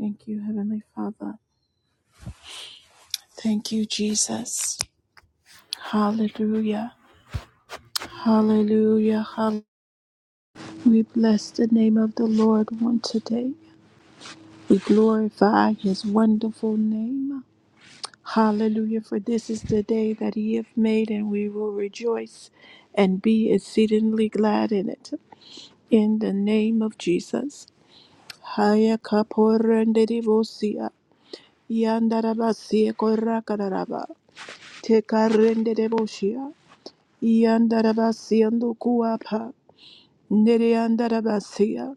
Thank you, Heavenly Father. Thank you, Jesus. Hallelujah. Hallelujah. Hallelujah. We bless the name of the Lord one today. We glorify his wonderful name. Hallelujah. For this is the day that he hath made, and we will rejoice and be exceedingly glad in it. In the name of Jesus. Haya kaporende divosia. Yandarabasia korakaraba. Tekarenderebosia. Yandarabasiando kuapa. Nereyandarabasia.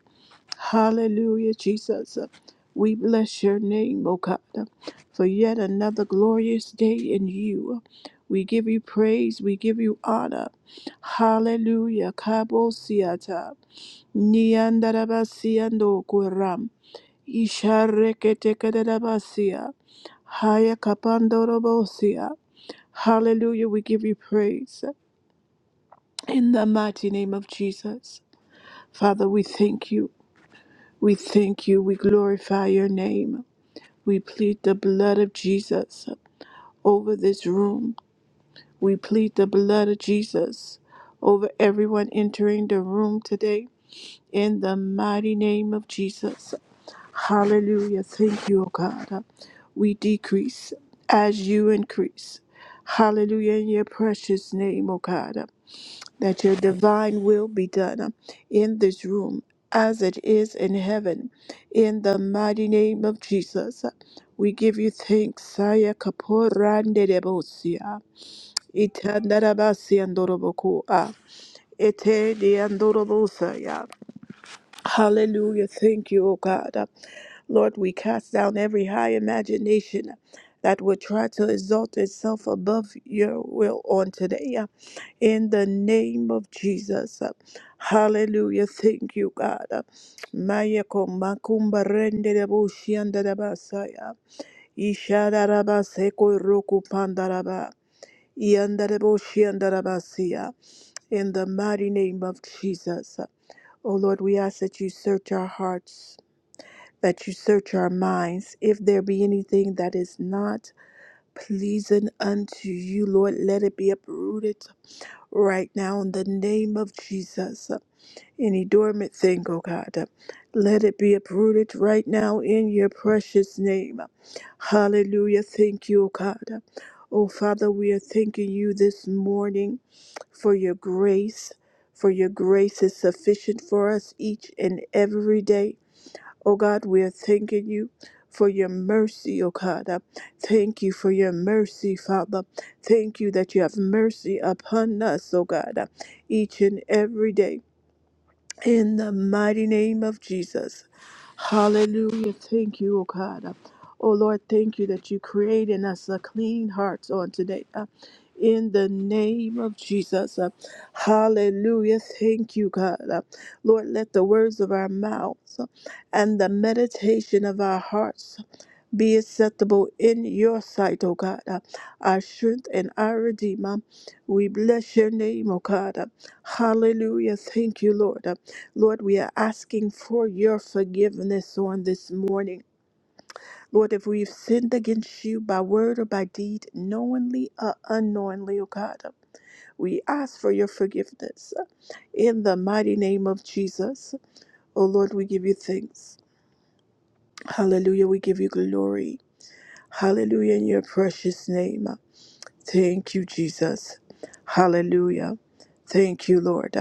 Hallelujah, Jesus. We bless your name, O God, for yet another glorious day in you. We give you praise, we give you honor. Hallelujah. Kabosiata. Niandarabasiando kuram. Ishareketekarabasia. Hayakapandorobosia. Hallelujah, we give you praise. In the mighty name of Jesus. Father, we thank you. We thank you. We glorify your name. We plead the blood of Jesus over this room. We plead the blood of Jesus over everyone entering the room today. In the mighty name of Jesus. Hallelujah. Thank you, O God. We decrease as you increase. Hallelujah. In your precious name, O God. that your divine will be done in this room as it is in heaven. In the mighty name of Jesus, we give you thanks. Saya kaporande debosia. Itandarabasia ndoroboko. Ah, Ete diandorobosa. Hallelujah. Thank you, O God. Uh, Lord, we cast down every high imagination that would try to exalt itself above your will on today. uh, In the name of Jesus. Uh, Hallelujah. Thank you, God. Uh, Maya ko makumba rende de bushi anda de basaya. Ishada raba seko roku panda raba. Ianda de bushi anda raba siya. In the mighty name of Jesus. O Lord, we ask that you search our hearts, that you search our minds. If there be anything that is not pleasing unto you, Lord, let it be uprooted right now in the name of Jesus any dormant thing, oh God. Let it be uprooted right now in your precious name. Hallelujah. Thank you, oh God. Oh Father, we are thanking you this morning for your grace, for your grace is sufficient for us each and every day. Oh God, we are thanking you for your mercy, oh God. Thank you for your mercy, Father. Thank you that you have mercy upon us, oh God, each and every day in the mighty name of Jesus. Hallelujah. Thank you, O God. Oh Lord, thank you that you create in us a clean heart on today. Uh, in the name of Jesus. Uh, hallelujah. Thank you, God. Uh, Lord, let the words of our mouths uh, and the meditation of our hearts be acceptable in your sight, O God, uh, our strength and our redeemer. We bless your name, O God. uh, Hallelujah. Thank you, Lord. Uh, Lord, we are asking for your forgiveness on this morning. Lord, if we've sinned against you by word or by deed, knowingly or unknowingly, O God, uh, we ask for your forgiveness uh, in the mighty name of Jesus. O Lord, we give you thanks. Hallelujah. We give you glory. Hallelujah in your precious name. Thank you, Jesus. Hallelujah. Thank you, Lord.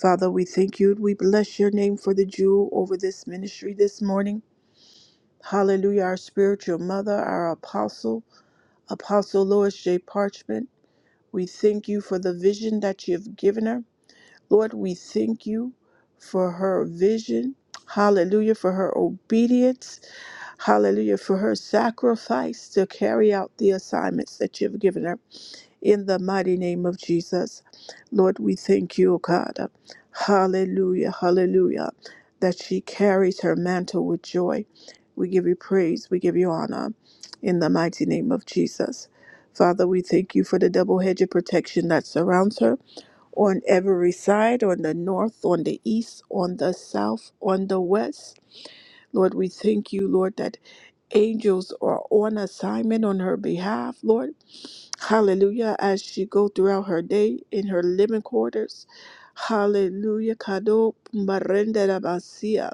Father, we thank you. We bless your name for the jewel over this ministry this morning. Hallelujah. Our spiritual mother, our apostle, Apostle Lois J. Parchment. We thank you for the vision that you have given her. Lord, we thank you for her vision. Hallelujah for her obedience. Hallelujah for her sacrifice to carry out the assignments that you have given her in the mighty name of Jesus. Lord, we thank you, O God. Hallelujah, hallelujah, that she carries her mantle with joy. We give you praise, we give you honor in the mighty name of Jesus. Father, we thank you for the double hedge of protection that surrounds her on every side, on the north, on the east, on the south, on the west. Lord, we thank you, Lord, that angels are on assignment on her behalf, Lord. Hallelujah. As she go throughout her day in her living quarters. Hallelujah. Kado marenderabasia.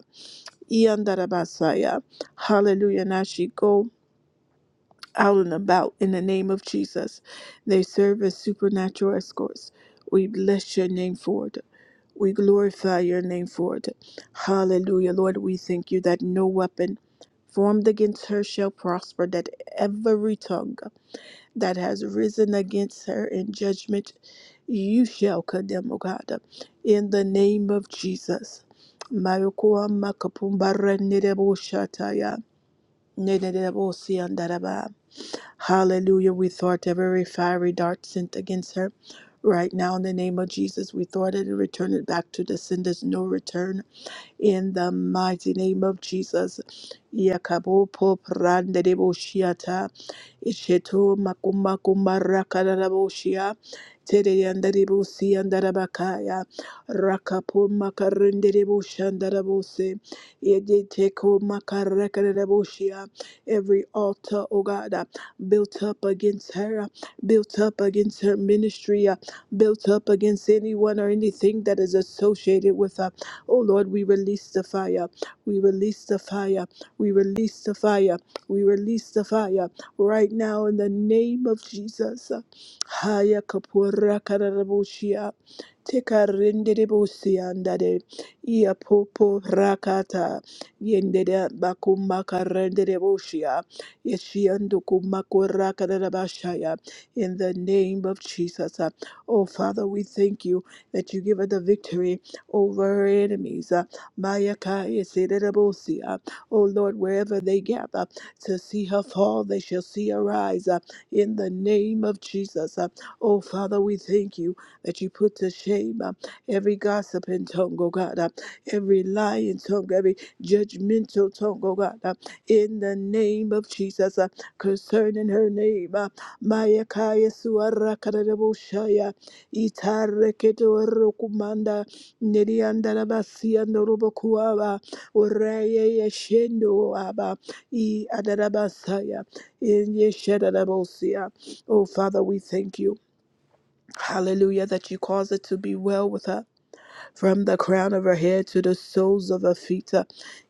Iandarabasaya. Hallelujah. And as she go out and about in the name of Jesus, they serve as supernatural escorts. We bless your name for it. We glorify your name for it. Hallelujah. Lord, we thank you that no weapon formed against her shall prosper, that every tongue that has risen against her in judgment, you shall condemn, O God. In the name of Jesus. Mayokoa makapumba renderebo shataya, nenderebo siandaraba. Hallelujah. We thought every fiery dart sent against her. Right now, in the name of Jesus, we thought it and return it back to the sender's no return in the mighty name of Jesus. Yakabo po prande debo shiata. Isheto makuma kumara kadarabo shia. Tere yandarebo si yandarabakaya. Rakapo makarende debo shandarabo se. Yede teko makaraka debo Every altar, oh God, uh, built up against her, uh, built up against her ministry, uh, built up against anyone or anything that is associated with her Oh Lord, we release the fire. We release the fire. We release the fire. We release the fire right now in the name of Jesus. Haya kapura kararabushia. Teka renderebosia andade. Ia popo rakata. Yendere bakuma karenderebosia. Yeshiandukuma kurakararabashaya. In the name of Jesus. Oh Father, we thank you that you give us the victory over enemies. Uh, Mayakai Sidirabusi. Uh, oh Lord, wherever they gather to see her fall, they shall see her rise uh, in the name of Jesus. Uh, oh Father, we thank you that you put to shame uh, every gossiping tongue, oh God, uh, every lying tongue, every judgmental tongue, oh God, uh, in the name of Jesus uh, concerning her name. Uh, Mayakai Suarakarabushaya. Itareketo rokumanda Neriandarabasi andorobokuaba, Oreye yeshendo aba, I adarabasaya, in yeshadarabosia. Oh, Father, we thank you. Hallelujah, that you cause it to be well with her from the crown of her head to the soles of her feet uh,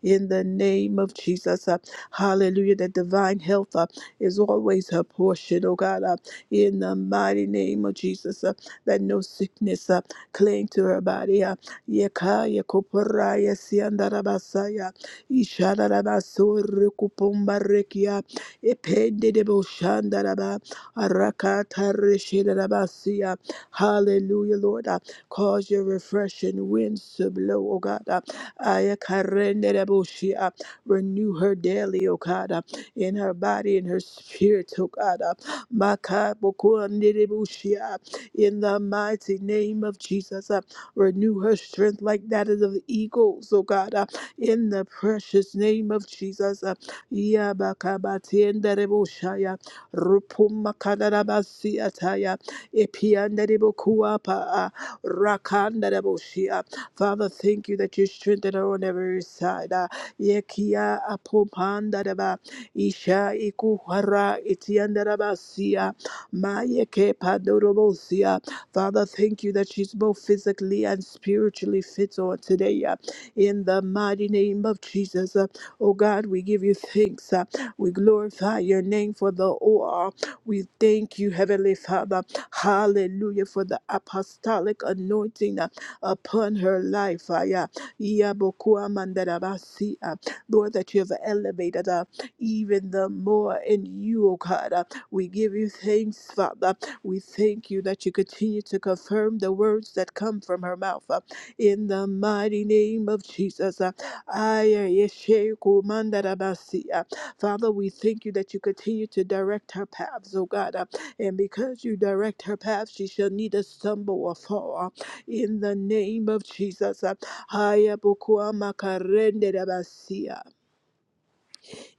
in the name of Jesus. uh, Hallelujah. That divine health uh, is always her portion, oh God, uh, in the mighty name of Jesus. uh, That no sickness uh, cling to her body. uh, Yekaya koporaya siandarabasaya, ishadarabasorikupombarekia, ependedeboshandaraba, arakatareshedabasia. Hallelujah, Lord. uh, Cause your refreshing winds to blow, oh God. Uh, Aya karende raboshi, uh, Renew her daily, oh God, uh, in her body, in her spirit, oh God. uh, Maka bokuande raboshi, uh, In the mighty name of Jesus, uh, renew her strength like that is of the eagles, oh God. uh, In the precious name of Jesus, uh, Yabakabatiende raboshi, uh, Rupumakadabasiataya, Epianderibokuapa, Rakanda Raboshia. Father, thank you that you strengthen her on every side. Ah, Yekia Apopanda Raba, Isha Ikuhara Itianda Rabasia, Mayeke Padorobosia. Father, thank you that she's both physically and spiritually fit on today. ah, In the mighty name of Jesus. Ah, Oh God, we give you thanks. ah. We glorify your name for the OR. We thank you, Heavenly Father. Hallelujah for the apostolic anointing uh, upon her life. Ah, yeah. Yabokua mandarabasi, ah. Lord, that you have elevated her even the more in you, O God. Ah, We give you thanks, Father. We thank you that you continue to confirm the words that come from her mouth. ah. In the mighty name of Jesus. ah. Aya Yesheku mandarabasi, ah. Father, we thank you that you continue to direct her paths, O God. uh. And because you direct her path, she shall neither stumble or fall. In the name of Jesus. Haya bukua makarende rabasia.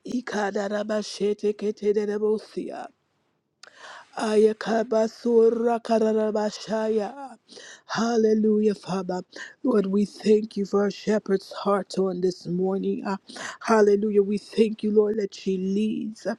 Ikada rabashete kete rabosia. Ayakabasura kararabashaya. Hallelujah, Father. Lord, we thank you for our shepherd's heart on this morning. Uh, Hallelujah. We thank you, Lord, that she leads uh,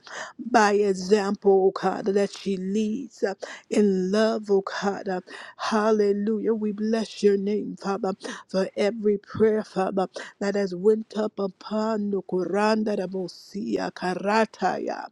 by example, oh God, that she leads uh, in love, oh God. Uh, Hallelujah. We bless your name, Father, for every prayer, Father, that has went up upon the Kuranda Rabosia Karataya.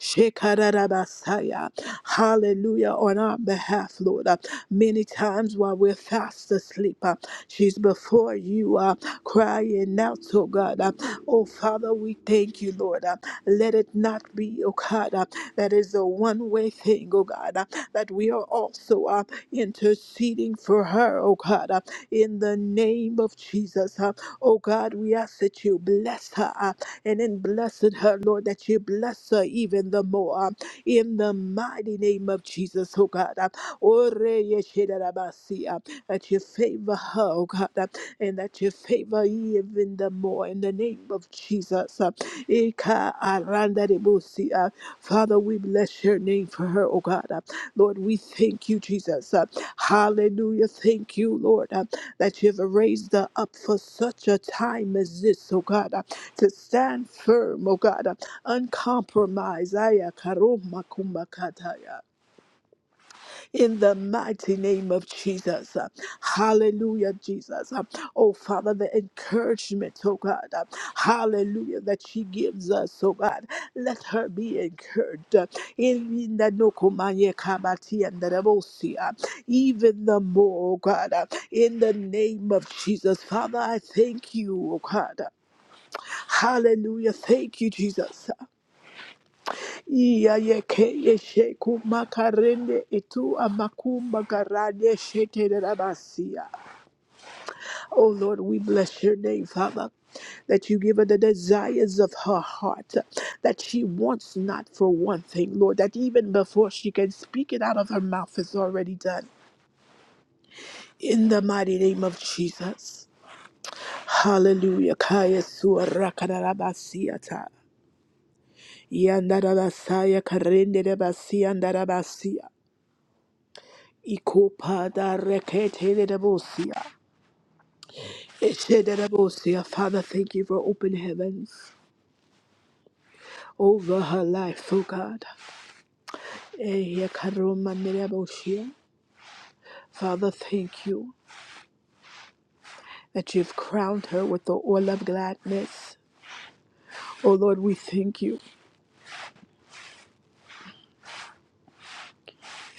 Shekarabasaya. Hallelujah. On our behalf, Lord. Uh, Many times while we're fast asleep, uh, she's before you uh, crying out, oh God. Uh, Oh Father, we thank you, Lord. Uh, Let it not be, oh God, uh, that is a one way thing, oh God, uh, that we are also uh, interceding for her, oh God, uh, in the name of Jesus. uh, Oh God, we ask that you bless her uh, and in blessing her, Lord, that you bless her even the more. Uh, in the mighty name of Jesus, oh God. Ore yeshedabasi, uh, That you favor her, oh God, uh, and that you favor even the more in the name of Jesus. uh, Ika arandarebusi, uh, Father, we bless your name for her, oh God. uh, Lord, we thank you, Jesus. uh, Hallelujah. Thank you, Lord, uh, that you have raised her up for such a time as this, oh God, uh, to stand firm, oh God, uncompromised. Aya karoma kumbakataya. In the mighty name of Jesus. Hallelujah, Jesus. Oh, Father, the encouragement, oh God. Hallelujah, that she gives us, oh God. Let her be encouraged. Even the nokomaye kabati and the rebosia. Even the more, oh God. In the name of Jesus. Father, I thank you, oh God. Hallelujah. Thank you, Jesus. Iya yeke yeshe kumakarende itu amakumba garade shete rabasia. Oh Lord, we bless your name, Father, that you give her the desires of her heart, that she wants not for one thing, Lord, that even before she can speak it out of her mouth is already done. In the mighty name of Jesus. Hallelujah. Kaya sua rakadarabasia ta. Yandarabasaya karende rabasia ndarabasia. Ikopa da rekete de debosia. Eche de debosia. Father, thank you for open heavens over her life, oh God. Ehe karoma de debosia. Father, thank you that you've crowned her with the oil of gladness. Oh Lord, we thank you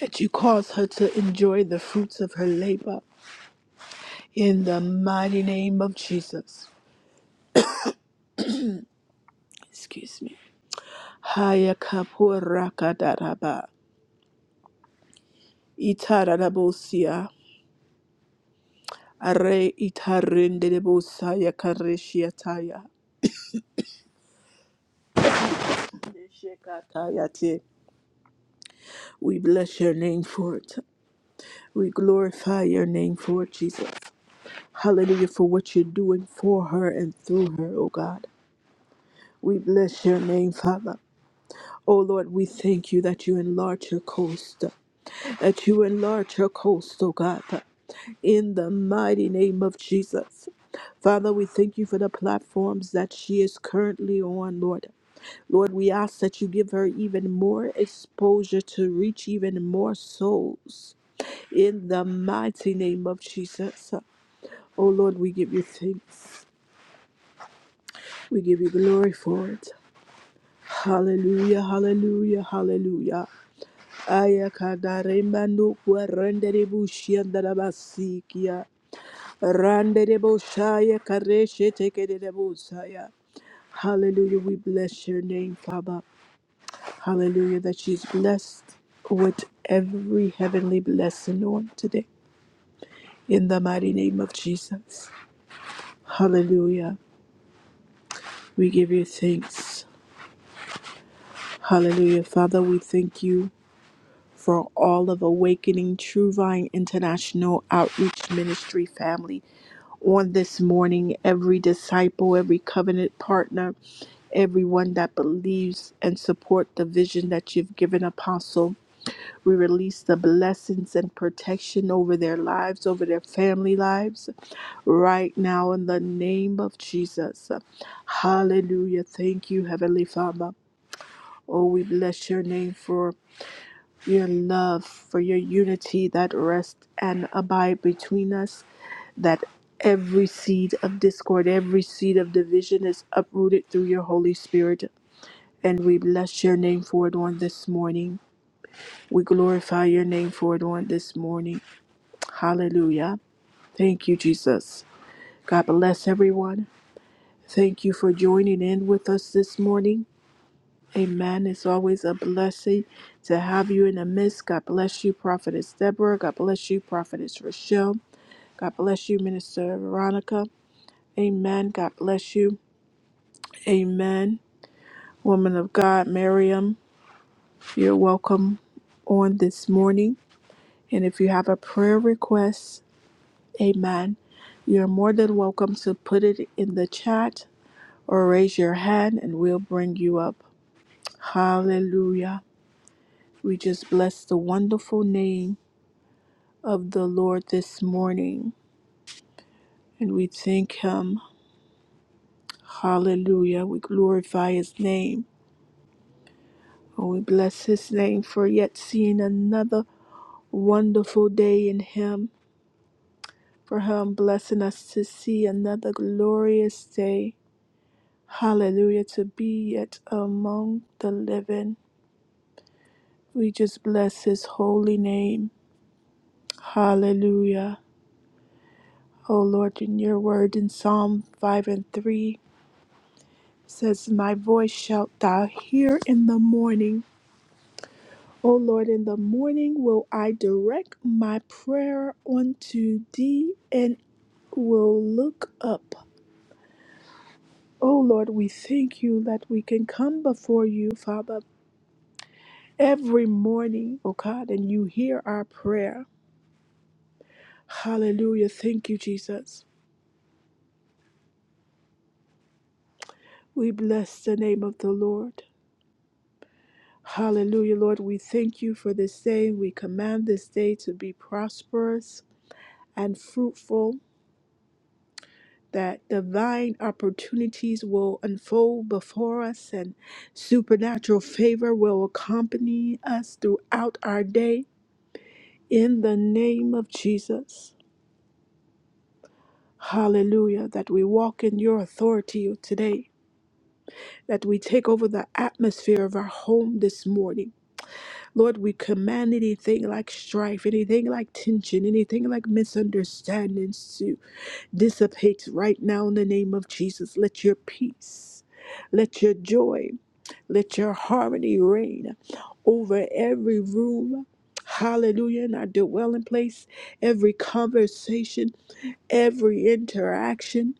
that you cause her to enjoy the fruits of her labor in the mighty name of Jesus. Excuse me. Haya kapura kadaraba. Itarabosia. Are itarendere bosaya kareshiataya. Shekataya We bless your name for it. We glorify your name for it, Jesus. Hallelujah for what you're doing for her and through her, O God. We bless your name, Father. O Lord, we thank you that you enlarge your coast, that you enlarge your coast, O God, in the mighty name of Jesus. Father, we thank you for the platforms that she is currently on, Lord. Lord, we ask that you give her even more exposure to reach even more souls in the mighty name of Jesus. Oh Lord, we give you thanks. We give you glory for it. Hallelujah, hallelujah, hallelujah. Aya kadaremba nukwa rendere bushia ndarabasikia. kareshe tekere busaya. Hallelujah, we bless your name, Father. Hallelujah, that she's blessed with every heavenly blessing on today. In the mighty name of Jesus. Hallelujah. We give you thanks. Hallelujah. Father, we thank you for all of Awakening True Vine International Outreach Ministry family on this morning, every disciple, every covenant partner, everyone that believes and support the vision that you've given apostle We release the blessings and protection over their lives, over their family lives, right now in the name of Jesus. Hallelujah. Thank you, Heavenly Father. Oh, we bless your name for your love, for your unity that rests and abide between us, that every seed of discord, every seed of division is uprooted through your Holy Spirit. And we bless your name for it on this morning. We glorify your name for it on this morning. Hallelujah. Thank you, Jesus. God bless everyone. Thank you for joining in with us this morning. Amen. It's always a blessing to have you in the midst. God bless you, Prophetess Deborah. God bless you, Prophetess Rochelle. God bless you, Minister Veronica. Amen. God bless you. Amen. Woman of God, Miriam, you're welcome on this morning. And if you have a prayer request, amen. You're more than welcome to put it in the chat or raise your hand and we'll bring you up. Hallelujah. We just bless the wonderful name of the Lord this morning and we thank him. Hallelujah. We glorify his name and we bless his name for yet seeing another wonderful day in him, for him blessing us to see another glorious day. Hallelujah. To be yet among the living. We just bless his holy name. Hallelujah. O Lord, in your word in Psalm 5 and 3 says, My voice shalt thou hear in the morning. O Lord, in the morning will I direct my prayer unto thee and will look up. O Lord, we thank you that we can come before you, Father, every morning, O God, and you hear our prayer. Hallelujah. Thank you, Jesus. We bless the name of the Lord. Hallelujah, Lord. We thank you for this day. We command this day to be prosperous and fruitful, that divine opportunities will unfold before us and supernatural favor will accompany us throughout our day. In the name of Jesus. Hallelujah, that we walk in your authority today, that we take over the atmosphere of our home this morning Lord, we command anything like strife, anything like tension, anything like misunderstandings to dissipate right now in the name of Jesus. Let your peace, let your joy, let your harmony reign over every room. Hallelujah. In our dwelling place, every conversation, every interaction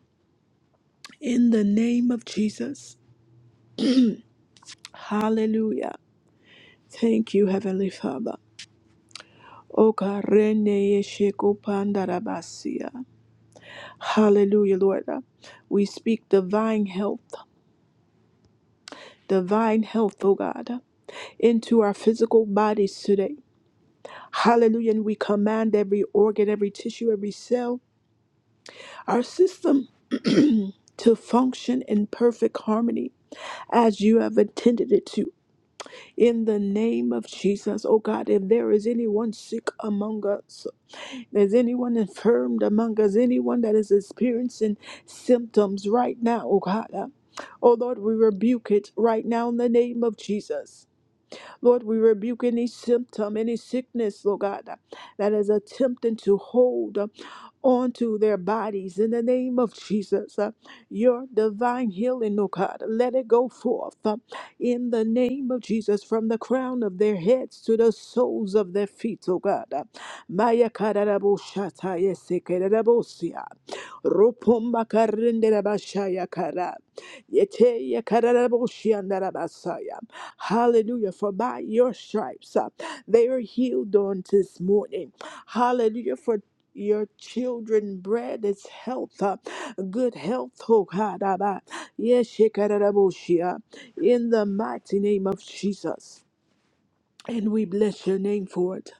in the name of Jesus. Hallelujah. Thank you, Heavenly Father. Okarene yeshiko pandarabasia. Hallelujah, Lord. We speak divine health, divine health, oh God, into our physical bodies today. Hallelujah. And we command every organ, every tissue, every cell, our system to function in perfect harmony as you have intended it to. In the name of Jesus, oh God, if there is anyone sick among us, Is anyone infirmed among us? Anyone that is experiencing symptoms right now, oh God? uh, Oh Lord, we rebuke it right now in the name of Jesus. Lord, we rebuke any symptom, any sickness, Lord God, uh, that is attempting to hold onto their bodies in the name of Jesus. Uh, Your divine healing, oh God, let it go forth uh, in the name of Jesus from the crown of their heads to the soles of their feet, oh God. Uh, Maya kararabo shata yese kararabo siya. Rupumba karindera bashaya kara. Yete ya kararabo shiandara basaya. Hallelujah. For by your stripes uh, they are healed on this morning. Hallelujah. For your children bread is health, uh, good health, oh God. Abba. Yes, Shekinah-Boshia, in the mighty name of Jesus. And we bless your name for it.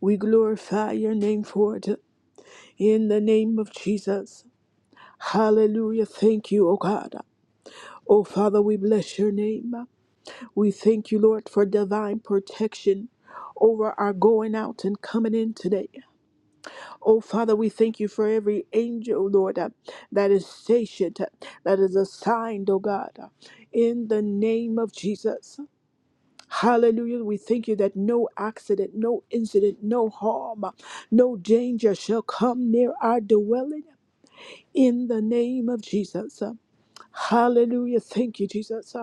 We glorify your name for it in the name of Jesus. Hallelujah. Thank you, oh God. Oh Father, we bless your name. We thank you, Lord, for divine protection over our going out and coming in today. Oh, Father, we thank you for every angel, oh, Lord, uh, that is stationed, uh, that is assigned, oh God, uh, in the name of Jesus. Hallelujah. We thank you that no accident, no incident, no harm, uh, no danger shall come near our dwelling in the name of Jesus. Hallelujah. Thank you, Jesus.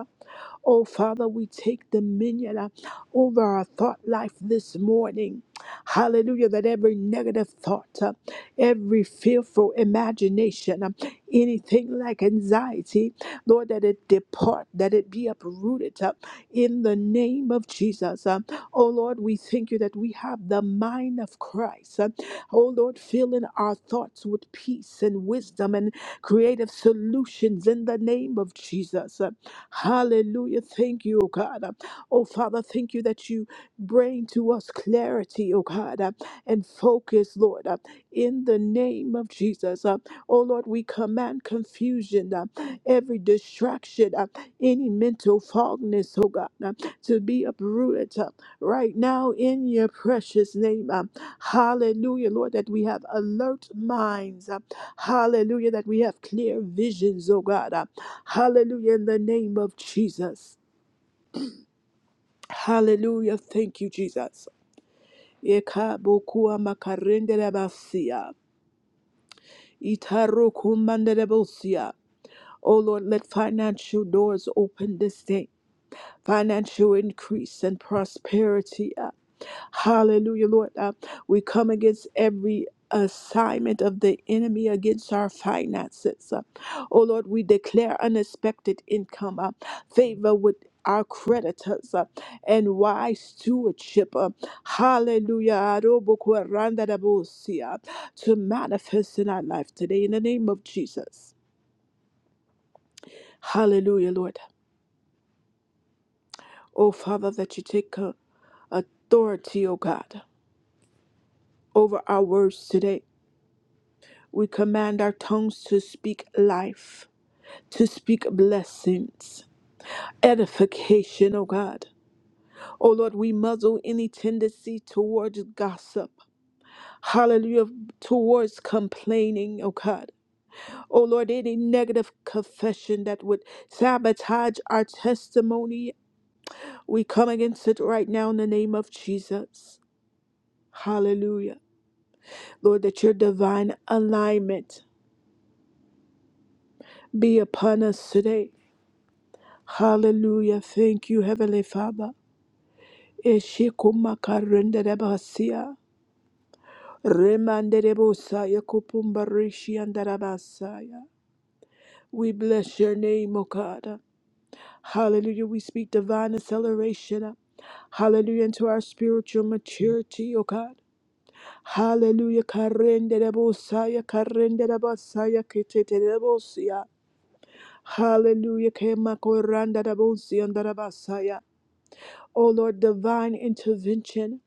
Oh, Father, we take dominion uh, over our thought life this morning. Hallelujah. That every negative thought, uh, every fearful imagination, um, anything like anxiety, Lord, that it depart, that it be uprooted uh, in the name of Jesus. Um, oh, Lord, we thank you that we have the mind of Christ. Um, oh, Lord, filling our thoughts with peace and wisdom and creative solutions in the name of Jesus. uh. Hallelujah. Thank you, oh God. Oh Father, thank you that you bring to us clarity, oh God, uh, and focus, Lord, uh, in the name of Jesus. uh. Oh Lord, we command confusion, uh, every distraction, uh, any mental fogness, oh God, uh, to be uprooted uh, right now in your precious name. Hallelujah, Lord, that we have alert minds. uh, Hallelujah, that we have clear visions, oh God. uh, Hallelujah, in the name of Jesus. Hallelujah. Thank you, Jesus. Ekabokua makarenderebasia, itarokumanderebosia. Oh Lord, let financial doors open this day, financial increase and prosperity. Uh, Hallelujah, Lord. Uh, we come against every assignment of the enemy against our finances. Uh, oh Lord, we declare unexpected income, uh, favor with our creditors uh, and wise stewardship. uh, hallelujah. Arobokwarandarabosi, uh, To manifest in our life today in the name of Jesus. Hallelujah, Lord. Oh Father, that you take uh, authority, oh God, over our words today We command our tongues to speak life, to speak blessings, edification, oh God. Oh Lord, we muzzle any tendency towards gossip, hallelujah, towards complaining, oh God. Oh Lord, any negative confession that would sabotage our testimony, we come against it right now in the name of Jesus. Hallelujah. Lord, that your divine alignment be upon us today. Hallelujah. Thank you, Heavenly Father. Eshikumakarenderabasia. Remanderebosaya kupumbarishiandarabasaya. We bless your name, O God. Hallelujah. We speak divine acceleration. Hallelujah. Into our spiritual maturity, O God. Hallelujah. Karenderebosaya, karenderabasaya, keteterebosia. Hallelujah. Kemakorandarabosiandarabasaya. O Lord, divine intervention.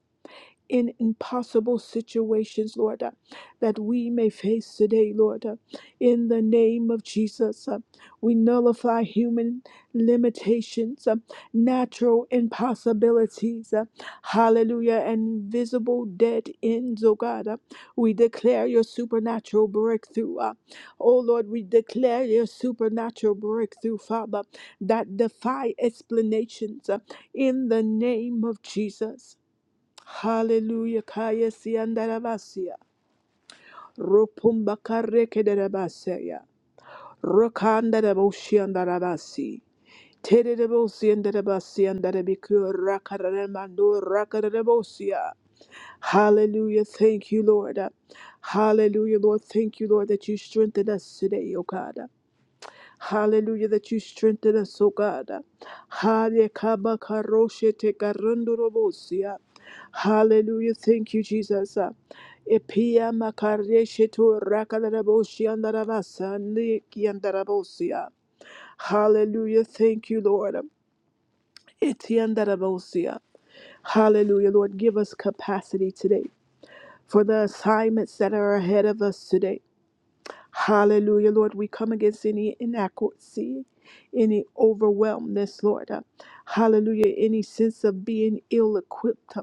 in impossible situations, Lord, uh, that we may face today, Lord. uh, In the name of Jesus, uh, we nullify human limitations, uh, natural impossibilities, uh, hallelujah, and visible dead ends, oh God. uh, We declare your supernatural breakthrough. uh, Oh Lord, we declare your supernatural breakthrough, Father, that defy explanations uh, in the name of Jesus. Hallelujah. Kaya siandarabasia. Ropumba karekedarabasia. Rokandaraboshiandarabasi. Tedebosiandarabasiandarabiku rakaramando rakarabosia. Hallelujah. Thank you, Lord. Hallelujah, Lord. Thank you, Lord, that you strengthen us today, O God. Hallelujah, that you strengthen us, oh God. Hallelujah, kaba karoshe te karando Hallelujah, thank you, Jesus. Epia makareshe to rakalabosia andarabasa niki andarabosia. Hallelujah, thank you, Lord. Eti andarabosia. Hallelujah, Lord, give us capacity today for the assignments that are ahead of us today. Hallelujah, Lord. We come against any inaccuracy, any overwhelmness, Lord. Uh, Hallelujah. Any sense of being ill equipped.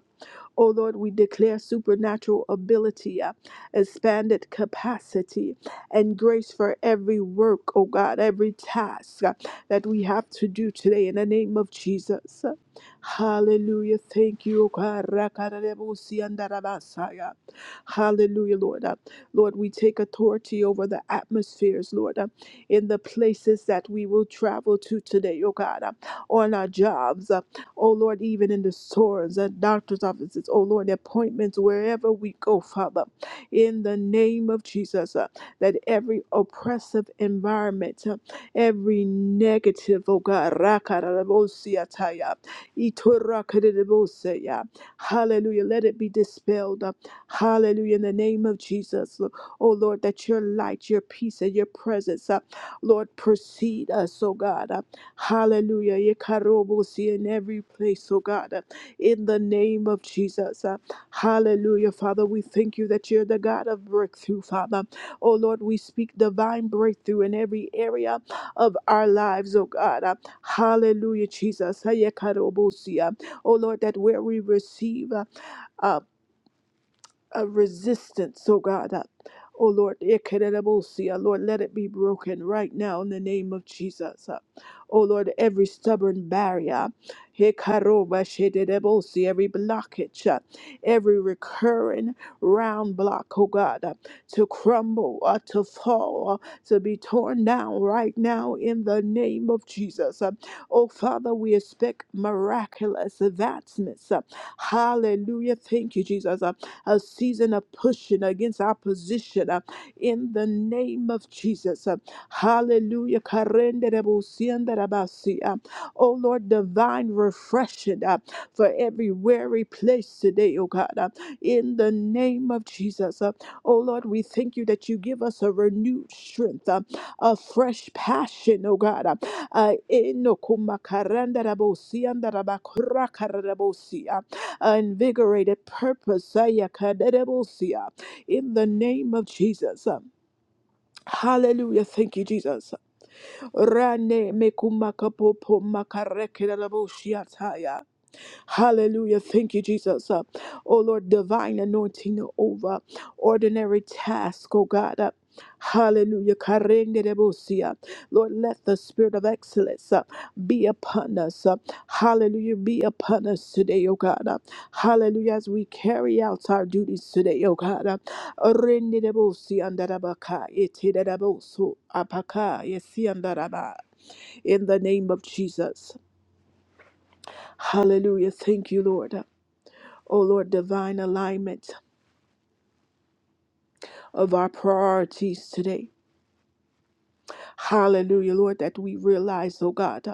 Oh Lord, we declare supernatural ability, uh, expanded capacity, and grace for every work, oh God, every task uh, that we have to do today in the name of Jesus. Hallelujah. Thank you, oh God. Rakarebo siandarabasaya. Hallelujah, Lord. Lord, we take authority over the atmospheres, Lord, uh, in the places that we will travel to today, oh God, uh, on our jobs, uh, oh Lord, even in the stores, uh, doctor's offices, oh Lord, appointments, wherever we go, Father, in the name of Jesus, uh, that every oppressive environment, uh, every negative, oh God, rakarabosiataya, itorakarabosaya, hallelujah, let it be dispelled. uh, Hallelujah. In the name of Jesus, Lo- oh Lord, that your light, your peace, and your presence, uh, Lord, precede us, oh God. Uh, hallelujah. Yekarobosi In every place, oh God. Uh, in the name of Jesus. Uh, hallelujah. Father, we thank you that you're the God of breakthrough, Father. Oh Lord, we speak divine breakthrough in every area of our lives, oh God. Uh, hallelujah, Jesus. Uh, Yekarobosi, uh, Oh Lord, that where we receive. uh, a resistance, oh God. Uh, Oh Lord, Ekerebosia, Lord, let it be broken right now in the name of Jesus. Uh, Oh Lord, every stubborn barrier, Hekaroba shedebosi, every blockage, uh, every recurring round block, oh God, uh, to crumble, uh, to fall, uh, to be torn down right now in the name of Jesus. Uh, Oh Father, we expect miraculous advancements. Uh, Hallelujah. Thank you, Jesus. uh, a season of pushing against opposition uh, in the name of Jesus. uh, Hallelujah. Karenderebusiandarabasi, uh, Oh Lord, divine refreshing uh, for every weary place today, oh God, uh, in the name of Jesus. uh, Oh Lord, we thank you that you give us a renewed strength, uh, a fresh passion, oh God. uh, uh, enokumakarandarabosiandarabakurakararabosi, invigorated purpose. Aya kadedebosia. In the name of Jesus. Hallelujah. Thank you, Jesus. Rane mekumakapopo makarekedeboshiataya. Hallelujah. Thank you, Jesus. Uh, oh Lord, divine anointing over ordinary task, oh God. Uh, Hallelujah. Karende debosia. Lord, let the spirit of excellence uh, be upon us. Uh, hallelujah. Be upon us today, oh God. Uh, hallelujah. As we carry out our duties today, oh God. Uh, Rende debosia andarabaka, ete debosu apaka, yesi andaraba. In the name of Jesus. Hallelujah. Thank you, Lord. Oh Lord, divine alignment of our priorities today. Hallelujah, Lord, that we realize, oh God,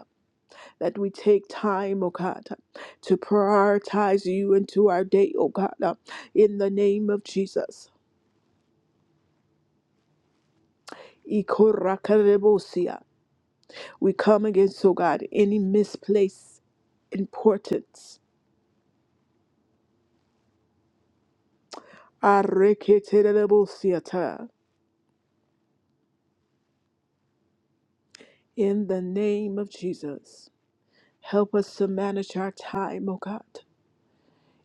that we take time, oh God, to prioritize you into our day, oh God, in the name of Jesus. Ikorakarebosia. We come against, oh God, any misplaced importance. Areketerebosiata. In the name of Jesus, help us to manage our time, oh God,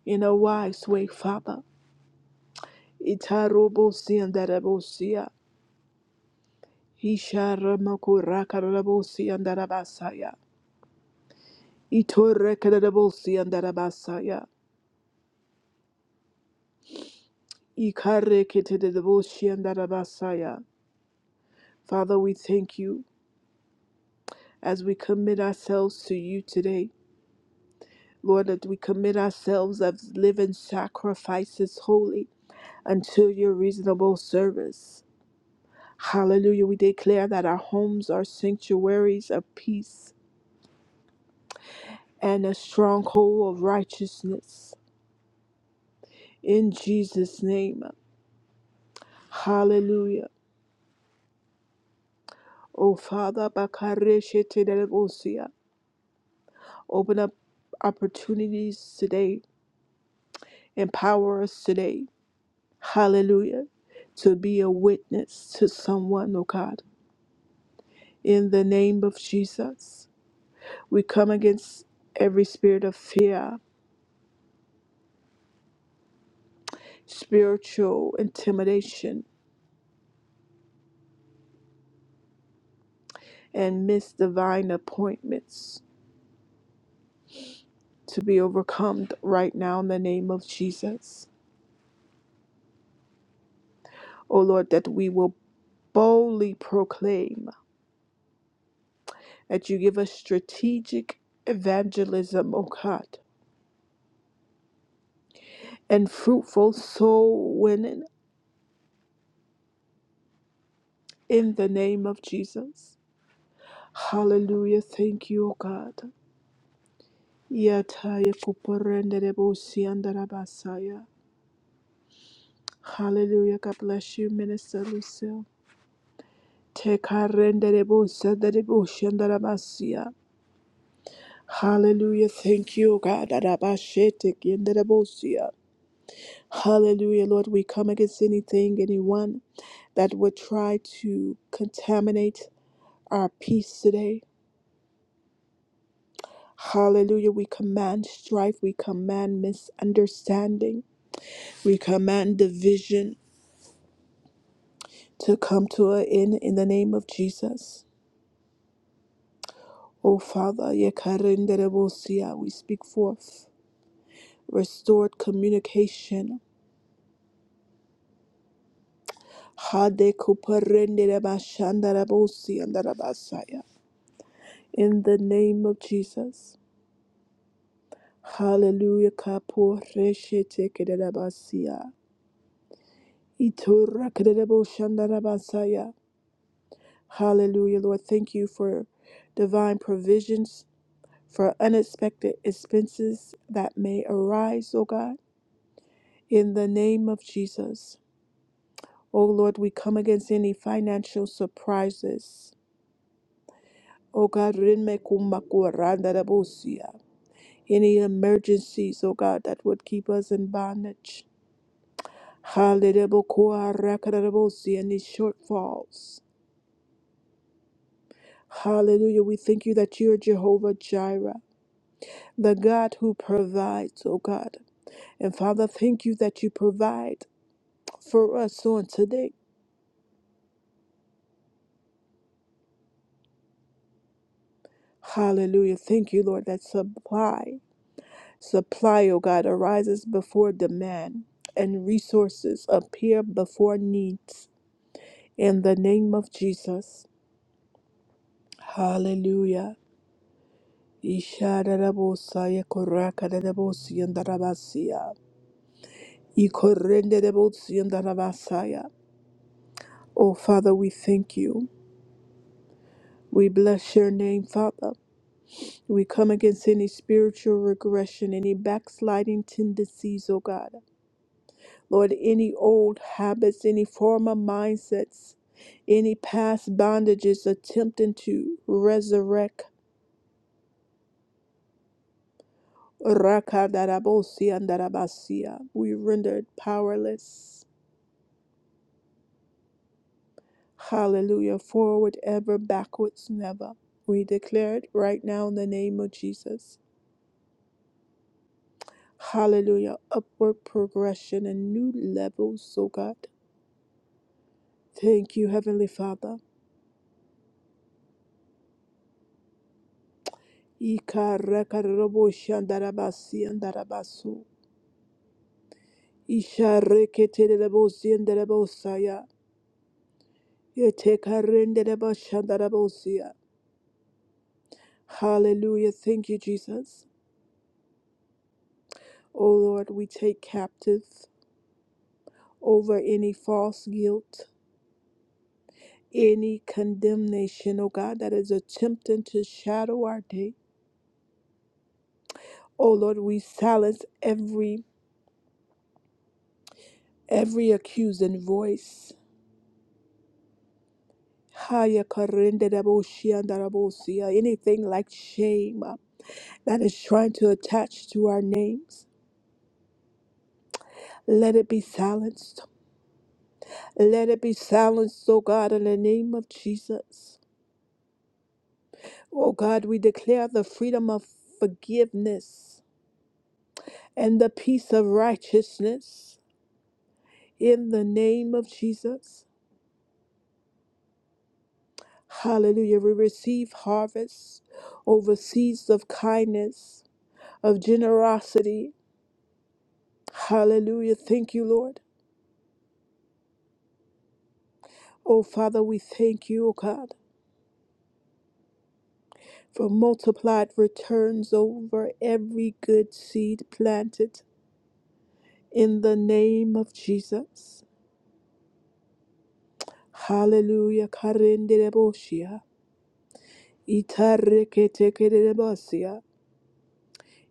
in a wise way, Father Itarobosi andarabosia. Hisharamokura karabosi andarabasaya. Itore karabosi andarabasaya. Ikare ketedebosi andarabasaya. Father, we thank you as we commit ourselves to you today. Lord, that we commit ourselves as living sacrifices holy until your reasonable service. Hallelujah. We declare that our homes are sanctuaries of peace and a stronghold of righteousness. In Jesus' name. Hallelujah. Oh Father, Bakareshetelebosia, open up opportunities today. Empower us today. Hallelujah. To be a witness to someone, oh God. In the name of Jesus, we come against every spirit of fear, spiritual intimidation, and miss divine appointments. to be overcome right now in the name of Jesus. Oh Lord, that we will boldly proclaim that you give us strategic evangelism, oh God, and fruitful soul winning in the name of Jesus. Hallelujah. Thank you, oh God. Yataya kuporenderebosiandarabasaya. Hallelujah. God bless you, Minister Lucille. Tekarenderebosadareboshandarabasiya. Hallelujah. Thank you, oh God. Arabashete kienderebosia. Hallelujah, Lord. We come against anything, anyone that would try to contaminate our peace today. Hallelujah. We command strife. We command misunderstanding. We command division to come to an end in the name of Jesus. Oh, Father, yekarenderebosia. we speak forth restored communication Hade kuparendere bashandara bosi andara In the name of Jesus. Hallelujah. Kapo reshe tekedere basia. Itura kedere boshandara basaya. Hallelujah, Lord. Thank you for divine provisions for unexpected expenses that may arise, O God. In the name of Jesus. O Lord, we come against any financial surprises. O God, rinme kumakuranda rabosia. Any emergencies, oh God, that would keep us in bondage. Hallelujah. Any shortfalls. Hallelujah. We thank you that you're Jehovah Jireh, the God who provides, oh God. And Father, thank you that you provide for us on today. Hallelujah. Thank you, Lord, that supply, supply, oh God, arises before demand and resources appear before needs. In the name of Jesus. Hallelujah. Ishadabosaya koraka debosiandarabasia. Ikorende debosiandarabasaya. Oh, Father, we thank you. We bless your name, Father. We come against any spiritual regression, any backsliding tendencies, oh God. Lord, any old habits, any former mindsets, any past bondages attempting to resurrect. Rakadarabosi and Darabasia. We rendered powerless. Hallelujah. Forward ever, backwards never. We declare it right now in the name of Jesus. Hallelujah. Upward progression and new levels, oh God. Thank you, Heavenly Father. Ikarakaraboshi and Darabasi and Darabasu. Ishareketerebosi and Darabosaya. Yetekarenderebashandarabosia. Hallelujah. Thank you, Jesus. O Lord, we take captive over any false guilt, any condemnation, O God, that is attempting to shadow our day. O Lord, we silence every every accusing voice. Haya karende raboshi andarabosia. Anything like shame uh, that is trying to attach to our names, let it be silenced. Let it be silenced, O God, in the name of Jesus. O God, we declare the freedom of forgiveness and the peace of righteousness in the name of Jesus. Hallelujah. We receive harvests over seeds of kindness, of generosity. Hallelujah. Thank you, Lord. Oh, Father, we thank you, oh God, for multiplied returns over every good seed planted in the name of Jesus. Hallelujah. Karendeleboshia. Itareketekelebosia.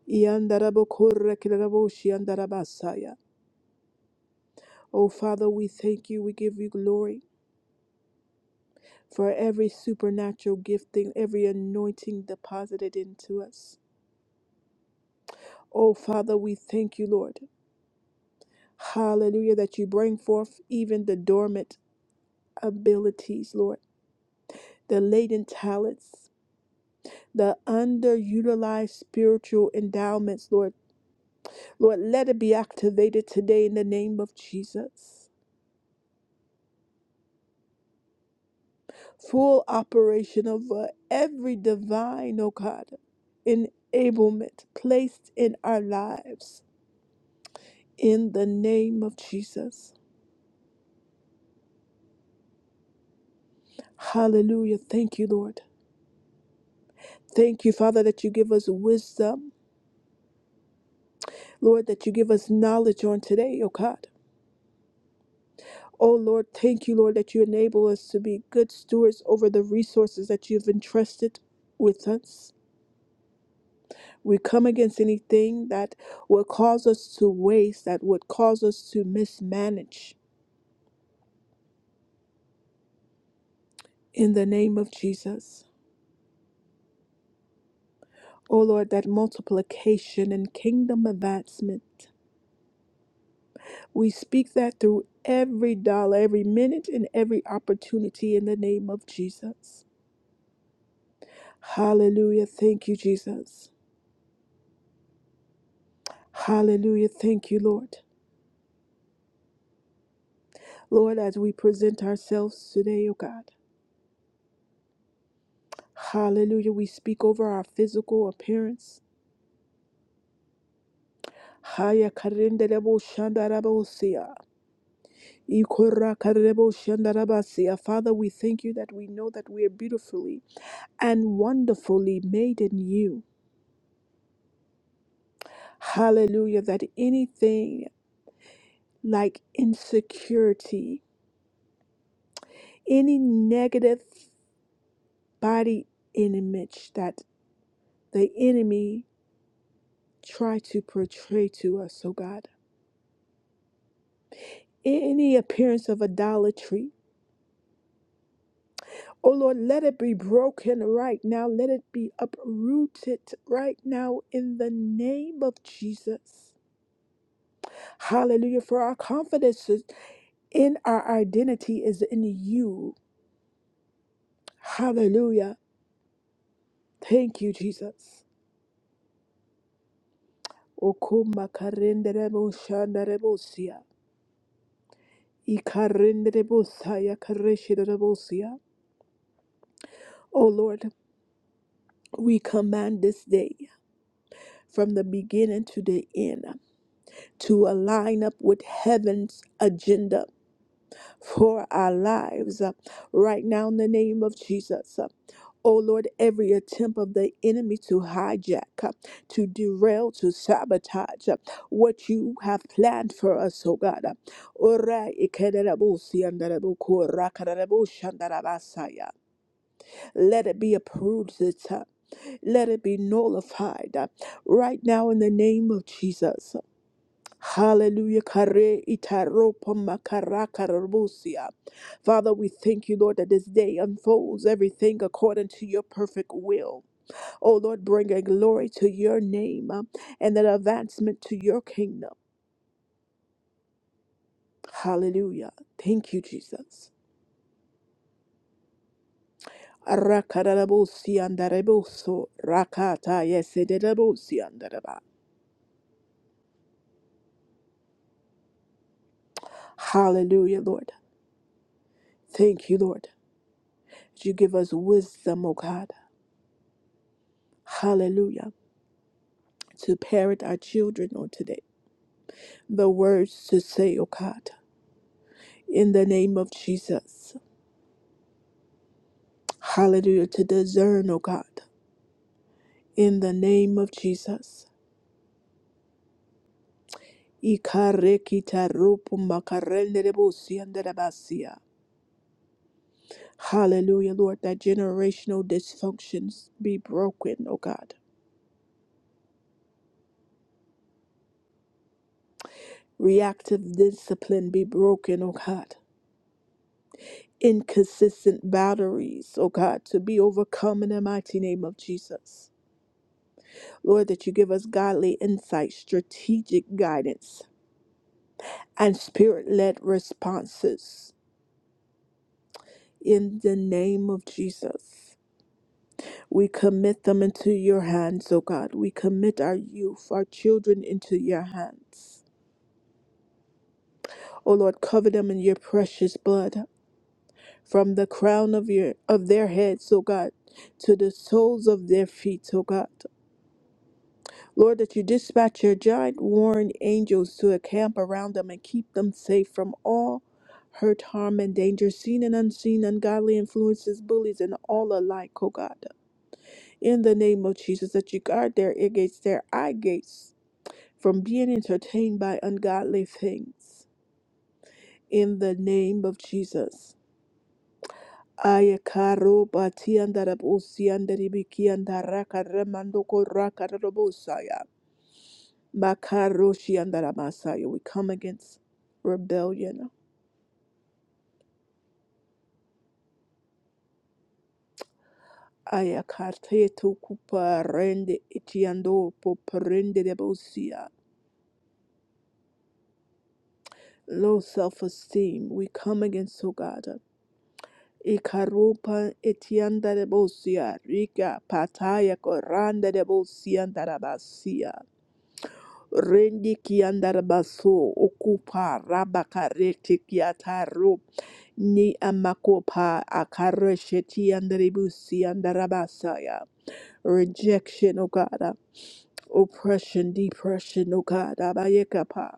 Yandarabokorrekeraboshiandarabasaya. Oh, Father, we thank you. We give you glory for every supernatural gifting, every anointing deposited into us. Oh, Father, we thank you, Lord. Hallelujah, that you bring forth even the dormant abilities, Lord, the latent talents, the underutilized spiritual endowments, Lord. Lord, let it be activated today in the name of Jesus. full operation over every divine, oh God, enablement placed in our lives in the name of Jesus. Hallelujah. Thank you, Lord. Thank you, Father, that you give us wisdom, Lord, that you give us knowledge on today, oh God. Oh Lord, thank you, Lord, that you enable us to be good stewards over the resources that you've entrusted with us. We come against anything that would cause us to waste, that would cause us to mismanage in the name of Jesus. O Lord, that multiplication and kingdom advancement. We speak that through every dollar, every minute, and every opportunity in the name of Jesus. Hallelujah. Thank you, Jesus. Hallelujah. Thank you, Lord. Lord, as we present ourselves today, O God. Hallelujah. We speak over our physical appearance. Haya karinde rebo shanda rabo sia. Ikora Karebo Ikorakaraboshindarabasia. Father, we thank you that we know that we are beautifully and wonderfully made in you. Hallelujah. That anything like insecurity, any negative body image that the enemy try to portray to us, oh God, any appearance of idolatry, oh Lord, let it be broken right now. Let it be uprooted right now in the name of Jesus. Hallelujah. For our confidence is in our identity is in you. Hallelujah. Thank you, Jesus. Okuma karenderebo shandarebosia. Ikarenderebosaya kareshidorebosia. Oh Lord, we command this day from the beginning to the end to align up with heaven's agenda for our lives uh, right now in the name of Jesus. Uh, Oh Lord, every attempt of the enemy to hijack, uh, to derail, to sabotage uh, what you have planned for us, oh God. Uh, Ora ikederabusi andarabuku rakadarabushi andarabasaya. Let it be approved this time. Let it be nullified uh, right now in the name of Jesus. Hallelujah. Kare itaropa makara karabusia. Father, we thank you, Lord, that this day unfolds everything according to your perfect will. Oh, Lord, bring a glory to your name uh, and an advancement to your kingdom. Hallelujah. Thank you, Jesus. Arakararabusia andarebuso, rakata yesederabusia andaraba. Hallelujah, Lord. Thank you, Lord. that You give us wisdom, oh God. Hallelujah. to parent our children on today. The words to say, oh God, in the name of Jesus. Hallelujah. To discern, oh God, in the name of Jesus. Ikarekitarupu Hallelujah, Lord, that generational dysfunctions be broken, oh God. Reactive discipline be broken, oh God. Inconsistent boundaries, oh God, to be overcome in the mighty name of Jesus. Lord, that you give us godly insight, strategic guidance, and spirit led responses. In the name of Jesus, we commit them into your hands, O God. We commit our youth, our children into your hands. O Lord, cover them in your precious blood from the crown of your of their heads, O God, to the soles of their feet, O God. Lord, that you dispatch your giant warring angels to encamp around them and keep them safe from all hurt, harm, and danger, seen and unseen, ungodly influences, bullies, and all alike, oh God. In the name of Jesus, that you guard their ear gates, their eye gates from being entertained by ungodly things. In the name of Jesus. Aya karo bati andarabusi andaribiki andaraka remandoko raka rabosaya. Makaroshi Masaya. We come against rebellion. Ayakartetu kuparende itiando poparende debosia. Low self esteem. We come against Sogada. Ikarupa etianda debosia. Rika pataya koranda debosia darabasia. Rendi kiandarabaso okupa rabakarete kiataro ni amakopa akaresheti andaribusi andarabasaya. Rejection, O God, oppression, depression, O God, abayekapa.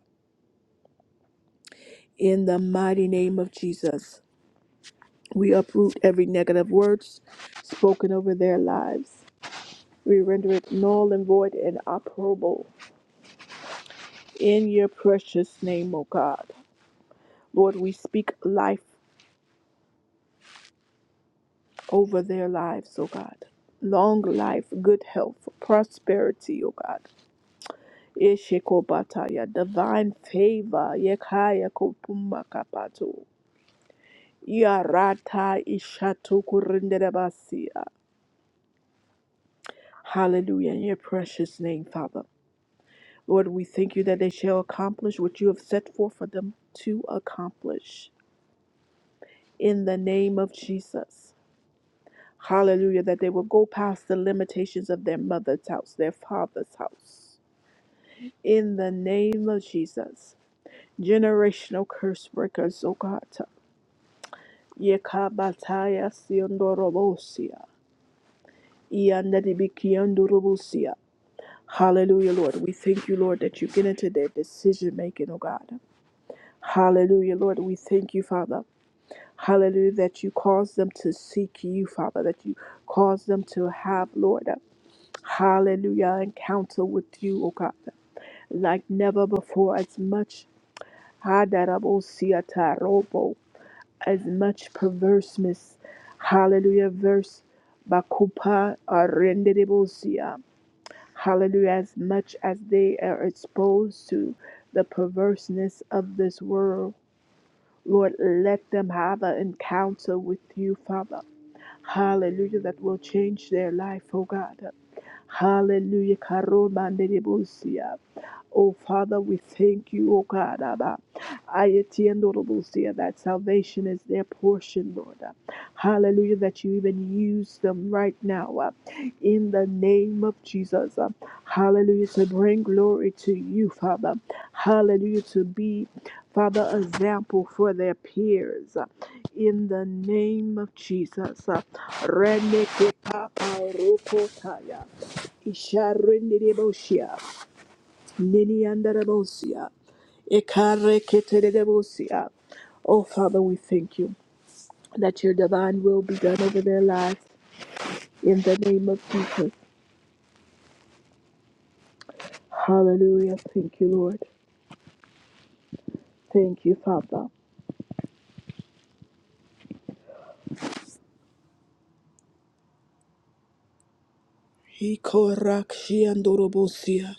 In the mighty name of Jesus, we uproot every negative words spoken over their lives. We render it null and void and operable in your precious name, O God. Lord, we speak life over their lives, oh God. Long life, good health, prosperity, oh God. Yeshikobataya, divine favor, Yekaya Kopuma Kapato. Yarata Ishatu Kurinderebasia. Hallelujah. In your precious name, Father. Lord, we thank you that they shall accomplish what you have set forth for them to accomplish. In the name of Jesus. Hallelujah. That they will go past the limitations of their mother's house, their father's house. in the name of Jesus. Generational curse breakers, O God. Yekabataya siondorobosia. Ianadibikiondorobosia. Hallelujah, Lord. We thank you, Lord, that you get into their decision making, O God. Hallelujah, Lord. We thank you, Father. Hallelujah, that you cause them to seek you, Father, that you cause them to have, Lord, hallelujah, encounter with you, O God, like never before, as much Hadarabosiatarobo, as much perverseness. Hallelujah. Verse Bakupa Arendebosia. Hallelujah. As much as they are exposed to the perverseness of this world. Lord, let them have an encounter with you, Father. Hallelujah. That will change their life, oh God. Hallelujah. Karomandebosia. Oh, Father, we thank you, oh God. Abba. I attend, Lord, that salvation is their portion, Lord. Hallelujah, that you even use them right now uh, in the name of Jesus. uh, Hallelujah, to bring glory to you, Father. Hallelujah, to be, Father, a example for their peers. uh, In the name of Jesus. uh, Renekepapa rokotaya, isharendereboshia. Niniandarabosia. Ekareketerebosia. Oh, Father, we thank you that your divine will be done over their lives in the name of Jesus. Hallelujah. Thank you, Lord. Thank you, Father. Ikorakshiandorobosia.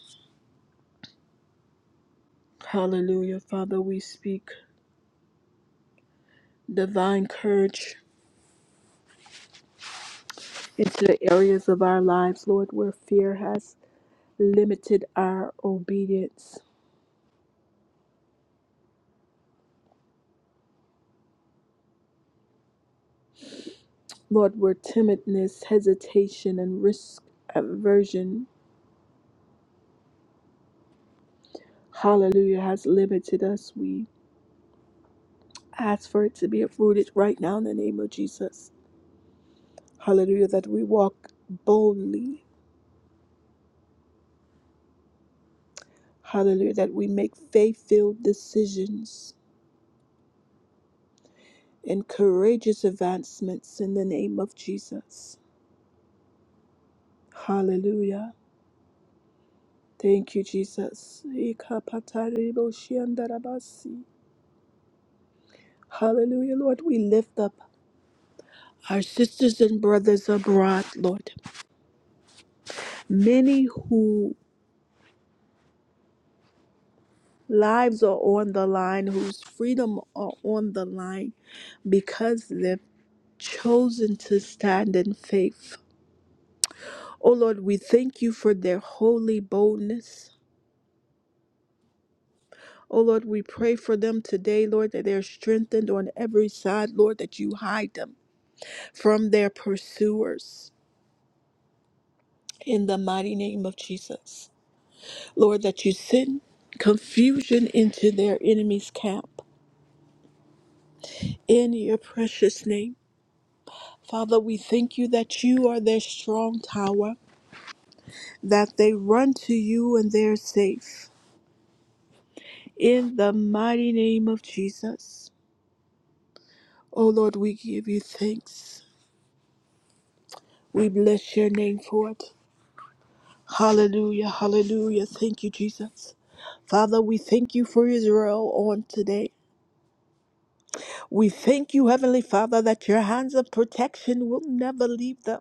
Hallelujah, Father. We speak divine courage into the areas of our lives, Lord, where fear has limited our obedience. Lord, where timidness, hesitation, and risk aversion, hallelujah, has limited us, we ask for it to be uprooted right now in the name of Jesus. Hallelujah, that we walk boldly. Hallelujah, that we make faith filled decisions and courageous advancements in the name of Jesus. Hallelujah. Thank you, Jesus. Ikapatari boshiandarabasi. Hallelujah, Lord. We lift up our sisters and brothers abroad, Lord. Many who lives are on the line, whose freedom are on the line because they've chosen to stand in faith. Oh Lord, we thank you for their holy boldness. Oh Lord, we pray for them today, Lord, that they're strengthened on every side, Lord, that you hide them from their pursuers. In the mighty name of Jesus. Lord, that you send confusion into their enemy's camp. in your precious name. Father, we thank you that you are their strong tower, that they run to you and they're safe. In the mighty name of Jesus. Oh Lord, we give you thanks. We bless your name for it. Hallelujah, hallelujah. Thank you, Jesus. Father, we thank you for Israel on today. We thank you, Heavenly Father, that your hands of protection will never leave them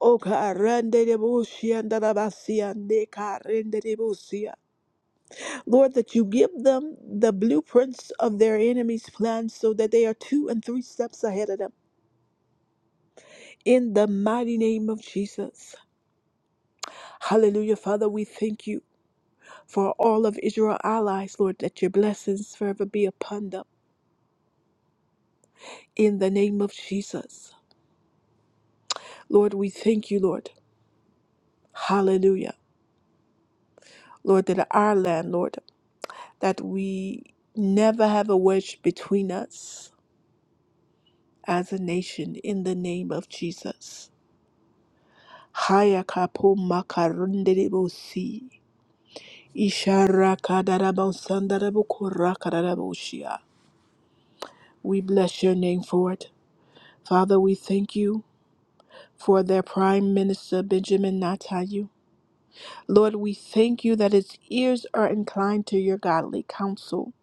O karenderebosia ndarabasia ne karenderebosia. Lord, that you give them the blueprints of their enemies' plans so that they are two and three steps ahead of them. In the mighty name of Jesus. Hallelujah, Father, we thank you for all of Israel allies, Lord, that your blessings forever be upon them. In the name of Jesus. Lord, we thank you, Lord. Hallelujah. Lord, that our land, Lord, that we never have a wedge between us as a nation in the name of Jesus. Hayakapo makarundelebosi. Isharakadarabosandarabokora We bless your name for it. Father, we thank you for their Prime Minister Benjamin Netanyahu. Lord, we thank you that his ears are inclined to your godly counsel.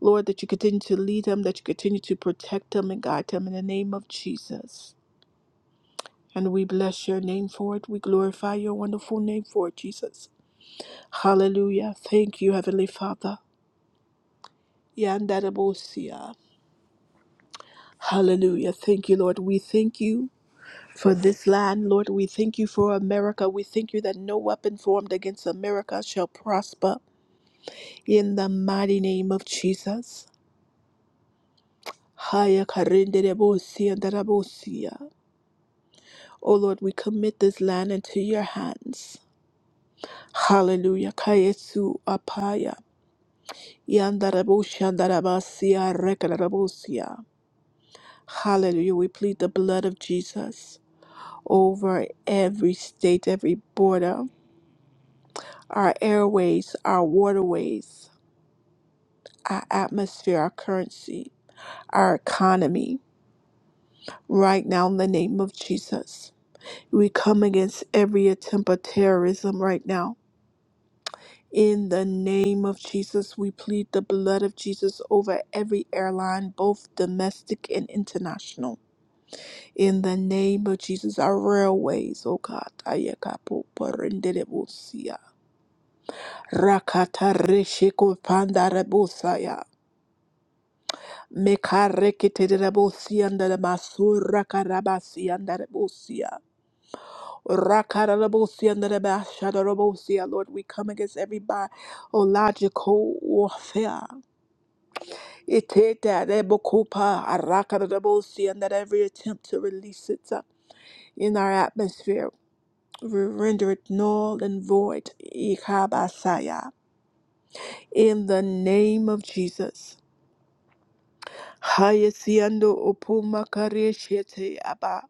Lord, that you continue to lead him, that you continue to protect him and guide him in the name of Jesus. And we bless your name for it. We glorify your wonderful name for it, Jesus. Hallelujah. Thank you, Heavenly Father. Yandarabosia. Hallelujah. Thank you, Lord. We thank you for this land, Lord. We thank you for America. We thank you that no weapon formed against America shall prosper. In the mighty name of Jesus. Haya karenderebosia ndarabosia. Oh Lord, we commit this land into your hands. Hallelujah. Kayesu apaya. Yandarabushandarabasia rekararabusia. Hallelujah. We plead the blood of Jesus over every state, every border, our airways, our waterways, our atmosphere, our currency, our economy. Right now, in the name of Jesus, we come against every attempt of terrorism right now. In the name of Jesus, we plead the blood of Jesus over every airline, both domestic and international. In the name of Jesus, our railways, O God, Ayakapo Parenderebusia, Rakata Reshiko Pandarabusaya, Mekarekiterabusia and the Masura Karabasi and the Rebusia, Rakarabusia and the Bashadabusia. Lord, we come against every bi- oh, logical warfare. It is that Rebokupa, Arakarabusia, and that every attempt to release it uh, in our atmosphere. we render it null and void. Ikabasaya. In the name of Jesus. Hayesiando opumakareshiete aba.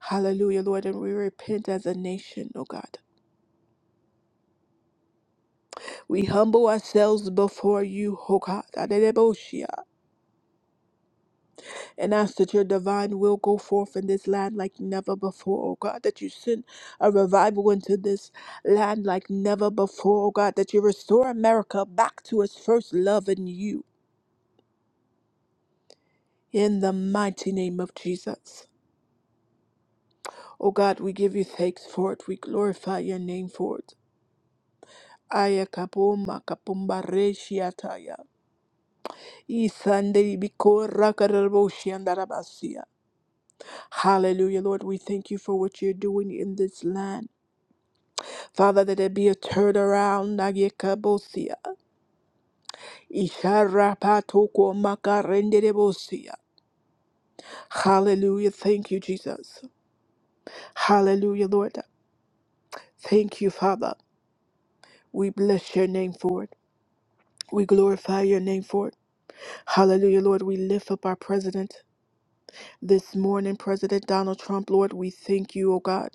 Hallelujah, Lord, and we repent as a nation, O God. We humble ourselves before you, O God, Adedeboshia, and ask that your divine will go forth in this land like never before, O God, that you send a revival into this land like never before, O God, that you restore America back to its first love in you, In the mighty name of Jesus. O God, we give you thanks for it. We glorify your name for it. Aya kapoma kapumba reshiataya. Isande biko rakarabo shiandarabasia. Hallelujah, Lord. We thank you for what you're doing in this land. Father, that there be a turnaround. Aye kabosia. Isharapatoko makarenderebosia. Hallelujah. Thank you, Jesus. Hallelujah, Lord. Thank you, Father. We bless your name for it. We glorify your name for it. Hallelujah, Lord. We lift up our president this morning, President Donald Trump. Lord, we thank you, O God.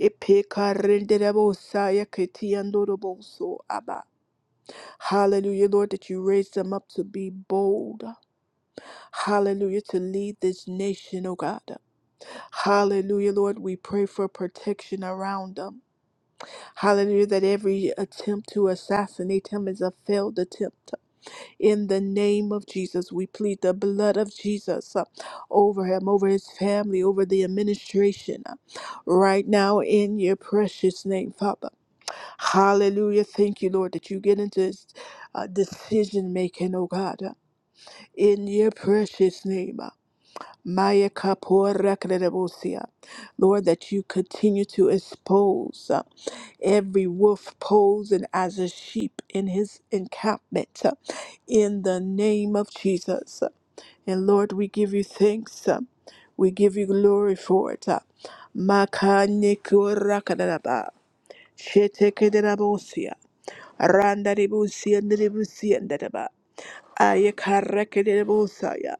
Epekarenderebosaya ketiyandoroboso aba. Hallelujah, Lord, that you raised them up to be bold. Hallelujah, to lead this nation, O God. Hallelujah, Lord. We pray for protection around them. Hallelujah, that every attempt to assassinate him is a failed attempt. In the name of Jesus, we plead the blood of Jesus uh, over him, over his family, over the administration. uh, Right now, in your precious name, Father. Hallelujah. Thank you, Lord, that you get into this uh, decision making, oh God, uh, in your precious name. uh, Maya Kapora Kredebosia. Lord, that you continue to expose. uh, every wolf posing as a sheep in his encampment uh, in the name of Jesus. And Lord, we give you thanks. uh, We give you glory for it. uh. Makanikorakadadaba, shetekederabosia, randaribusia, Ayakarekedebosaya.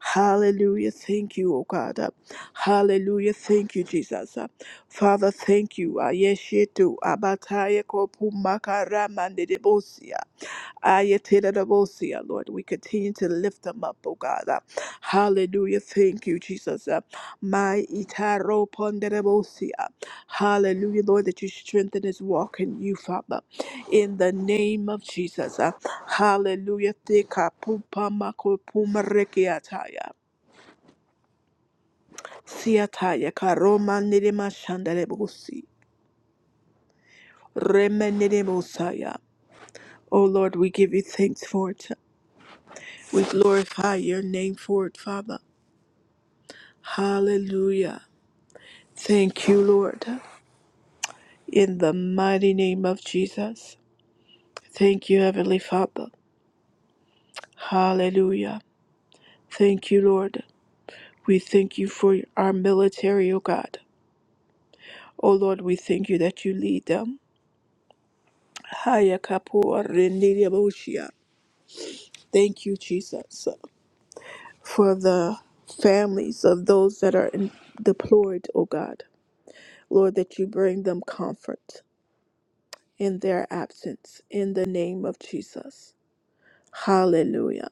Hallelujah. Thank you, O God. Hallelujah. Thank you, Jesus. Father, thank you. Ayeshetu abataya kopumakaramanedebosia. Ayatidadabosia, Lord. We continue to lift them up, O God. Hallelujah. Thank you, Jesus. My itaro ponderebosia. Hallelujah, Lord, that you strengthen his walk in you, Father in the name of Jesus. Uh, Hallelujah. Thika pupa mako puma rekiataya. Siataya karoma nirima shandalebusi. Rema niribusaya. Oh Lord, we give you thanks for it. We glorify your name for it, Father. Hallelujah. Thank you, Lord, in the mighty name of Jesus. Thank you, Heavenly Father. Hallelujah. Thank you, Lord. We thank you for our military, O God. O Lord, we thank you that you lead them. Haya kapua rendiria boshia. Thank you, Jesus, for the families of those that are in- deployed, O God. Lord, that you bring them comfort in their absence in the name of Jesus. Hallelujah.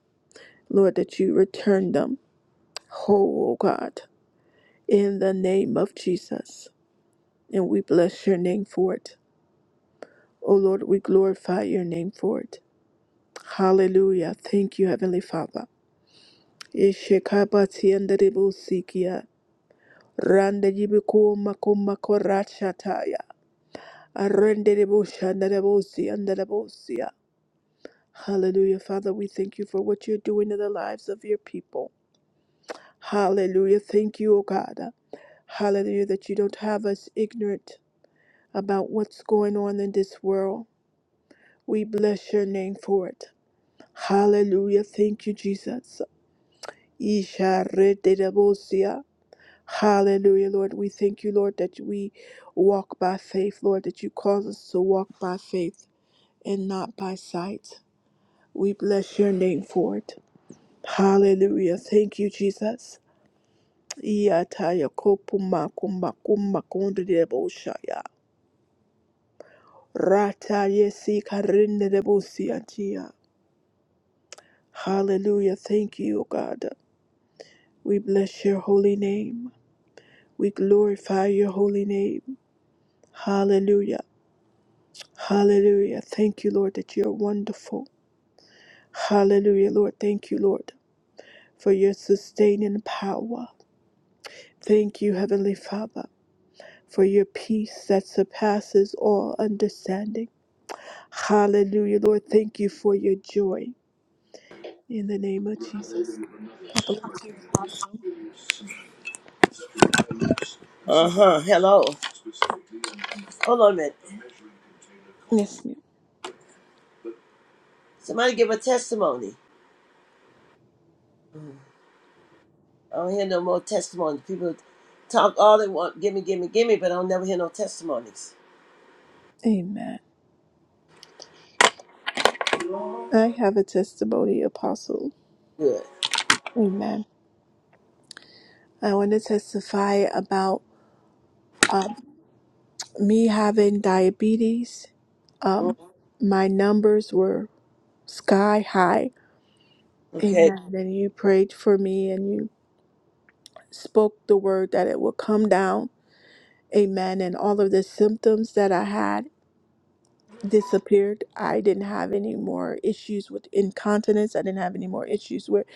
Lord, that you return them whole, O God, in the name of Jesus. And we bless your name for it. O Lord, we glorify your name for it. Hallelujah. Thank you, Heavenly Father. Ishekabati andaribusikia. Randa jibiku makuma korachataya. Arenderibushi andaribusi andaribusia. Hallelujah, Father. We thank you for what you're doing in the lives of your people. Hallelujah. Thank you, O God. Hallelujah, that you don't have us ignorant about what's going on in this world. We bless your name for it. Hallelujah. Thank you, Jesus. Isha Hallelujah, Lord. We thank you, Lord, that we walk by faith, Lord, that you cause us to walk by faith and not by sight. We bless your name for it. Hallelujah. Thank you, Jesus. Iyataya kopuma kuma kuma kondedeboshaya. Rata yesi karindedebosiatia. Hallelujah. Thank you, O God. We bless your holy name. We glorify your holy name. Hallelujah. Hallelujah. Thank you, Lord, that you're wonderful. Hallelujah, Lord. Thank you, Lord, for your sustaining power. Thank you, Heavenly Father, for your peace that surpasses all understanding. Hallelujah, Lord. Thank you for your joy. In the name of Jesus. God bless you. Uh huh. Hello. Hold on a minute. Yes, ma'am. Somebody give a testimony. I don't hear no more testimony. People talk all they want, gimme, gimme, gimme, but I don't never hear no testimonies. Amen. I have a testimony, Apostle. Good. Amen. I want to testify about um, me having diabetes. Mm, Um, my numbers were sky high. Okay. Amen. And you prayed for me and you spoke the word that it will come down. Amen. And all of the symptoms that I had disappeared. I didn't have any more issues with incontinence. I didn't have any more issues where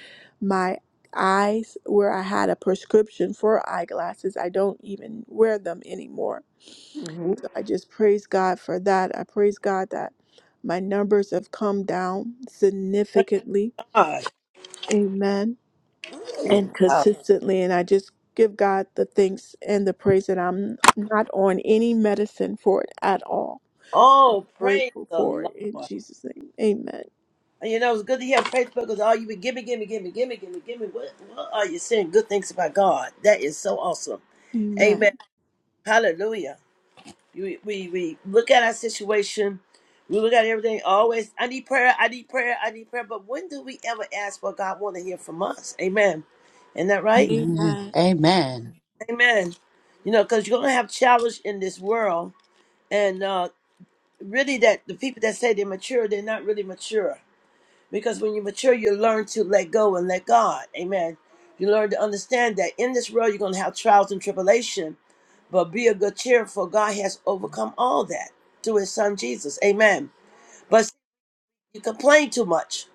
my eyes, where I had a prescription for eyeglasses. I don't even wear them anymore. hmm So I just praise God for that. I praise God that my numbers have come down significantly. God. Amen and Uh, consistently and i just give god the thanks and the praise that i'm not on any medicine for it at all Oh, praise grateful the for it Lord. in jesus name amen And you know, it's good to hear praise because all you be gimme, gimme, gimme, gimme, gimme, gimme. What, what are you saying? Good things about God. That is so awesome. Amen. Hallelujah. We, we we look at our situation, we look at everything. Always, I need prayer, I need prayer, I need prayer. But when do we ever ask what God want to hear from us? Amen. Isn't that right? Amen. amen Amen. Amen. You know, because you're gonna have challenge in this world, and uh, really, that the people that say they're mature, they're not really mature. Because when you mature, you learn to let go and let God. Amen. You learn to understand that in this world you're gonna have trials and tribulation, but be a good cheer, for God has overcome all that through His Son Jesus. Amen. But you complain too much.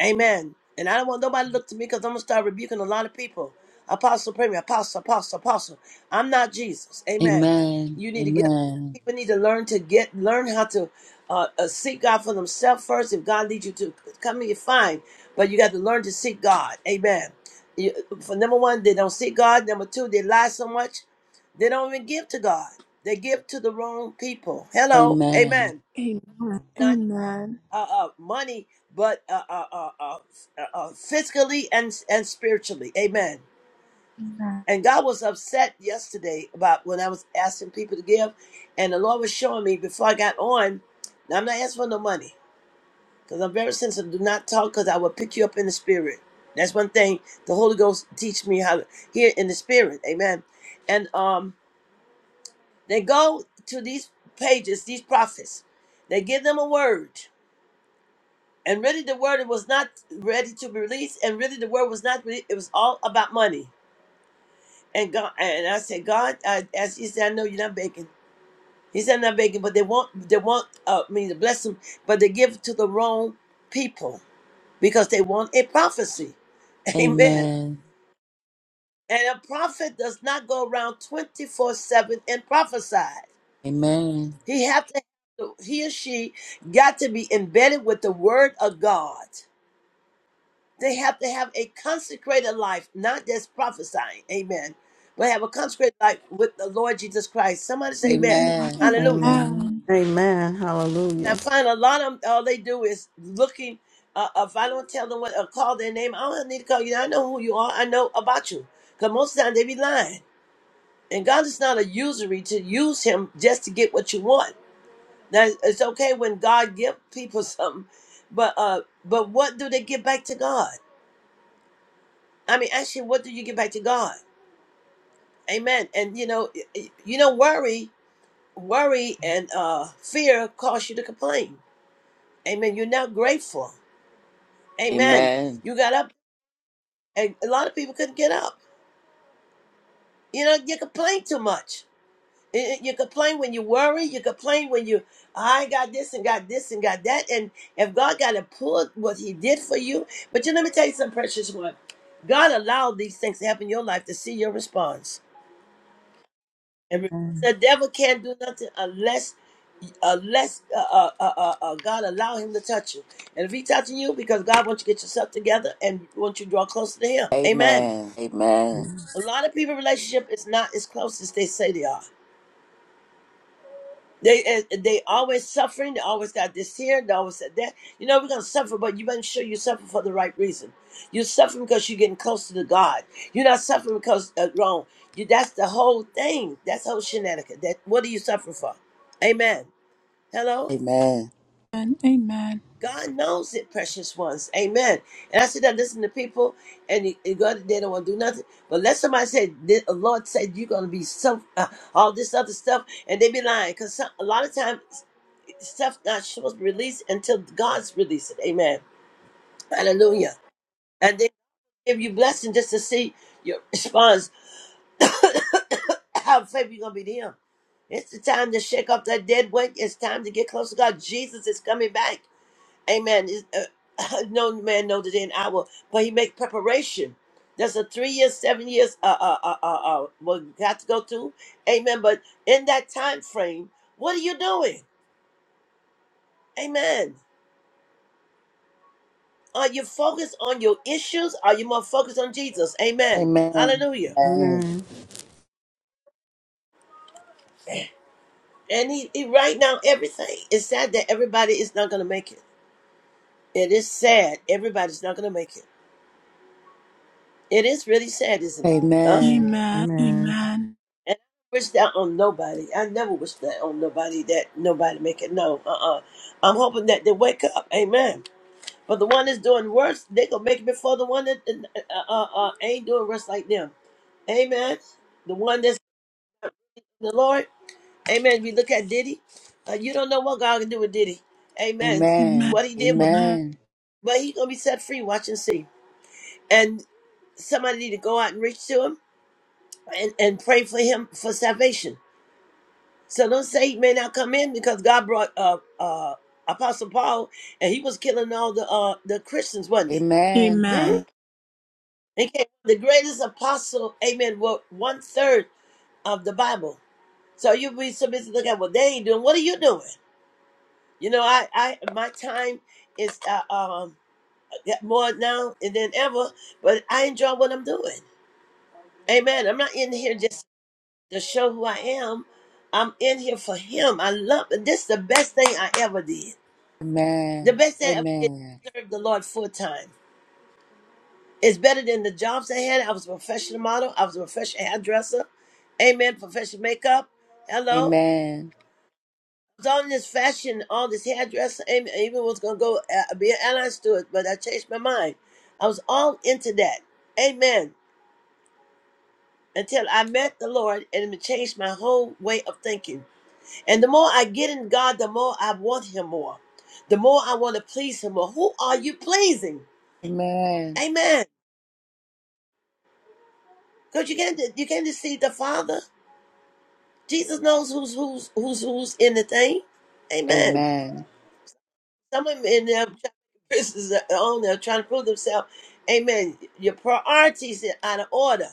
Amen. And I don't want nobody to look to me because I'm going to start rebuking a lot of people. Apostle, premier, apostle, apostle, apostle. I'm not Jesus. Amen. Amen. You need to get up. Amen. People need to learn to get, learn how to uh, uh, seek God for themselves first. If God leads you to come here, fine. But you got to learn to seek God. Amen. You, for number one, they don't seek God. Number two, they lie so much, they don't even give to God. They give to the wrong people. Hello. Amen. Amen amen amen uh, uh, money, but uh, uh, uh, uh, uh, fiscally and and spiritually. Amen. amen And God was upset yesterday about when I was asking people to give, and the Lord was showing me before I got on. Now I'm not asking for no money because I'm very sensitive. Do not talk because I will pick you up in the spirit. That's one thing the Holy Ghost teach me how to hear in the spirit. Amen. And um, they go to these pages, these prophets. They give them a word and really the word was not ready to be released and really the word was not re- it was all about money and god and i said god I, as he said i know you're not begging he said i'm not begging but they want they want uh, me to bless them but they give to the wrong people because they want a prophecy amen Amen. and a prophet does not go around 24 7 and prophesy Amen. he have to he or she got to be embedded with the word of god They have to have a consecrated life, not just prophesying. Amen. But have a consecrated life with the Lord Jesus Christ. Somebody say amen. Amen. Hallelujah. Amen. amen Amen. And Hallelujah. I find a lot of them, all they do is looking. Uh, uh, if I don't tell them what, or call their name, I don't need to call you. I know who you are. I know about you. Because most of the time they be lying. And God is not a usury to use him just to get what you want. Now, it's okay when God give people something, but uh, but what do they give back to God? I mean, actually, what do you give back to God? Amen. And you know, you know, worry, worry, and uh, fear cause you to complain. Amen. You're not grateful. Amen. Amen. You got up, and a lot of people couldn't get up. You know, you complain too much. Y- y- You complain when you worry. You complain when you, I got this and got this and got that. And if God got to pull what He did for you, but you let me tell you something, precious one. God allowed these things to happen in your life to see your response. And remember, the devil can't do nothing unless, unless uh, uh, uh, uh, uh, God allow him to touch you. And if he touching you, because God wants you to get yourself together and wants you to draw closer to Him. Amen. Amen. Amen. A lot of people' relationship is not as close as they say they are. They eh, they always suffering. They always got this here. They always said that. You know we're gonna suffer, but you make sure you suffer for the right reason. You're suffering because you're getting closer to God. You're not suffering because uh, wrong. You that's the whole thing. That's the whole shenanigan. That what are you suffering for? Amen. Amen. Hello. Amen. amen amen amen God knows it, precious ones. Amen. And I said that listen to people, and you- you go they don't want to do nothing. But let somebody say, the Lord said you're gonna be some uh, all this other stuff, and they be lying because a lot of times stuff not supposed to release until God's release it. Amen. Hallelujah. And they give you blessing just to see your response. How faithful you gonna be to him. It's the time to shake off that dead weight. It's time to get close to God. Jesus is coming back. Amen. It's, Uh, no man knows the day and hour, but he make preparation. There's a three years, seven years, uh, uh, uh, uh, uh, what you got to go through. Amen. But in that time frame, what are you doing? Amen. Are you focused on your issues? Are you more focused on Jesus? Amen. Amen. Hallelujah. Amen. And he, he right now everything. It's sad that everybody is not gonna make it. It is sad. Everybody's not gonna make it. It is really sad, Amen. isn't it? Huh? Amen. Amen. amen And I wish that on nobody. I never wish that on nobody that nobody make it. No, uh uh i am hoping that they wake up. Amen. But the one that's doing worse, they gonna make it before the one that uh, uh, uh ain't doing worse like them. Amen. The one that's in the Lord. Amen. If you look at Diddy, uh, you don't know what God can do with Diddy. Amen. What he did was, Amen. but he gonna be set free. Watch and see. And somebody need to go out and reach to him and, and pray for him for salvation. So don't say he may not come in because God brought uh, uh, Apostle Paul and he was killing all the uh, the Christians, Amen. wasn't he? amen Amen. Amen. Hmm? amen And came the greatest apostle, amen, wrote one third of the Bible. So you be so busy looking at what they ain't doing. What are you doing? You know, I, I my time is uh, um more now than ever, but I enjoy what I'm doing. Amen. I'm not in here just to show who I am. I'm in here for Him. I love this. Is the best thing I ever did. Amen. The best thing I ever did Amen. was serve the Lord full time. It's better than the jobs I had. I was a professional model. I was a professional hairdresser. Amen. Professional makeup. Hello. Amen. was on this fashion, all this hairdresser. and even was gonna go uh, be an airline steward, but I changed my mind. I was all into that, amen. Until I met the Lord, and it changed my whole way of thinking. And the more I get in God, the more I want Him more. The more I want to please Him more. Who are you pleasing? Amen. Because you can't you can't deceive the Father. Jesus knows who's who's who's who's in the thing. Amen. Some of them in them business are on there trying to prove themselves. Amen. Your priorities are out of order.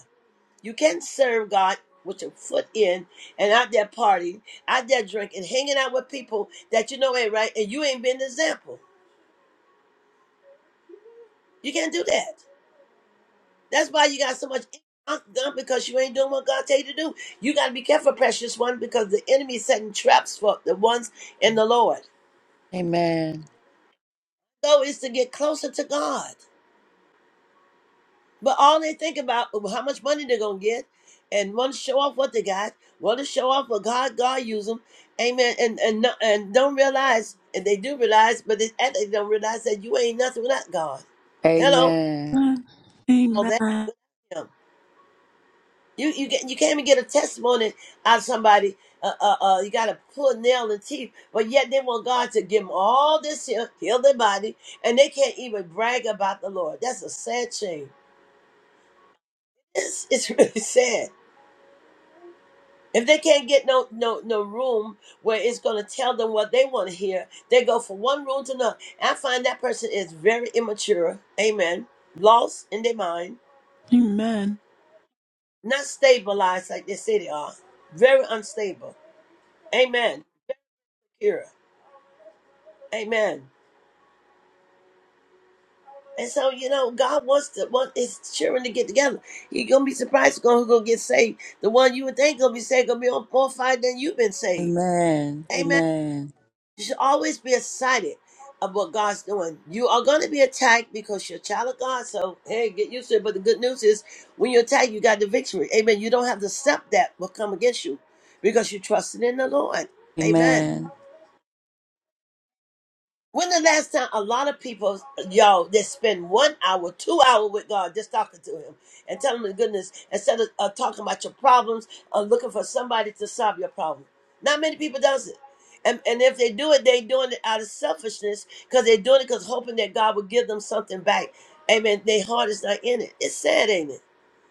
You can't serve God with your foot in and out there partying, out there drinking, hanging out with people that you know ain't right, and you ain't been the example. You can't do that. That's why you got so much done because you ain't doing what God tell you to do. You got to be careful, precious one, because the enemy is setting traps for the ones in the Lord. So is to get closer to God. But all they think about is how much money they're gonna get, and want to show off what they got, want to show off what God God use them, amen. And and no- and don't realize, and they do realize, but they act like they don't realize that you ain't nothing without God. Hello, Amen. amen all that amen him. You you get you can't even get a testimony out of somebody. Uh, uh, uh, you got to pull a nail in the teeth, but yet they want God to give them all this here, heal their body, and they can't even brag about the Lord. That's a sad shame. It's, it's really sad If they can't get no no no room where it's gonna tell them what they want to hear, they go from one room to another. I find that person is very immature, amen, lost in their mind, amen not stabilized like they say they are, very unstable, amen. Here, amen. And so you know, God wants to want His children to get together. You're gonna be surprised who's gonna, who gonna get saved. The one you would think gonna be saved gonna be on more fire than you've been saved, Amen. Amen. Amen. You should always be excited of what God's doing. You are going to be attacked because you're a child of God. So, hey, get used to it. But the good news is when you're attacked, you got the victory. Amen. You don't have to accept that will come against you because you trusted in the Lord. Amen. Amen. When the last time a lot of people, y'all, that spend one hour, two hour with God just talking to Him and telling Him the goodness instead of uh, talking about your problems or looking for somebody to solve your problem. Not many people does it, and and if they do it, they doing it out of selfishness because they're doing it because hoping that God will give them something back. Amen. Their heart is not in it. It's sad, ain't it?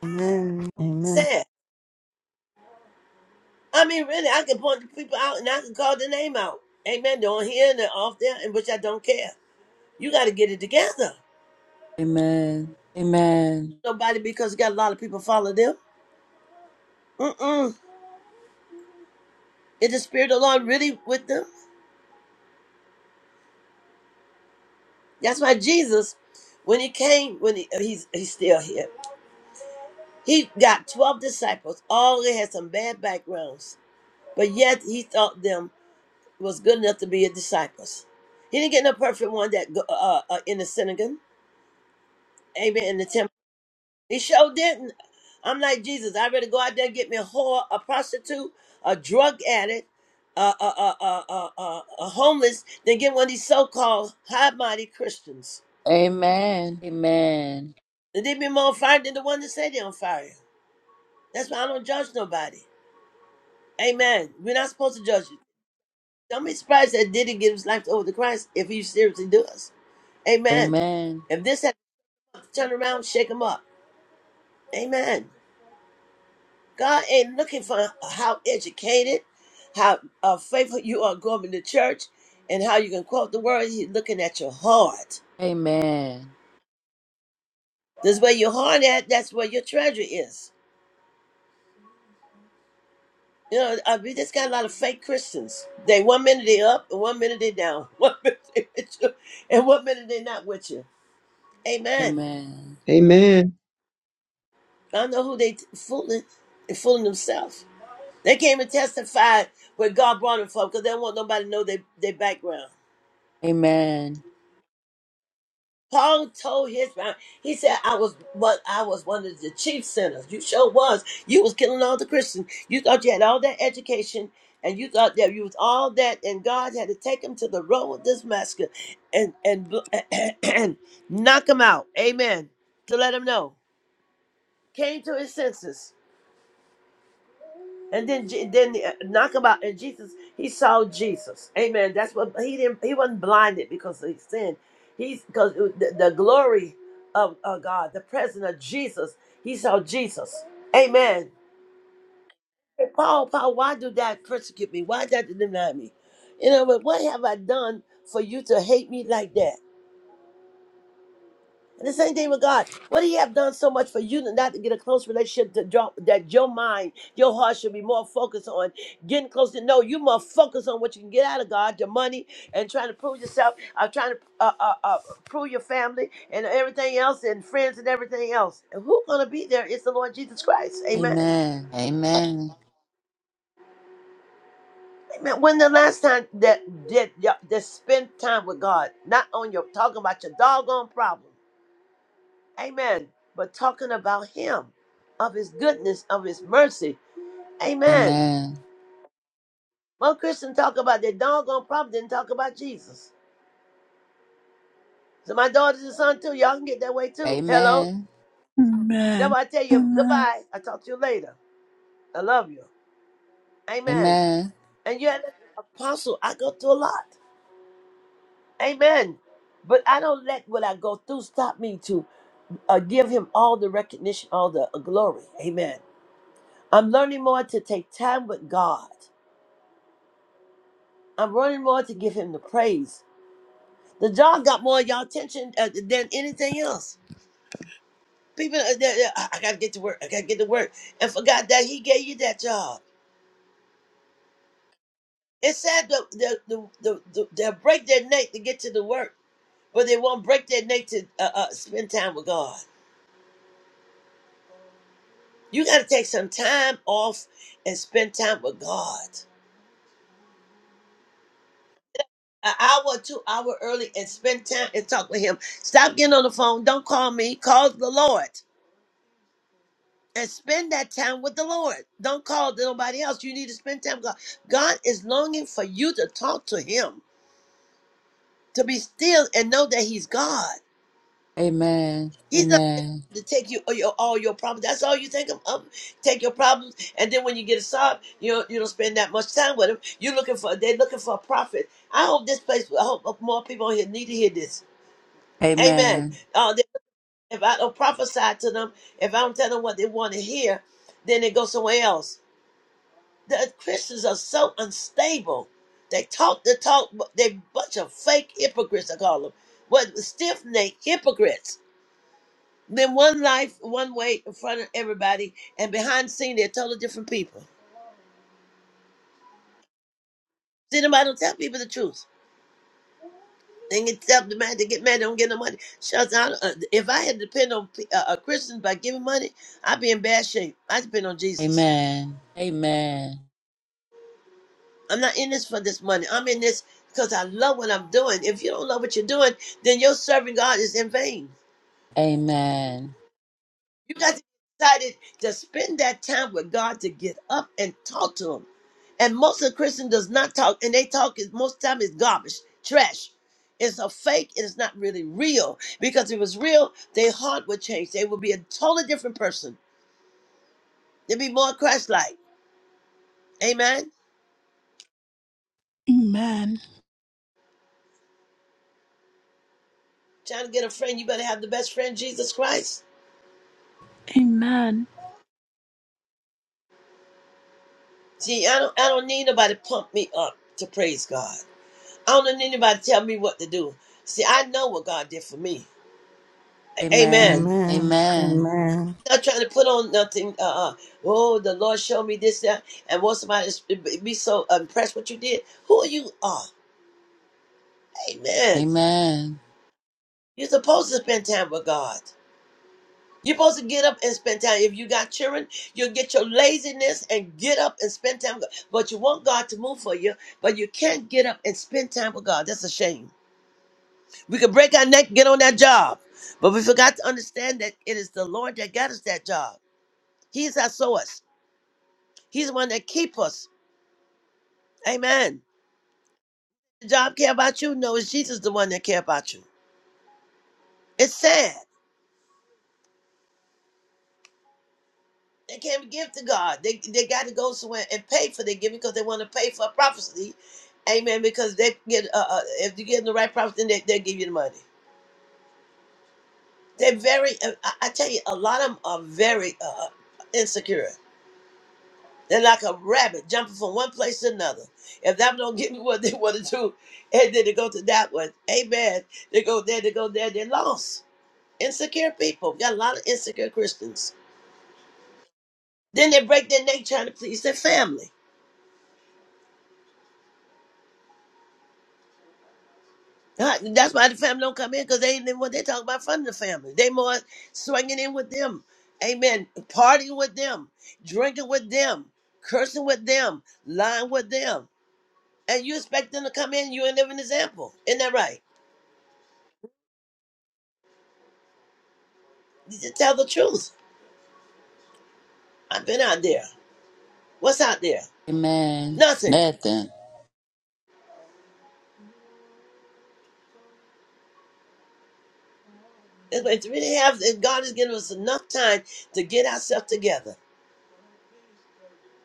Amen. Amen. Sad. I mean, really, I can point the people out and I can call the name out. Amen. They're on here and they're off there, and which I don't care. You got to get it together. Amen. Amen. nobody because got a lot of people follow them. Mm-mm. Is the Spirit of the Lord really with them? That's why Jesus, when he came, when he, uh, he's he's still here, he got twelve disciples. All they had some bad backgrounds, but yet he thought them was good enough to be his disciples. He didn't get no perfect one that go- uh, uh, in the synagogue, amen, in the temple. He sure didn't. I'm like Jesus. I'd rather go out there and get me a whore, a prostitute, a drug addict, a a a a a, a, a homeless, than get one of these so-called high-mighty Christians. Amen. Amen. And they be more on fire than the one that say they on fire. That's why I don't judge nobody. Amen. We're not supposed to judge you. Don't be surprised that didn't give his life over to Christ if he seriously does. Amen. Amen. If this had to turn around, shake him up. Amen. God ain't looking for how educated, how uh, faithful you are going to church, and how you can quote the word. He's looking at your heart. Amen. This where your heart at, that's where your treasure is. You know, uh, we just got a lot of fake Christians. They one minute they up, and one minute they down, one minute they with you, and one minute they not with you. Amen. Amen. Amen. I know who they fooling, they fooling themselves. They came and testified where God brought them from because they don't want nobody to know their, their background. Amen. Paul told his man, he said, I was what I was one of the chief sinners. You sure was. You was killing all the Christians. You thought you had all that education and you thought that you was all that and God had to take him to the road of Damascus and and, and knock him out. Amen. To let him know. Came to his senses. And then, Je- then the, uh, knock about and Jesus, he saw Jesus. Amen. That's what he didn't. He wasn't blinded because of his sin. He's because it- the, the glory of uh, God, the presence of Jesus. He saw Jesus. Amen. Hey, Paul, Paul, why do that persecute me? Why that deny me? You know, but what have I done for you to hate me like that? And the same thing with God. What He have done so much for you to not to get a close relationship to draw, that your mind, your heart should be more focused on getting close to. No, you more focused on what you can get out of God, your money, and trying to prove yourself. i trying to uh, uh, uh, prove your family and everything else, and friends and everything else. And who's gonna be there? It's the Lord Jesus Christ. Amen. Amen. Amen. Amen. When the last time that that that, that spend time with God, not on your talking about your doggone problem. Amen. But talking about him, of his goodness, of his mercy. Amen. Amen. Most Christians talk about their doggone problem, didn't talk about Jesus. So my daughters and son too, y'all can get that way too. Hello. Amen. That's why I tell you goodbye. I talk to you later. I love you. Amen. Amen. And you're an apostle, I go through a lot. Amen. But I don't let what I go through stop me to uh, give him all the recognition, all the uh, glory. Amen. I'm learning more to take time with God. I'm running more to give him the praise. The job got more of y'all attention uh, than anything else. People, uh, they're- they're, I I gotta get to work. I gotta get to work, and forgot that he gave you that job. It's sad that the, the, the, the, they'll break their neck to get to the work, but they won't break their neck to uh, uh, spend time with God. You gotta take some time off and spend time with God. An hour, two hour early, and spend time and talk with Him. Stop getting on the phone. Don't call me. Call the Lord. and spend that time with the Lord. Don't call to nobody else. You need to spend time with God. God is longing for you to talk to Him, to be still and know that He's God. Amen. Amen. He's not Amen. to take you all your, all your problems. That's all you think of. Um, take your problems, and then when you get a sob, you don't, you don't spend that much time with Him. You're looking for they're looking for a prophet. I hope this place. I hope more people on here need to hear this. Amen. Uh, if I don't prophesy to them, if I don't tell them what they want to hear, then they go somewhere else The Christians are so unstable. They talk the talk, but they bunch of fake hypocrites. I call them. What stiff necked hypocrites. Then one life, one way in front of everybody, and behind the scene they're totally different people. See, nobody don't tell people the truth. They get tell the man they get mad, they don't get no money. Shuts down. Uh, if I had to depend on pe- uh, uh, Christians by giving money, I'd be in bad shape. I depend on Jesus. Amen. Amen. Amen. I'm not in this for this money. I'm in this because I love what I'm doing. If you don't love what you're doing, then your serving God is in vain. You got to be excited to spend that time with God to get up and talk to Him. And most of the Christian does not talk, and they talk is most time is garbage, trash. It's a fake. and It's not really real because if it was real, their heart would change. They would be a totally different person. They'd be more Christ-like. Amen. amen Trying to get a friend, you better have the best friend, Jesus Christ. amen amen amen See, I don't I don't need nobody to pump me up to praise God. I don't need anybody to tell me what to do. See, I know what God did for me. A- Amen. Amen. Amen. Amen. Not trying to put on nothing. Uh, uh, oh, the Lord showed me this, that, and want somebody to be so impressed what you did. Who you are, Amen. Amen. You're supposed to spend time with God. You're supposed to get up and spend time. If you got children, you'll get your laziness and get up and spend time. With God. But you want God to move for you, but you can't get up and spend time with God. That's a shame. We could break our neck, get on that job. But we forgot to understand that it is the Lord that got us that job. He's our source. He's the one that keep us. Amen. The job care about you? No, it's Jesus the one that care about you. It's sad. They can't give to God. They they got to go somewhere and pay for their giving because they want to pay for prophecy. Amen. Because they get uh, uh, if you get the right prophecy, then they they give you the money. They're very. Uh, I, I tell you, a lot of them are very uh, uh, insecure. They're like a rabbit jumping from one place to another. If that don't give me what they want to do, and then they go to that one. Amen. They go there, they go there, they're lost. Insecure people. We got a lot of insecure Christians. Then they break their neck trying to please their family. Right, and That's why the family don't come in because they ain't what they talk about from the family. They more swinging in with them. Amen. Partying with them, drinking with them, cursing with them, lying with them. And you expect them to come in, you ain't live an example. Isn't that right? to tell the truth. I've been out there. What's out there? Amen. Nothing. Nothing. If if we didn't have, and God has given us enough time to get ourselves together.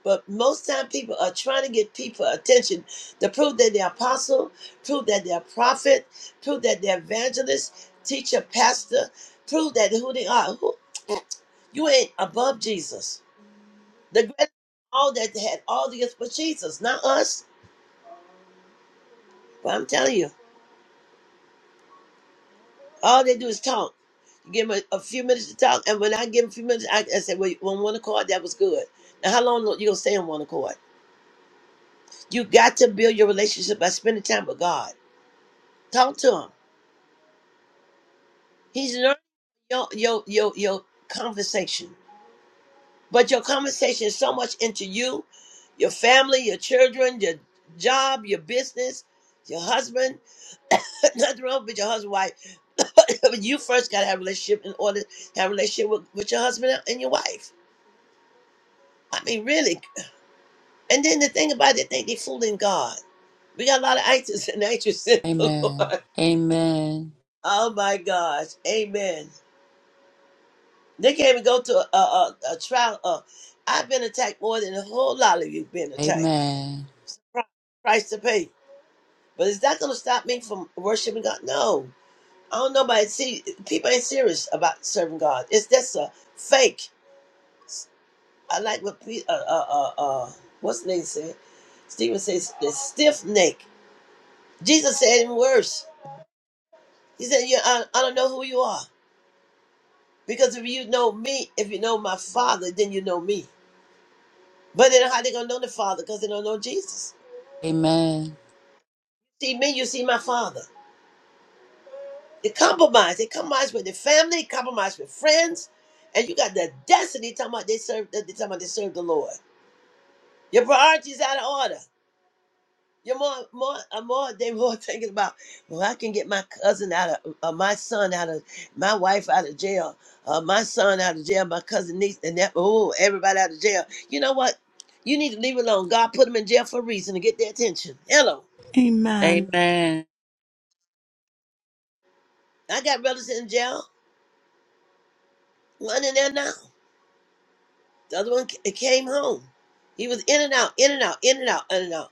But most time people are trying to get people attention to prove that they're apostle, prove that they're prophet, prove that they're evangelist, teacher, pastor, prove that who they are. Who, you ain't above Jesus. The greatest of all that had all the gifts was Jesus, not us. But I'm telling you. All they do is talk. give them a, a few minutes to talk, and when I give them a few minutes, I, I said, "Well, on one accord, that was good." Now, how long you gonna stay on one accord? You got to build your relationship by spending time with God. Talk to Him. He's learning your your your your conversation, but your conversation is so much into you, your family, your children, your job, your business, your husband. Nothing wrong with your husband, wife. but you first gotta have a relationship in order to have a relationship with, with your husband and your wife. I mean, really, And then the thing about it, they they fooling God. We got a lot of actors and actresses in the Amen. Lord. Amen. Oh my gosh, Amen. They can't even go to a, a, a trial. Uh, I've been attacked more than a whole lot of you been attacked. Amen. Pri- Price to pay, but is that going to stop me from worshiping God? No, I don't know. But see, people ain't serious about serving God. It's just a fake. I like what Pe- uh, uh, uh, uh, what's the name said. Stephen says, "The stiff neck." Jesus said even worse. He said, yeah, I, I don't know who you are. Because if you know me, if you know my father, then you know me. But then how they gonna know the father? Because they don't know Jesus. Amen. See me, you see my father. They compromise. They compromise with the family, compromise with friends. And you got the destiny talking about they serve they talking about they serve the Lord. Your priorities out of order. You're more, more, I'm more, they more thinking about, well, I can get my cousin out of, uh, my son out of, my wife out of jail, uh, my son out of jail, my cousin niece, and that, oh, everybody out of jail. You know what? You need to leave it alone. God put them in jail for a reason to get their attention. Hello. Amen. Amen. Amen. I got brothers in jail. One in there now. The other one ca- came home. He was in and out, in and out, in and out, in and out.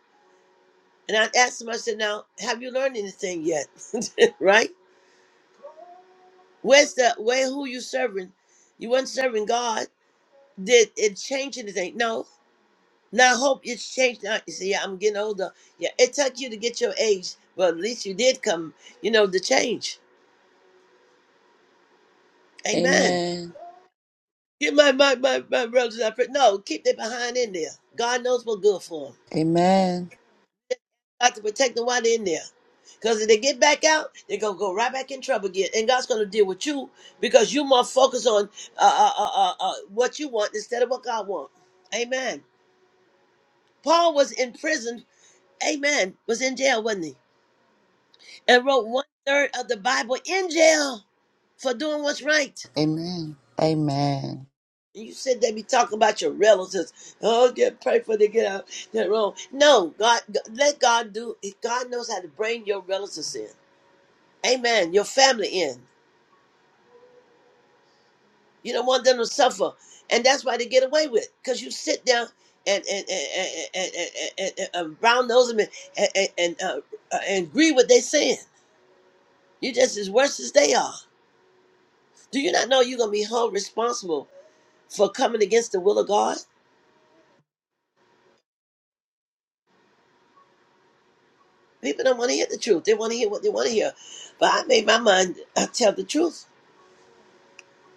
And I asked him, I said, now, have you learned anything yet? right? Where's the, where, who you serving? You weren't serving God. did it change anything? No. Now I hope it's changed. Now you see, I'm getting older. Yeah, it took you to get your age, but at least you did come, you know, the change. Amen. Amen. Get my my my, my brothers up. No, keep them behind in there. God knows what's good for them. Amen. Got to protect them while they're in there. Because if they get back out, they're going to go right back in trouble again. And God's going to deal with you because you more focus on uh, uh, uh, uh, uh, what you want instead of what God wants. Amen. Paul was in prison. Amen. Was in jail, wasn't he? and wrote one third of the Bible in jail for doing what's right. Amen. Amen. And you said they be talking about your relatives. Oh, get pray for they get out that wrong. No, God, let God do. God knows how to bring your relatives in. Amen. Your family in. You don't want them to suffer, and that's why they get away with. Cause you sit down and and and and and, and, and, and brown nose them and and and, uh, uh, and agree what they saying. You just as worse as they are. Do you not know you're gonna be held responsible for coming against the will of God. People don't want to hear the truth. They want to hear what they want to hear. But I made my mind I tell the truth.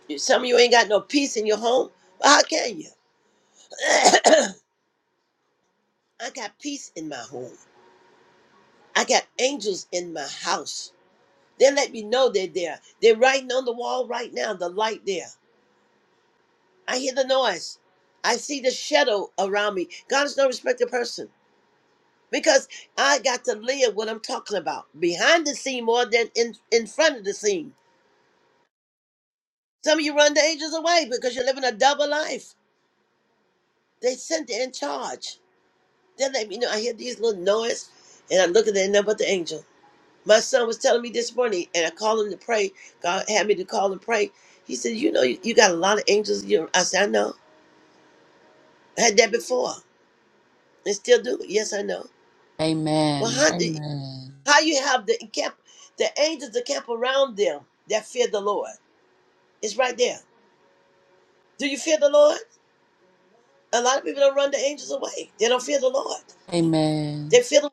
You- Some of you ain't got no peace in your home. Well, how can you? I got peace in my home. I got angels in my house. They let me know they're there. They're writing on the wall right now, the light there. I hear the noise. I see the shadow around me. God is no respected person because I got to live what I'm talking about behind the scene more than in, in front of the scene. Some of you run the angels away because you're living a double life. They sent you in charge. They let me know. I hear these little noise, and I look at them, and nothing but the angel. My son was telling me this morning, and I called him to pray. God had me to call and pray. He said, "You know, you, you got a lot of angels." in your I said, "I know. I had that before, and still do. Yes, I know. Well, Amen. how do Amen. how you have the camp, the angels that camp around them that fear the Lord? It's right there. Do you fear the Lord? A lot of people don't run the angels away. They don't fear the Lord. They Amen. fear the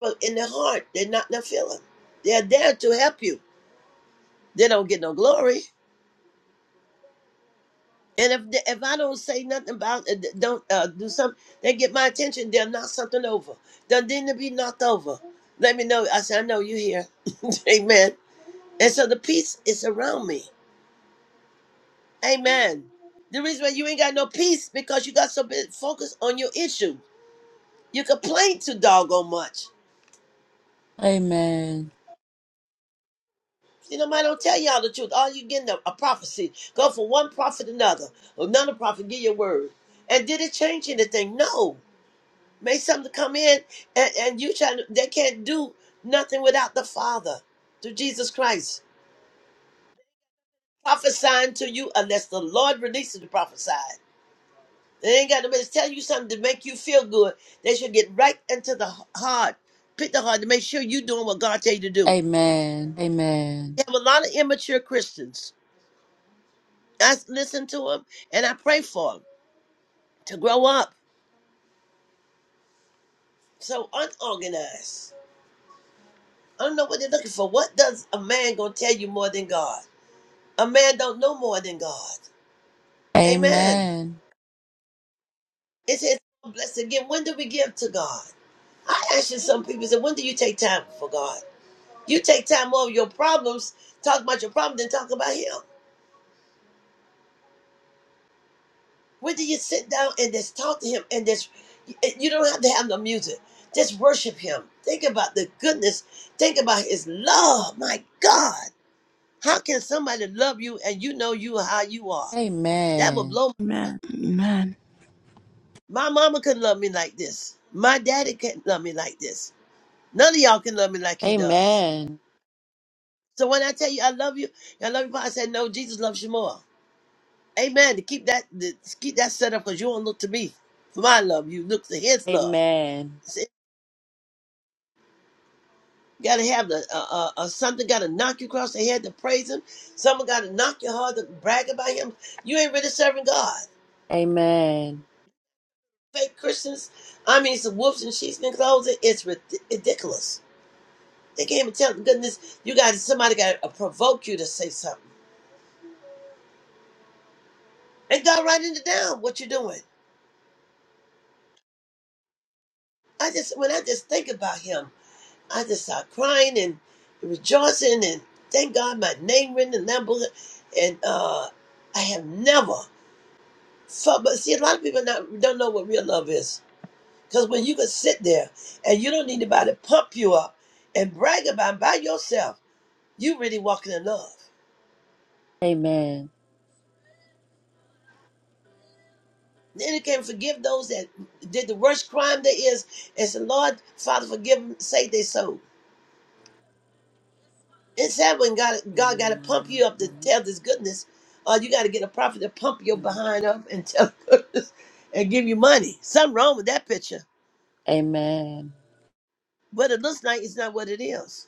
Well, in their heart, they're not in their feeling. They're there to help you. They don't get no glory. And if they, if I don't say nothing about it, don't uh, do something, they get my attention. They'll knock something over. They'll need to be knocked over. Let me know. I said, I know you here. Amen. And so the peace is around me. Amen. The reason why you ain't got no peace because you got so bit focused on your issue. You complain too doggone much. Amen. See, nobody don't tell y'all the truth. All you getting a, a prophecy. Go from one prophet to another. Another prophet, give your word. And did it change anything? No. Made something come in and, and you try. to, they can't do nothing without the Father through Jesus Christ. Prophesying to you unless the Lord releases the prophesied. They ain't got nobody to tell you something to make you feel good. They should get right into the h- heart, pick the heart to make sure you're doing what God tell you to Amen. do. Amen. We have a lot of immature Christians. I s- listen to them and I pray for them. to grow up. So unorganized. I don't know what they're looking for. What does a man gonna tell you more than God? A man don't know more than God. Amen. Amen. It says blessed again. When do we give to God? I asked you some people said, when do you take time for God? You take time over your problems, talk about your problem, then talk about him. When do you sit down and just talk to him and just eh, you don't have to have no music. Just worship him. Think about the goodness. Think about his love. My God. How can somebody love you and you know you are how you are? That would Amen. blow. Amen. Amen. My mama couldn't love me like this. My daddy couldn't love me like this. None of y'all can love me like he does. Amen. So when I tell you I love you, I love you, Paul, I said no. Jesus loves you more. Amen. To keep that, to keep that set up because you don't look to me for my love. You look to His love. Amen. See, you gotta have the uh, uh, uh, something. Gotta knock you across the head to praise Him. Someone gotta knock your heart to brag about Him. You ain't really serving God. Amen. Amen. Amen. fake Christians. I mean, some wolves and sheep in clothing. It's rid- ridiculous. They can't even tell. Goodness, you got somebody got to provoke you to say something. And God writing it down what you're doing. I just when I just think about Him, I just start crying and rejoicing and thank God my name written in that book. And uh, I have never felt. But see, a lot of people not, don't know what real love is. Because when you can sit there and you don't need anybody to pump you up and brag about it by yourself. You really walking in love. Amen. Then you can forgive those that did the worst crime there is. And say, Lord, Father, forgive them, save their soul. It's sad when God, God got to pump Amen. you up to tell this goodness, or you got to get a prophet to pump your behind up and tell goodness and give you money. Something wrong with that picture. What it looks like is not what it is.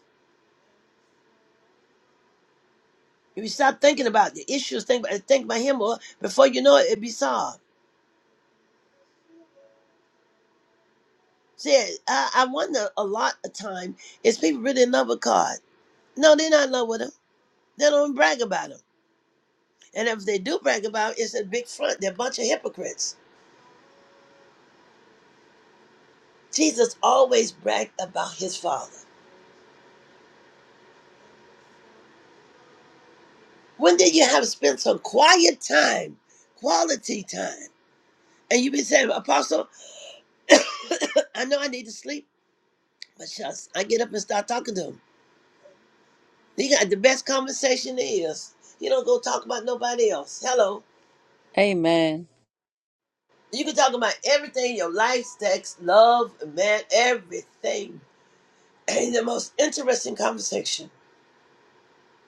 If you stop thinking about the issues, think about, think about Him, or before you know it, it'll be solved. See, I, I wonder a lot of time is people really in love with God? No, they're not in love with Him. They don't brag about him. And if they do brag about him, it's a big front. They're a bunch of hypocrites. Jesus always bragged about his father. When did you have spent some quiet time, quality time? And you be saying, Apostle, I know I need to sleep, but shucks, I get up and start talking to him. He got the best conversation there is. You don't go talk about nobody else. Hello. You can talk about everything, your life, sex, love, man, everything. And the most interesting conversation.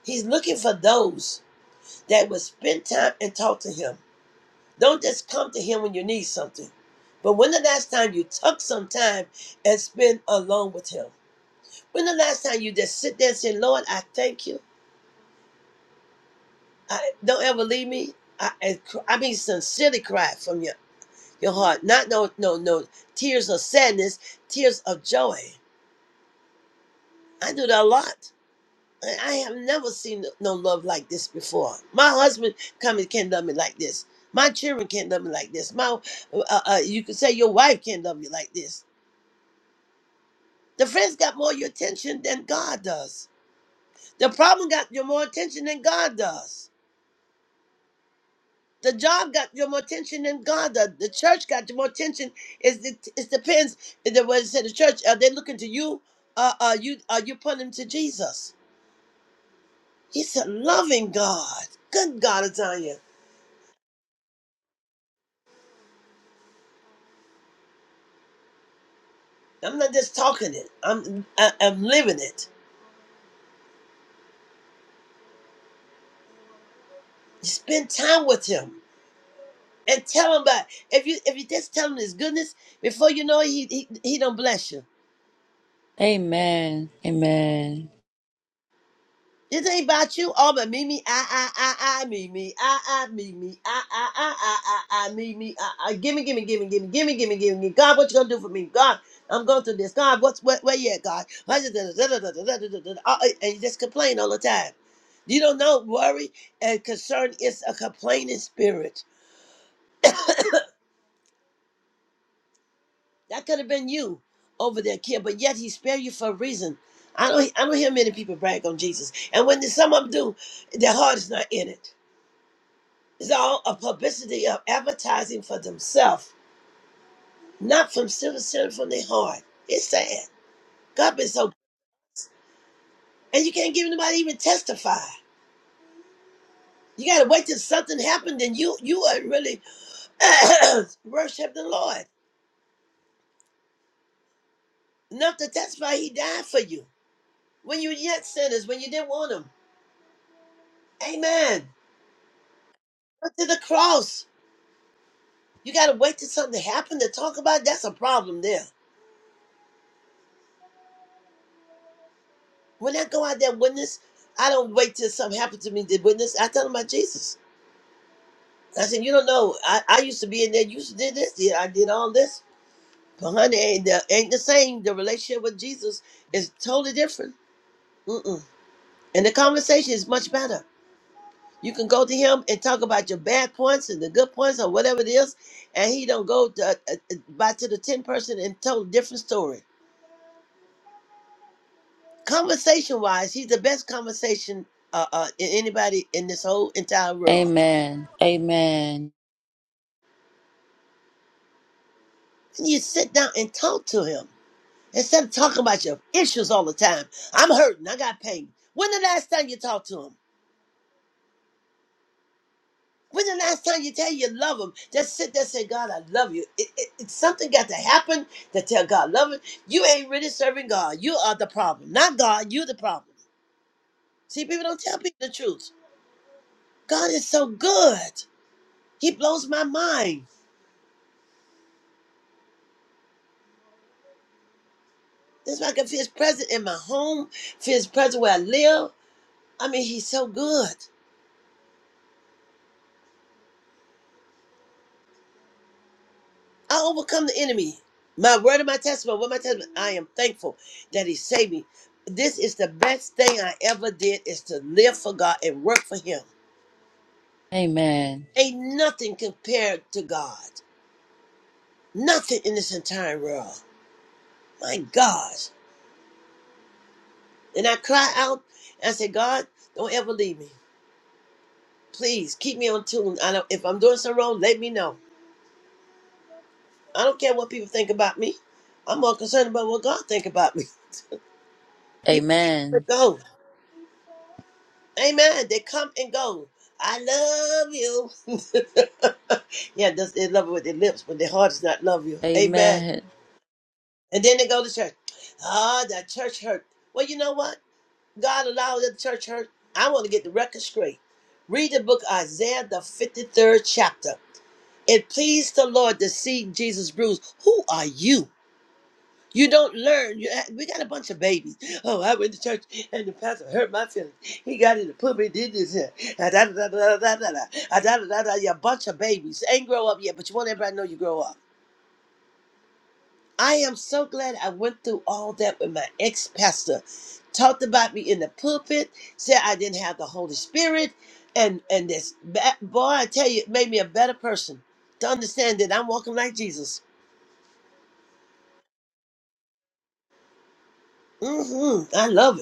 He's looking for those that will spend time and talk to him. Don't just come to him when you need something. But when the last time you took some time and spend alone with him? When the last time you just sit there and say, Lord, I thank you. I don't ever leave me. I, I, cr- I mean sincerely cry from your, your heart. Not no no no tears of sadness, tears of joy. I do that a lot. I I have never seen no no love like this before. My husband come and can't love me like this. My children can't love me like this. My, uh, uh, uh, you could say your wife can't love you like this. The friends got more your attention than God does. The problem got your more attention than God does. The job got your more attention than God does. The church got your more attention. It's, it, it depends. If The way said the church, are they looking to you? Uh, are you are you pointing to Jesus? He's a loving God. Good God, Azania. I'm not just talking it. I'm I, I'm living it. spend time with him and tell him about if you if you just tell him his goodness before you know it, he he he don't bless you. Amen. This ain't about you. All but me me I I I I me me I I me me I I I I I I me me I I gimme gimme gimme gimme gimme gimme gimme gimme God what you gonna do for me God I'm going through this God what's where, where you at God and you just complain all the time. You don't know worry and concern is a complaining spirit. That could have been you over there, kid, but yet he spared you for a reason. I don't I don't hear many people brag on Jesus. And when some of them do, their heart is not in it. It's all a publicity of advertising for themselves, not from sincere from their heart. It's sad. God been so and you can't give anybody even testify. You gotta wait till something happened and you you are really worship the Lord. Enough to testify he died for you. When you were yet sinners, when you didn't want him. Amen. Went to the cross You gotta wait till something happened to talk about. it? That's a problem there. When I go out there witness, I don't wait till something happened to me to witness. I tell them about Jesus. I said, you don't know. I, I used to be in there. You used to did this. Yeah, I did all this. But honey, ain't the, ain't the same. The relationship with Jesus is totally different. Mm-mm. And the conversation is much better. You can go to him and talk about your bad points and the good points or whatever it is, and he don't go to, uh, uh, uh, by to the ten person and tell a different story. Conversation wise, he's the best conversation uh, uh, in anybody in this whole entire world. Amen. Amen. And you sit down and talk to him instead of talking about your issues all the time. I'm hurting. I got pain. When the last time you talked to him? When the last time you tell you you love him? Just sit there and say, God, I love you. It, it, it, something got to happen to tell God, love him. You ain't really serving God. You are the problem. Not God. you the problem. See, people don't tell people the truth. God is so good. He blows my mind. That's why I can feel his presence in my home, feel his presence where I live. I mean, he's so good. I overcome the enemy. My word and my testimony, what my testimony, I am thankful that he saved me. This is the best thing I ever did is to live for God and work for him. Amen. Ain't nothing compared to God. Nothing in this entire world. My gosh. And I cry out and I say, God, don't ever leave me. Please keep me on tune. I don't, if I'm doing something wrong, let me know. I don't care what people think about me. I'm more concerned about what God think about me. People Amen. come and go. Amen. They come and go. I love you. yeah, that's, they love it with their lips, but their heart does not love you. Amen. Amen. And then they go to church. Ah, that church hurt. Well, you know what? God allowed that church hurt. I want to get the record straight. Read the book Isaiah, the 53rd chapter. It pleased the Lord to see Jesus bruised. Who are you? You don't learn. You, uh, we got a bunch of babies. Oh, I went to church and the pastor hurt my feelings. He got in the pulpit, did this. here. Ah, da, da, da, da, da, da, da. Ah, da, da, da, da. You're a bunch of babies. Ain't grow up yet, but you want everybody to know you grow up. I am so glad I went through all that with my ex pastor. Talked about me in the pulpit, said I didn't have the Holy Spirit, and and this ba- boy, I tell you, it made me a better person to understand that I'm walking like Jesus. hmm I love it.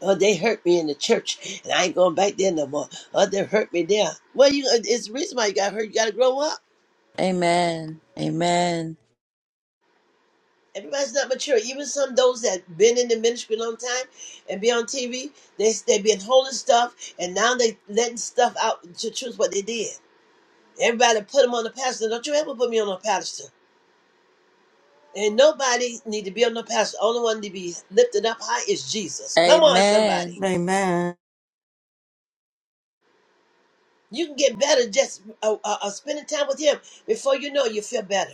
Oh, they hurt me in the church, and I ain't going back there no more. Oh, they hurt me there. Well, you, uh, it's the reason why you got hurt. You got to grow up. Amen. Amen. Everybody's not mature. Even some of those that been in the ministry a long time and be on TV, they they been holding stuff, and now they letting stuff out to choose what they did. Everybody put them on the pastor. Don't you ever put me on a pastor. And nobody need to be on no pastor. Only one to be lifted up high is Jesus. Come on, Amen. somebody. Amen. You can get better just uh, uh, uh, spending time with Him. Before you know, it, you feel better.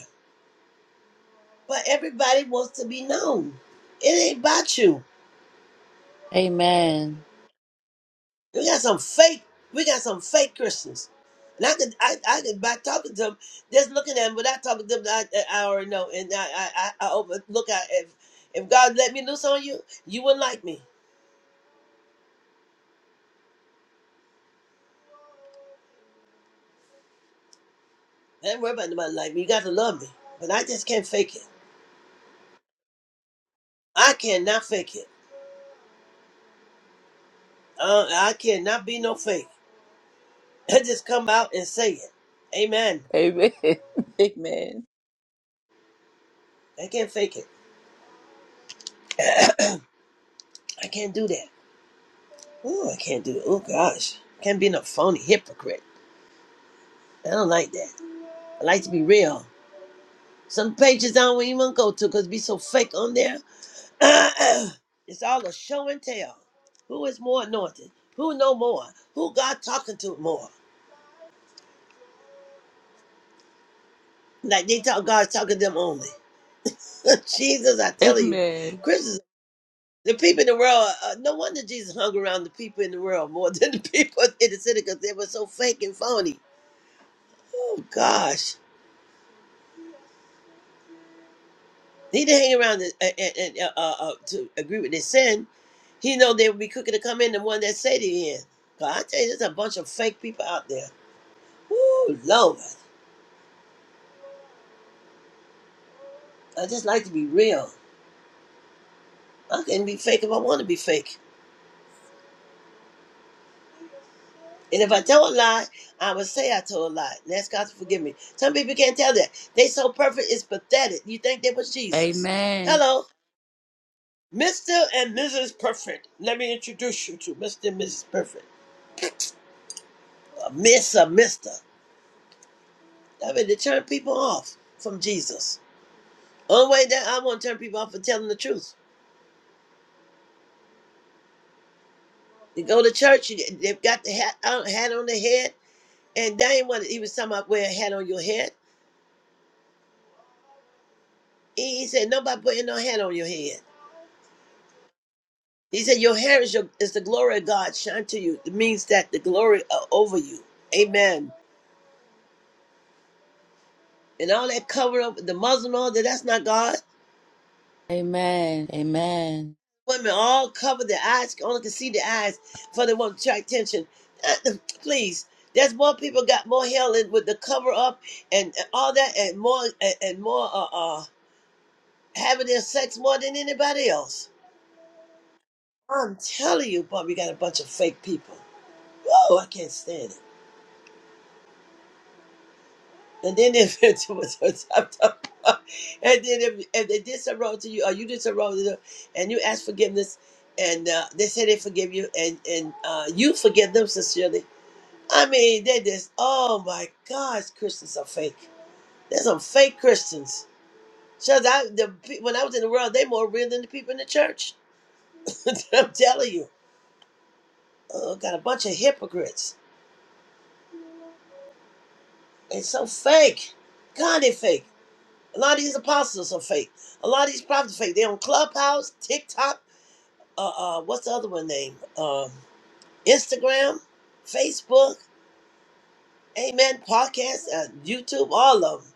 But everybody wants to be known. It ain't about you. Amen. We got some fake. We got some fake Christians. And I could, I, I could by talking to them, just looking at them without talking to them, I, I already know. And I, I, I I overlook. I, if, if God let me loose on you, you wouldn't like me. I ain't worry about nobody like me. You got to love me. But I just can't fake it. I cannot fake it. Uh, I cannot be no fake. I just come out and say it. Amen. Amen. Amen. I can't fake it. I can't do that. Oh, I can't do it. Oh gosh, can't be no phony hypocrite. I don't like that. I like to be real. Some pages I don't even go to because be so fake on there. it's all a show and tell. Who is more anointed? Who know more? Who God talking to more? Like they talk, God's talking to them only. Jesus, I tell you, Amen. Christians, the people in the world. Uh, no wonder Jesus hung around the people in the world more than the people in the city because they were so fake and phony. Oh gosh. He didn't hang around and, and, and, uh, uh, uh, to agree with their sin. He know they would be quicker to come in than one that say they in. But I tell you, there's a bunch of fake people out there. Woo, Lord. I just like to be real. I can be fake if I want to be fake. And if I tell a lie, I would say I told a lie. And ask God to forgive me. Some people can't tell that. They so perfect, it's pathetic. You think they was Jesus. Amen. Hello. Mr. and Mrs. Perfect. Let me introduce you to Mr. and Mrs. Perfect. Uh, Miss or Mr. I mean, to turn people off from Jesus. Only way that I want to turn people off for telling the truth. You go to church, you, they've got the hat, uh, hat on their head, and they ain't what he was talking about wear a hat on your head. He, he said, nobody putting no hat on your head. He said, your hair is, your, is the glory of God shine to you. It means that the glory are over you. Amen. And all that cover up, the muzzle and all that, that's not God. Amen. Amen. women all cover their eyes, only can see their eyes for they want to attract attention. Please, there's more people got more hell in with the cover up and all that, and more and, and more uh, uh having their sex more than anybody else. I'm telling you, Bob, you got a bunch of fake people. Whoa, I can't stand it. And then if it was and then if, if they did some wrong to you, or you did some wrong to them, and you ask forgiveness, and uh, they say they forgive you, and and uh, you forgive them sincerely I mean, they just, oh my gosh, Christians are fake. There's some fake Christians. Because I, the, pe- when I was in the world, they more real than the people in the church. I'm telling you. Oh, got a bunch of hypocrites. They so fake. God, they fake. A lot of these apostles are fake. A lot of these prophets are fake. They on Clubhouse, TikTok, uh, uh, what's the other one name? Um, Instagram, Facebook, amen, podcast, uh, YouTube, all of them.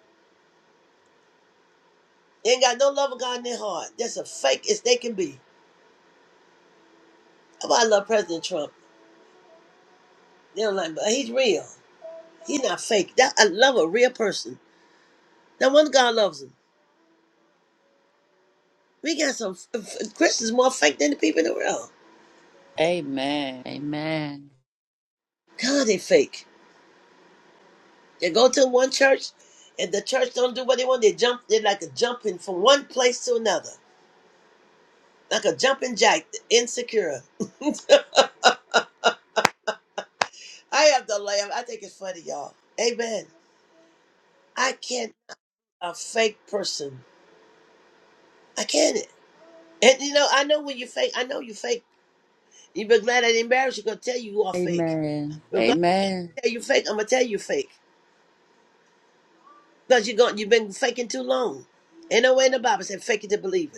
They ain't got no love of God in their heart. That's as fake as they can be. Oh, I love President Trump. They don't like, him, but he's real. He's not fake. That I love a real person. No wonder God loves him. We got some f- f- Christians more fake than the people in the world. Amen. God, they fake. They go to one church, and the church don't do what they want. They jump. They're like a jumping from one place to another, like a jumping jack. Insecure. I have to laugh. I think it's funny, y'all. Amen. I can't a fake person. I can't. And you know, I know when you fake. I know you fake. You be glad I didn't embarrass you. Gonna tell you you are fake. Amen. If God Amen. tell you fake, I'm gonna tell you fake. Because you're going you've been faking too long. Ain't no way in the Bible said fake it to believe it.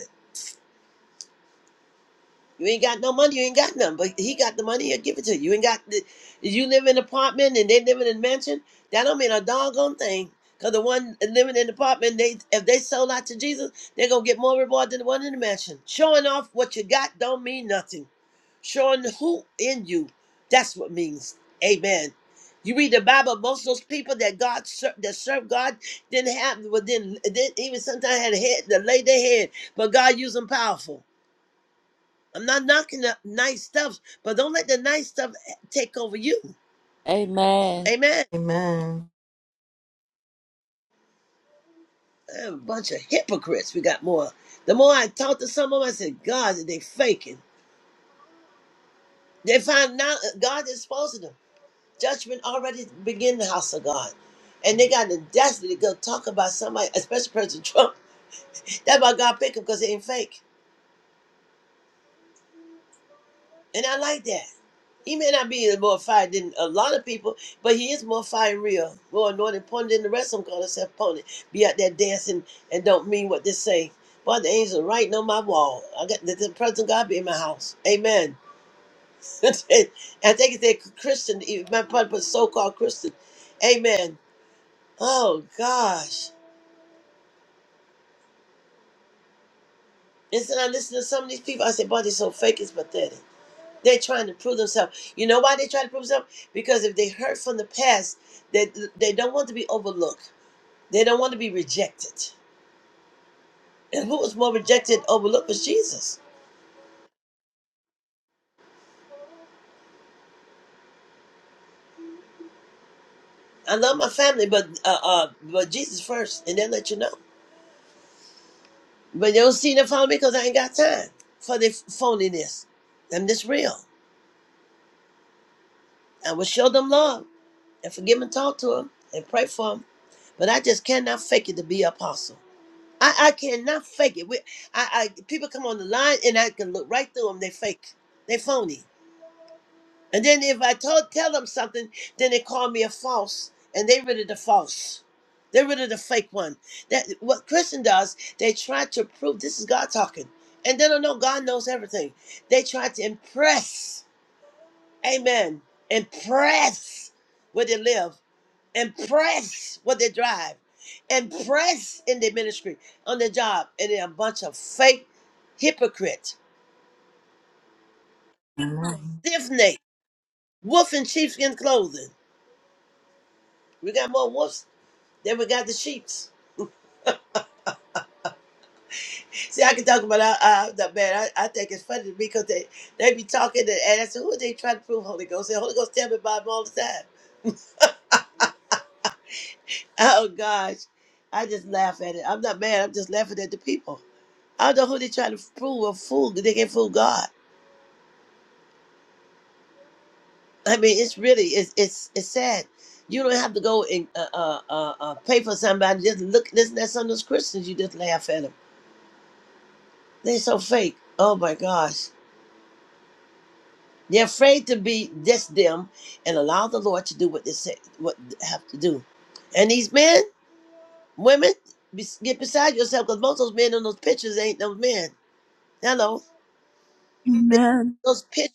You ain't got no money. You ain't got nothing. But he got the money. He'll give it to you. You ain't got. The, you live in an apartment and they live in a mansion. That don't mean a doggone thing. Cause the one living in the apartment, they if they sold out to Jesus, they're gonna get more reward than the one in the mansion. Showing off what you got don't mean nothing. Showing who in you, that's what means. Amen. You read the Bible, most of those people that God ser- that served God didn't have, but didn't, didn't even sometimes had a head to lay their head, but God used them powerful. I'm not knocking the nice stuff, but don't let the nice stuff take over you. Amen. Amen. Amen. A bunch of hypocrites. We got more. The more I talked to some of them, I said, God, they faking. They find out God is exposing them. Judgment already begin in the house of God. And they got the destiny to go talk about somebody, especially President Trump. That's why God pick him because they ain't fake. And I like that. He may not be more fired than a lot of people, but he is more fire real, more anointed, pointed than the rest of them call themselves pointed. Be out there dancing and don't mean what they say. Boy, the angels are writing on my wall. I got the, the presence of God be in my house. Amen. I think it's a Christian, even my brother put so-called Christian. Amen. Oh gosh. And so I listen to some of these people. I say, boy, they're so fake, it's pathetic. They're trying to prove themselves. You know why they try to prove themselves? Because if they hurt from the past, they they don't want to be overlooked. They don't want to be rejected. And who was more rejected, overlooked was Jesus. I love my family, but uh, uh but Jesus first, and then let you know. But you don't see them follow me because I ain't got time for their phoniness. I'm just real. I will show them love and forgive and talk to them and pray for them. But I just cannot fake it to be an apostle. I, I cannot fake it. We, I, I people come on the line and I can look right through them. They fake. They phony. And then if I told, tell them something, then they call me a false, and they rid of the false. They're rid of the fake one. That what Christian does, they try to prove this is God talking, and they don't know God knows everything. They try to impress, Amen, impress where they live and press what they drive and press in their ministry on their job and they're a bunch of fake hypocrites Amen. stiff neck wolf in sheepskin clothing we got more wolves than we got the sheeps see i can talk about uh, uh the man I, I think it's funny because they they be talking and, and i said who are they trying to prove holy ghost the holy ghost tell me about them all the time oh gosh i just laugh at it i'm not mad i'm just laughing at the people i don't know who they trying to prove or fool they can fool god I mean, it's really it's it's it's sad. You don't have to go and uh, uh, uh, uh, pay for somebody. Just look, listen at some of those Christians. You just laugh at them. They're so fake. Oh my gosh, they're afraid to be just them and allow the Lord to do what they say, what they have to do. And these men, women, be, get beside yourself because most of those men in those pictures ain't those men. Hello, They- Amen. those pictures.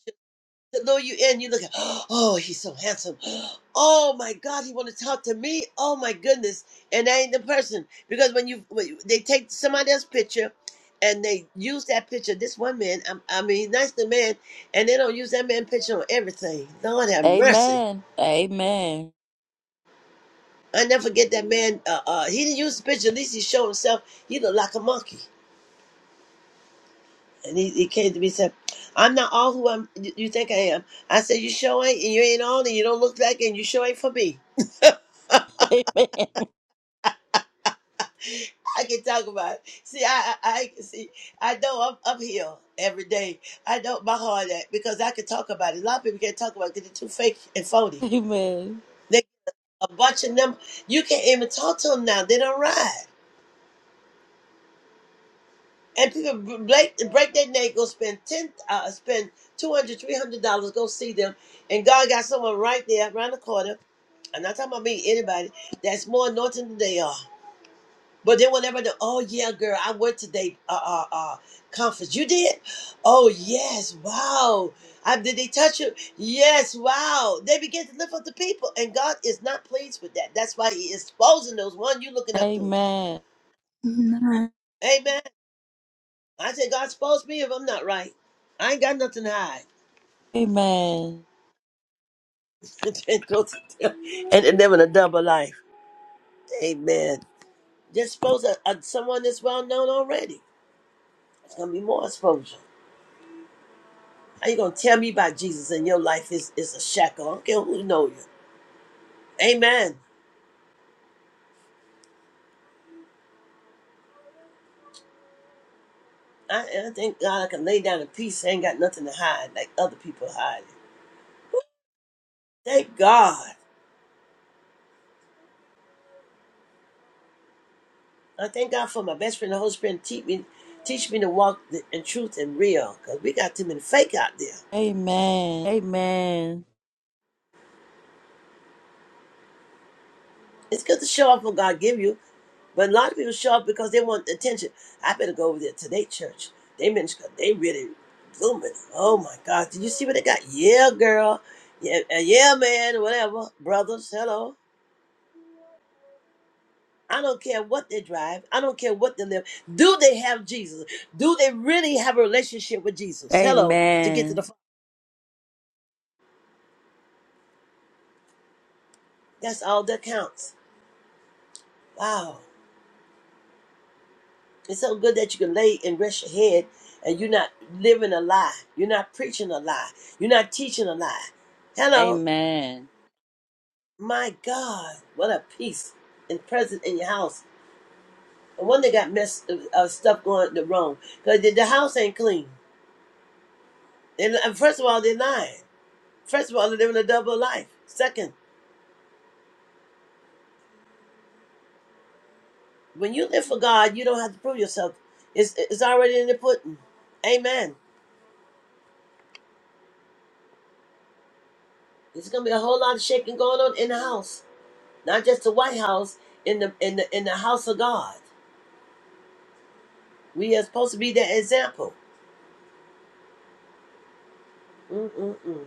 the lure you in. You look at, oh, he's so handsome. Oh my God, he want to talk to me. Oh my goodness, and that ain't the person because when you when you- they take somebody else's picture and they use that picture. This one man, I, I mean, he's nice to man, and they don't use that man picture on everything. Lord have mercy. Amen. Amen. Amen. I never forget that man. Uh, uh, he didn't use the picture. At least he showed himself. He looked like a monkey. And he, he came to me and said, I'm not all who I'm, you you think I am. I said, you sure ain't, and you ain't all, and you don't look like, and you sure ain't for me. I can talk about it. See, I, I, I see, I know I'm uphill every day. I know my heart at because I can talk about it. A lot of people can't talk about it because they're too fake and phony. Amen. They a bunch of them. You can't even talk to them now. They don't ride, and people b- break break their neck. Go spend ten, uh, spend two hundred, three hundred dollars. Go see them, and God got someone right there around the corner. I'm not talking about me, anybody that's more anointed than they are. But they will never know. Oh yeah, girl, I went to they uh uh uh conference. You did? Oh yes, wow. I, did they touch you? Yes, wow. They begin to lift up the people, and God is not pleased with that. That's why He is exposing those one you looking up to. Amen. Amen. Amen. I said, God expose me if I'm not right. I ain't got nothing to hide. Amen. and go to and they living a double life. Amen. Just expose a, a- someone that's well known already. It's gonna be more exposure. How you gonna tell me about Jesus and your life is, is a shackle? I don't care who know you. Amen. I, I thank God I can lay down in peace. I ain't got nothing to hide like other people hiding. Thank God. I thank God for my best friend, the Holy Spirit, teach me teach me to walk the, in truth and real. Cause we got too many fake out there. Amen. It's good to show off what God give you, But a lot of people show up because they want attention. I better go over there to their church. They minister. They really blooming. Oh my God! Did you see what they got? Yeah, girl. Yeah, uh, yeah, man. Whatever, brothers. Hello. I don't care what they drive. I don't care what they live. Do they have Jesus? Do they really have a relationship with Jesus? Hello. To get to the Amen. Father. That's all that counts. Wow. It's so good that you can lay and rest your head, and you're not living a lie. You're not preaching a lie. You're not teaching a lie. Hello. Amen. My God, what a peace and present in your house. And one they got messed uh, uh, stuff going the wrong because the, the house ain't clean. And and first of all, they're lying. First of all, they're living a double life. Second, when you live for God, you don't have to prove yourself. It's it's already in the pudding. Amen. There's gonna be a whole lot of shaking going on in the house, not just the White House, in the in the in the house of God. We are supposed to be that example. Mm-mm-mm.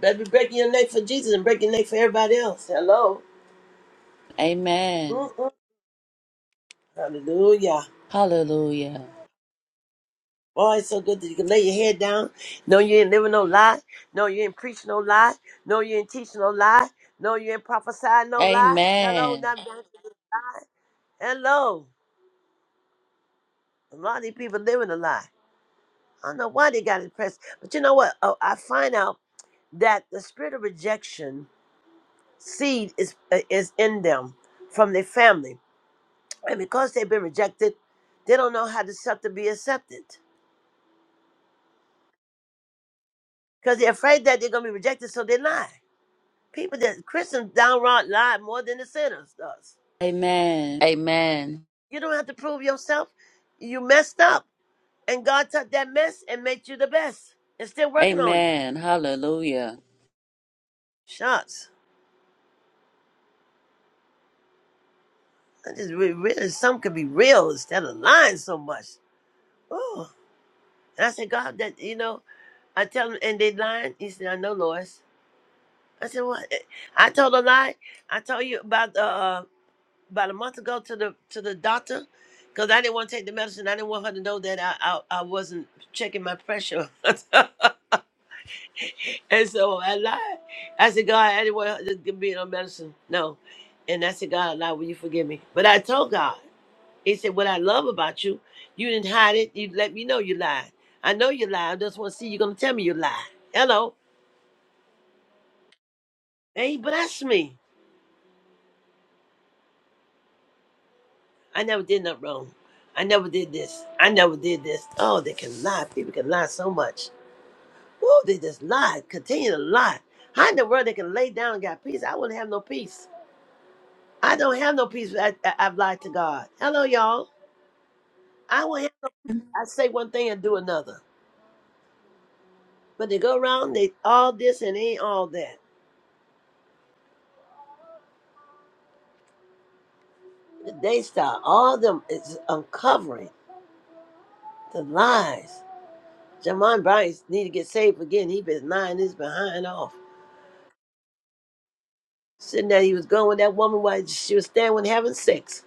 Better be breaking your neck for Jesus and breaking your neck for everybody else. Hello. Amen. Amen. Amen. Mm-mm. Hallelujah. Hallelujah. Boy, it's so good that you can lay your head down. No, you ain't living no lie. No, you ain't preaching no lie. No, you ain't teaching no lie. No, you ain't prophesying no lie. Hello, Amen. not Hello. A lot of these people living a lie. I don't know why they got impressed. But you know what? Oh, I find out that the spirit of rejection seed is uh, is in them from their family. And because they've been rejected, they don't know how to accept to be accepted. Because they're afraid that they're going to be rejected, so they lie. People that Christians downright lie more than the sinners does. Amen. Amen. You don't have to prove yourself. You messed up, and God took that mess and made you the best. It's still working on you. Amen. Hallelujah. Shucks. I just re- really some could be real instead of lying so much. Oh, and I said, God, that you know, I tell him, and they lying. He said, I know, Lois. I said, what? I told a lie. I told you about the. uh, about a month ago to the to the doctor because I didn't want to take the medicine. I didn't want her to know that I I, I wasn't checking my pressure, and so I lied. I said, God, I didn't want her to give me no medicine. No, and I said, God, I lied. Will you forgive me? But I told God. He said, What I love about you, you didn't hide it. You let me know you lied. I know you lied. I just want to see you gonna tell me you lied. Hello. And he blessed me. I never did nothing wrong. I never did this. I never did this. Oh, they can lie. People can lie so much. Whoa, they just lie, continue to lie. How in the world they can lay down and got peace? I wouldn't have no peace. I don't have no peace. I, I, I've lied to God. Hello, y'all. I will have, I say one thing and do another. But they go around, they all this and ain't all that. The Daystar, all them is uncovering the lies. Jamon Bryce need to get saved again. He been lying his behind off. Sitting there, he was going with that woman while she was standing with having sex.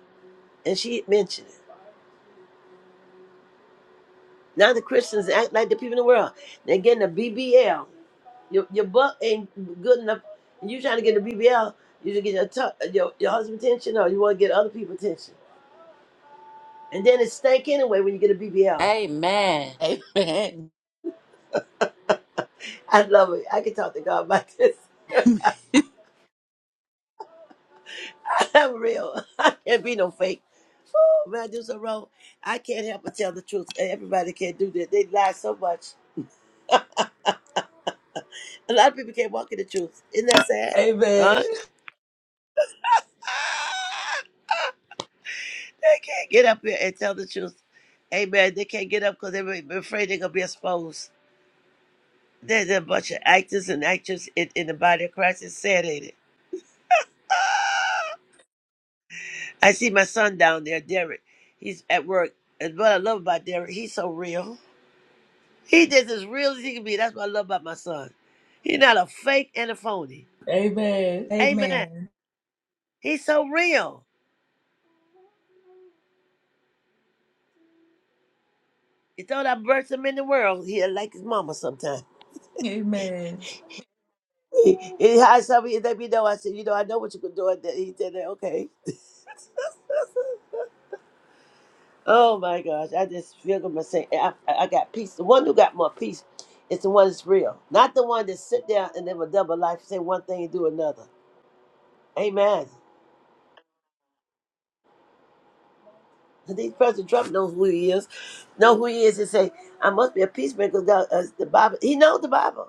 And she mentioned it. Now the Christians act like the people in the world. They're getting a BBL. Your, your butt ain't good enough. You trying to get a BBL, you just get your, tu- your your husband attention or you want to get other people attention. And then it stank anyway when you get a BBL. Amen. Amen. I love it. I can talk to God about this. I'm real. I can't be no fake. Woo, when I do so wrong, I can't help but tell the truth. And everybody can't do that. They lie so much. a lot of people can't walk in the truth. Isn't that sad? Amen. Huh? They can't get up here and tell the truth. Amen. They can't get up because they're afraid they're gonna be exposed. There's a bunch of actors and actresses in, in the body of Christ. It's sad, ain't it? I see my son down there, Derek. He's at work. And what I love about Derek, he's so real. He is as real as he can be. That's what I love about my son. He's not a fake and a phony. Amen. Amen. Amen. He's so real. He thought I birthed him in the world. He like his mama sometimes. Amen. He, he had somebody let me know. I said, you know, I know what you could do. And then he said, that, okay. Oh my gosh, I just feel good myself. I, I I got peace. The one who got more peace is the one that's real, not the one that sit down and live a double life, say one thing and do another. Amen. And These President Trump knows who he is, know who he is, and say, "I must be a peacemaker." God, uh, the Bible, he knows the Bible.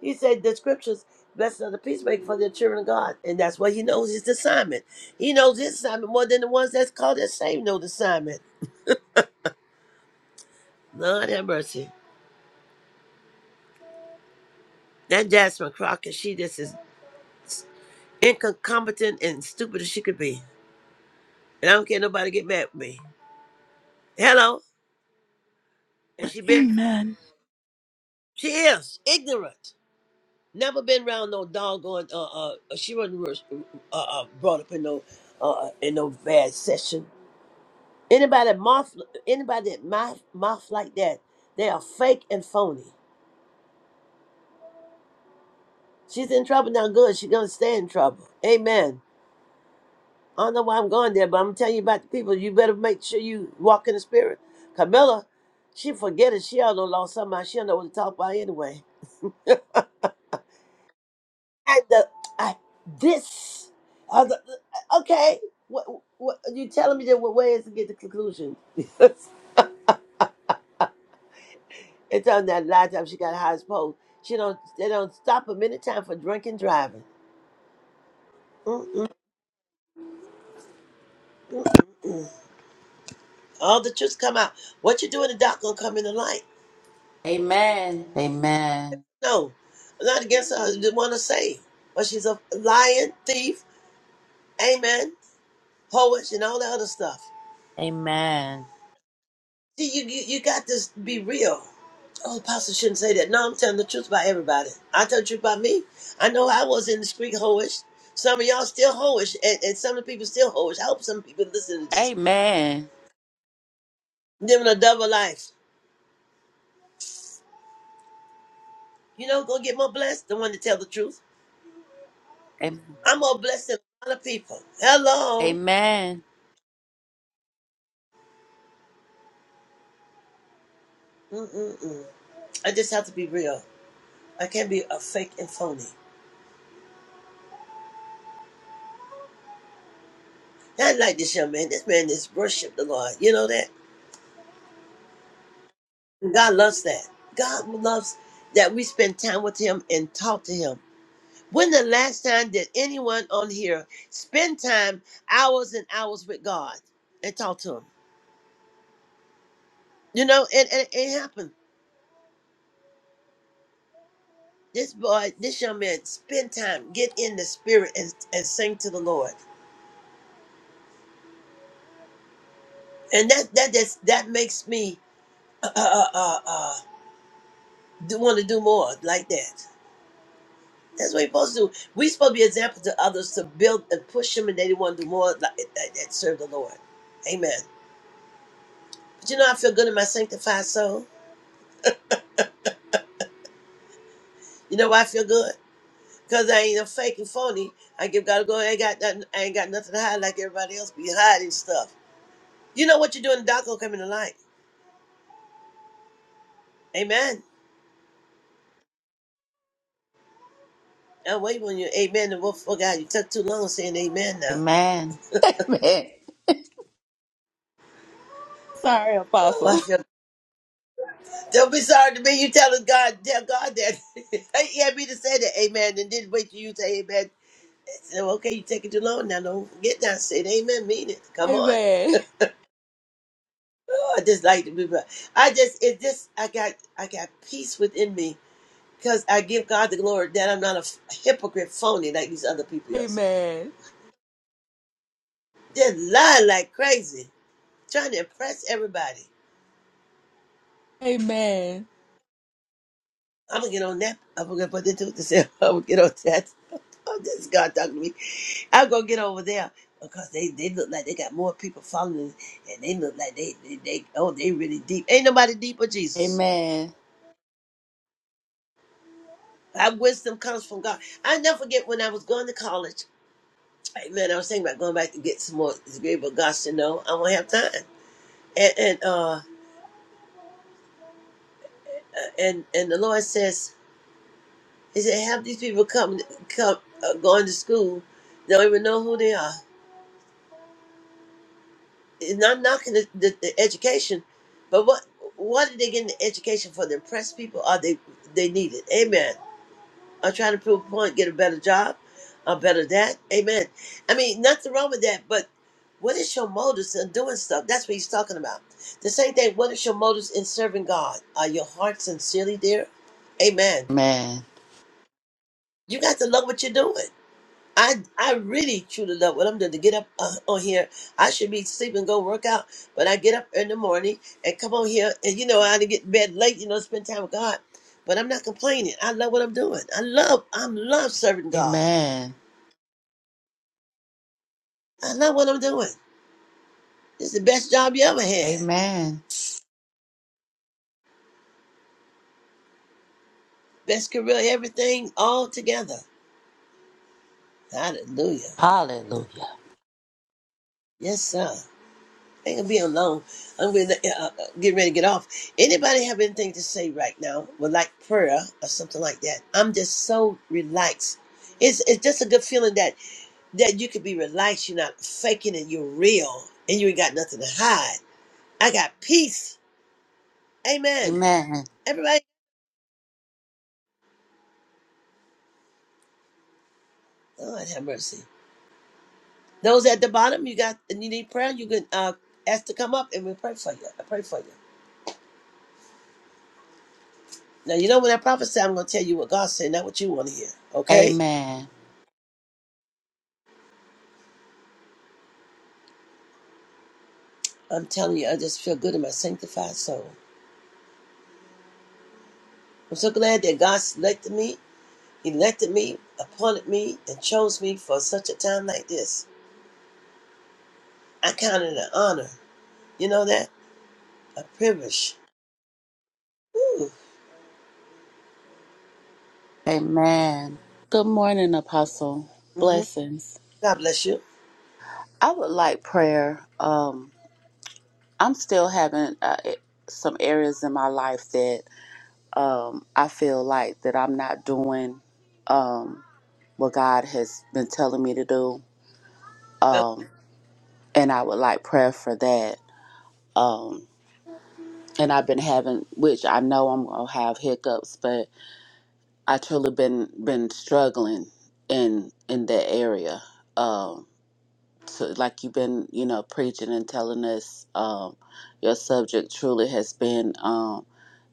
He said the scriptures, "Blessed are the peacemaker, for the children of God," and that's what he knows his assignment. He knows his assignment more than the ones that's called that same know the assignment. Lord have mercy. That Jasmine Crockett, she just is incompetent and stupid as she could be. And I don't care nobody get mad with me. Hello. And she been Amen. she is ignorant. Never been around no doggone uh uh uh, she wasn't ru- uh, uh brought up in no uh uh, in no bad session. Anybody that mouth anybody that mouth mouth like that, they are fake and phony. She's in trouble now good, she gonna stay in trouble. Amen. I don't know why I'm going there, but I'm telling you about the people. You better make sure you walk in the spirit. Camilla, she forget it. She all done lost somebody. She don't know what to talk about anyway. And the, I, this, I was like, okay, what, what you telling me that what way is to get the conclusion? and telling that last time she got high as post, she don't they don't stop a any time for drinking driving. Mm-mm. All the truth come out. What you doing? The doc gonna come in the light. Amen. No, I'm not against her. I just want to say, but she's a lion, thief, amen, poet, and all the other stuff. Amen. See, you you, you got to be real. Oh, apostle shouldn't say that. No, I'm telling the truth about everybody. I tell the truth about me. I know I was in the street hoish. Some of y'all still hoish, and, and some of the people still hoish. I hope some people listen to Amen. this. Amen. Living a double life. You know, Go get more blessed, the one to tell the truth. Am- I'm more blessed than a lot of people. Hello. Amen. Mm-mm-mm. I just have to be real. I can't be a fake and phony. Not like this young man. This man is worship the Lord. You know that? And God loves that. God loves that we spend time with him and talk to him. When the last time did anyone on here spend time hours and hours with God and talk to him? You know, it, it, it happened. This boy, this young man, spend time, get in the spirit and, and sing to the Lord. And that that that's, that makes me uh, uh, uh, uh, want to do more like that. That's what we're supposed to do. We're supposed to be an example to others to build and push them, and they want to do more like, that, that serve the Lord. Amen. But you know, I feel good in my sanctified soul. You know why I feel good? Because I ain't a fake and phony. I give God a go. I ain't got nothing, I ain't got nothing to hide like everybody else be hiding stuff. You know what you're doing, the dark gonna come into light. Amen. Now wait on you. Amen. And what for God? You took too long saying amen now. Amen. Amen. Sorry, Oh, I Apostle. feel don't be sorry to me. You telling God, tell God that. he had me to say that amen and didn't wait till you to say amen So, okay, you taking too long now. Don't forget now. Say it, amen. Mean it. Come on. Amen. Oh, I just like to be. I just it just I got I got peace within me because I give God the glory that I'm not a hypocrite, phony like these other people else. Amen. They lie like crazy, trying to impress everybody. Amen. I'm gonna get on that. I'm gonna put that to myself. I'm gonna get on that. Oh, this is God talking to me. I'm gonna get over there because they, they look like they got more people following, and they look like they, they they oh they really deep. Ain't nobody deep but Jesus. Amen. Our wisdom comes from God. I never forget when I was going to college. Amen. I was thinking about going back to get some more degree, but God said, "No, I won't have time." And and uh and and the Lord says, He said, "Have these people come come uh, going to school, don't even know who they are. It's not knocking the, the, the education, but what what are they getting the education for? To impress people? Are they they need it? Amen." or trying to prove a point, get a better job, a better that. Amen. I mean, nothing wrong with that, but what is your motives in doing stuff? That's what he's talking about. The same thing, what is your motives in serving God? Are your heart sincerely there? Amen. Amen. You got to love what you're doing. I, I really truly love what I'm doing to get up uh, on here. I should be sleeping, go work out, but I get up in the morning and come on here. And you know, I had to get in bed late, you know, spend time with God. But I'm not complaining. I love what I'm doing. I love, I'm love serving God. Amen. I love what I'm doing. It's the best job you ever had. Amen. Best career, everything all together. Hallelujah. Hallelujah. Yes, sir. I Ain't gonna be alone. I'm gonna uh, uh, get ready to get off. Anybody have anything to say right now? Would like prayer or something like that? I'm just so relaxed. It's it's just a good feeling that that you could be relaxed. You're not faking it. You're real, and you ain't got nothing to hide. I got peace. Amen. Amen. Everybody, Lord have mercy. Those at the bottom, you got and you need prayer, you can uh, ask to come up and we pray for you. I pray for you. Now you know when I prophesy, I'm gonna tell you what God said, not what you want to hear. Okay? Amen. I'm telling you, I just feel good in my sanctified soul. I'm so glad that God selected me, elected me, appointed me, and chose me for such a time like this. I count it an honor. You know that? A privilege. Whew. Amen. Good morning, Apostle. hmm Blessings. God bless you. I would like prayer. Um, I'm still having uh, it- some areas in my life that um, I feel like that I'm not doing um, what God has been telling me to do, But um, and I would like prayer for that. Um, and I've been having, which I know I'm gonna have hiccups, I truly been been struggling in in that area. Um, so like you've been, you know, preaching and telling us, um, your subject truly has been um,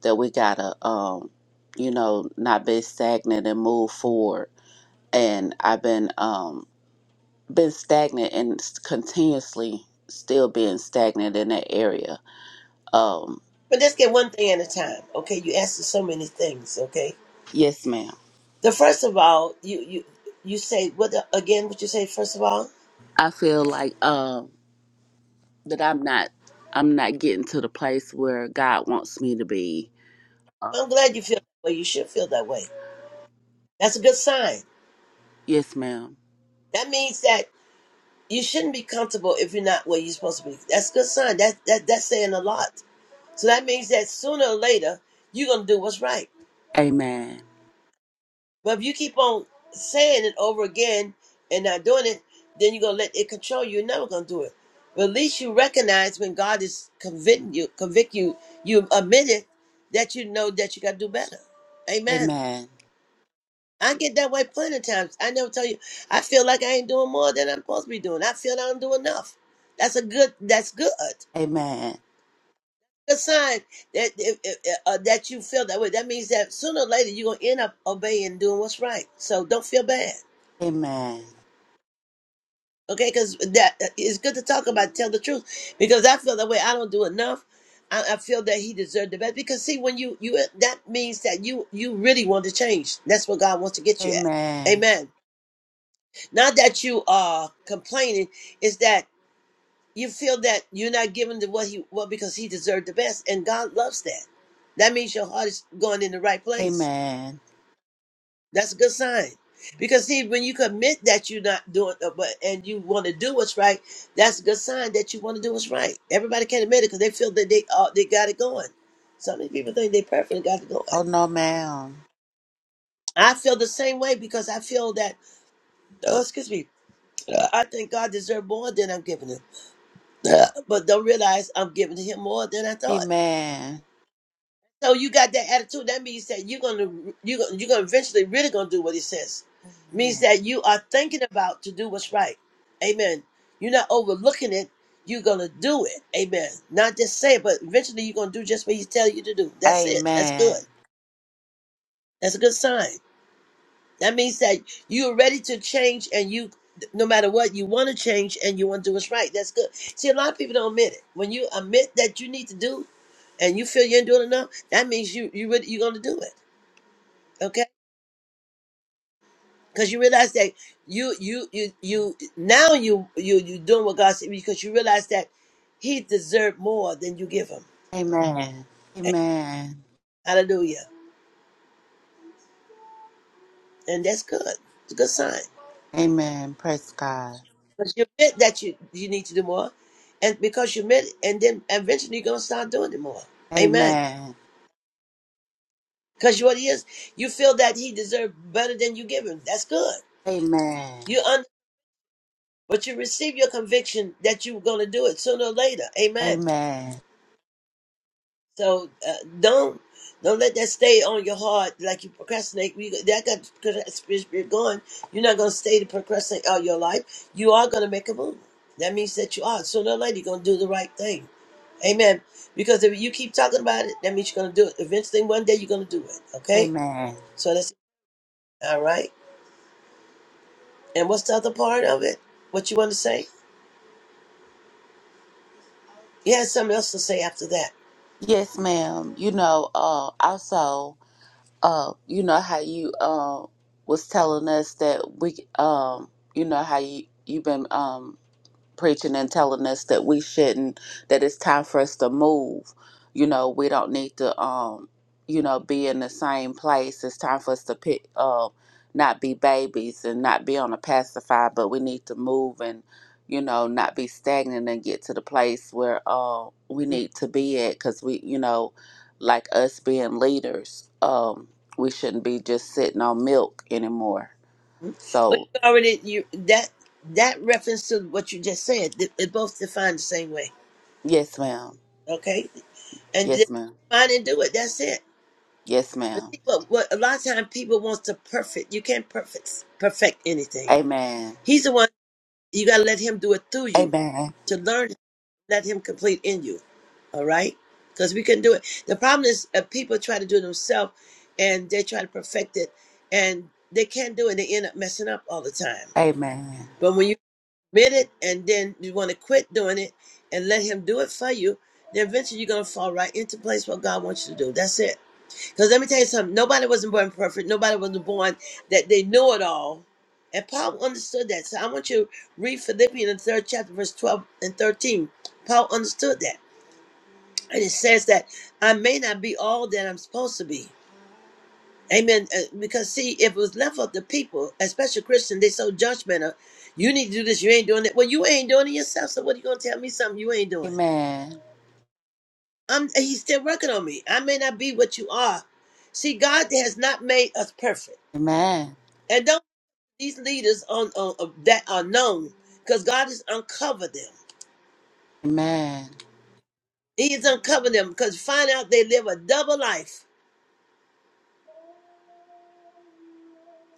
that we gotta, um, you know, not be stagnant and move forward. And I've been um, been stagnant and s- continuously still being stagnant in that area. Um, but let's get one thing at a time. Okay, you asked us so many things, okay? yes, ma'am. The first of all, you you you say what the, again? What you say? First of all, I feel like um, that I'm not I'm not getting to the place where God wants me to be. Uh, I'm glad you feel that way. You should feel that way. That's a good sign. Yes, ma'am. That means that you shouldn't be comfortable if you're not where you're supposed to be. That's a good sign. That that that's saying a lot. So that means that sooner or later you're gonna do what's right. Amen. But if you keep on saying it over again and not doing it, then you're gonna let it control you. You're never gonna do it. But at least you recognize when God is convicting you, convict you, you admit it that you know that you gotta do better. Amen. Amen. I get that way plenty of times. I never tell you I feel like I ain't doing more than I'm supposed to be doing. I feel like I don't do enough. That's a good. That's good. Amen. Good sign that if, if, uh, that you feel that way. That means that sooner or later you're gonna end up obeying, doing what's right. So don't feel bad. Amen. okay because that uh, it's good to talk about tell the truth because i feel that way i don't do enough I, I feel that he deserved the best because see when you you that means that you you really want to change that's what god wants to get you at Amen. amen not that you are complaining is that you feel that you're not giving to what he what because he deserved the best and god loves that that means your heart is going in the right place Amen. That's a good sign. Because see, when you commit that you're not doing, uh, but and you want to do what's right, that's a good sign that you want to do what's right. Everybody can't admit it because they feel that they uh, they got it going. So many people think they perfectly got it going. Oh no, ma'am. I feel the same way because I feel that. Oh, excuse me. Uh, I think God deserves more than I'm giving him, uh, but don't realize I'm giving him more than I thought. Amen. So you got that attitude. That means that you're gonna you gonna you're gonna eventually really gonna do what he says. Means Amen. that you are thinking about to do what's right. Amen. You're not overlooking it. You're gonna do it. Amen. Not just say it, but eventually you're gonna do just what he tells you to do. That's it. That's good. Amen. That's a good sign. That means that you're ready to change, and you, no matter what, you want to change and you want to do what's right. That's good. See, a lot of people don't admit it. When you admit that you need to do, and you feel you ain't doing enough, that means you you really, you're gonna do it. Okay, because you realize that you you you you now you you you doing what God said because you realize that He deserved more than you give Him. Amen. Amen. Amen. Hallelujah, and that's good. It's a good sign Amen. Praise God. because you admit that you you need to do more, and because you admit, it, and then eventually you're gonna start doing it more. Amen. Amen. Because what He is, you feel that He deserved better than you give Him. That's good. Amen. You un, but you receive your conviction that you're gonna do it sooner or later. Amen. Amen. So uh, don't don't let that stay on your heart like you procrastinate. We, that got the procrast- spirit spirit going. You're not gonna stay to procrastinate all your life. You are gonna make a move. That means that you are sooner or later you're gonna do the right thing. Amen. Because if you keep talking about it, that means you're gonna do it. Eventually, one day you're gonna do it. Okay. Amen. So that's all right. And what's the other part of it? What you want to say? You had something else to say after that. Yes, ma'am. You know, uh also uh, you know how you um was telling us that we um, you know how you you've been um preaching and telling us that we shouldn't that it's time for us to move you know we don't need to um you know be in the same place it's time for us to pick uh, not be babies and not be on a pacifier but we need to move and you know not be stagnant and get to the place where uh we need to be at because we you know like us being leaders um we shouldn't be just sitting on milk anymore Well, you so already you that that reference to what you just said. It, it both defined the same way. yes ma'am Okay, and just yes ma'am mind and do it. That's it. yes But ma'am see, what what a lot of times people want to perfect. You can't perfect perfect anything. Amen. He's the one you got to let him do it through you Amen. to learn. Let him complete in you. All right, because we can do it. The problem is uh, people try to do it themselves, and they try to perfect it, and they can't do it. They end up messing up all the time. Amen. but when you admit it and then you want to quit doing it and let him do it for you, then eventually you're going to fall right into place what God wants you to do. That's it. Because let me tell you something. Nobody wasn't born perfect. Nobody wasn't born that they knew it all. And Paul understood that. So I want you to read Philippians, the third chapter, verse 12 and 13. Paul understood that. And it says that I may not be all that I'm supposed to be Amen. Uh, Because see, if it was left up to people, especially Christians, they so judgmental. You need to do this. You ain't doing it. Well, you ain't doing it yourself. So what are you gonna tell me something you ain't doing? Amen. I'm. He's still working on me. I may not be what you are. See, God has not made us perfect, Amen. and don't these leaders on, on of that are known because God has uncovered them. Amen. He has uncovered them because find out they live a double life,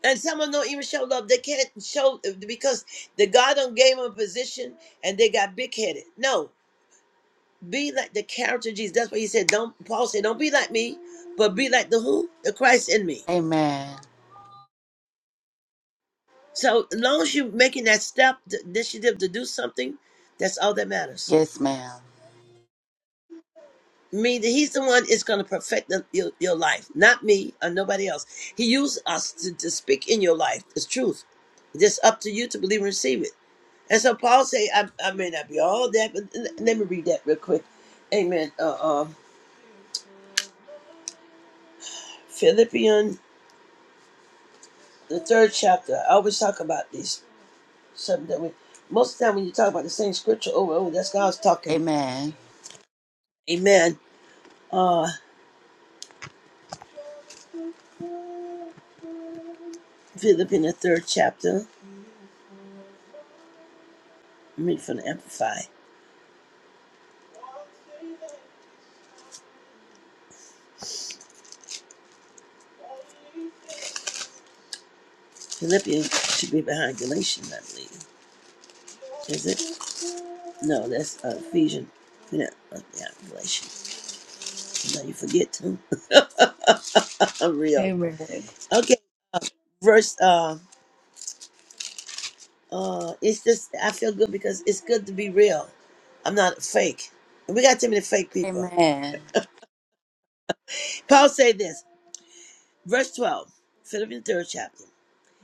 and some of them don't even show love. They can't show because the God done gave them a position and they got big headed. No, Be like the character of Jesus. That's why he said, don't Paul said, don't be like me, but be like the who? The Christ in me. Amen. So as long as you're making that step, the initiative to do something, that's all that matters. Yes, ma'am. Mean that he's the one is going to perfect the, your, your life, not me or nobody else. He used us to, to speak in your life. It's truth. It's just up to you to believe and receive it. And so Paul say, I, I may not be all that, but l- let me read that real quick. Amen. Uh, uh, Philippians, the third chapter. I always talk about these something that we most of the time when you talk about the same scripture over and over, that's God's talking. Amen. Amen. Uh Philippians the third chapter. I'm reading from the Amplify. Philippians should be behind Galatians, I believe. Is it? No, that's uh, Ephesians. You know, uh, yeah, Galatians. Now you forget to. I'm real. Amen. Okay, verse. Uh, uh, it's just I feel good because it's good to be real. I'm not fake. And we got too many fake people. Amen. Paul said this, verse 12, Philippians third chapter.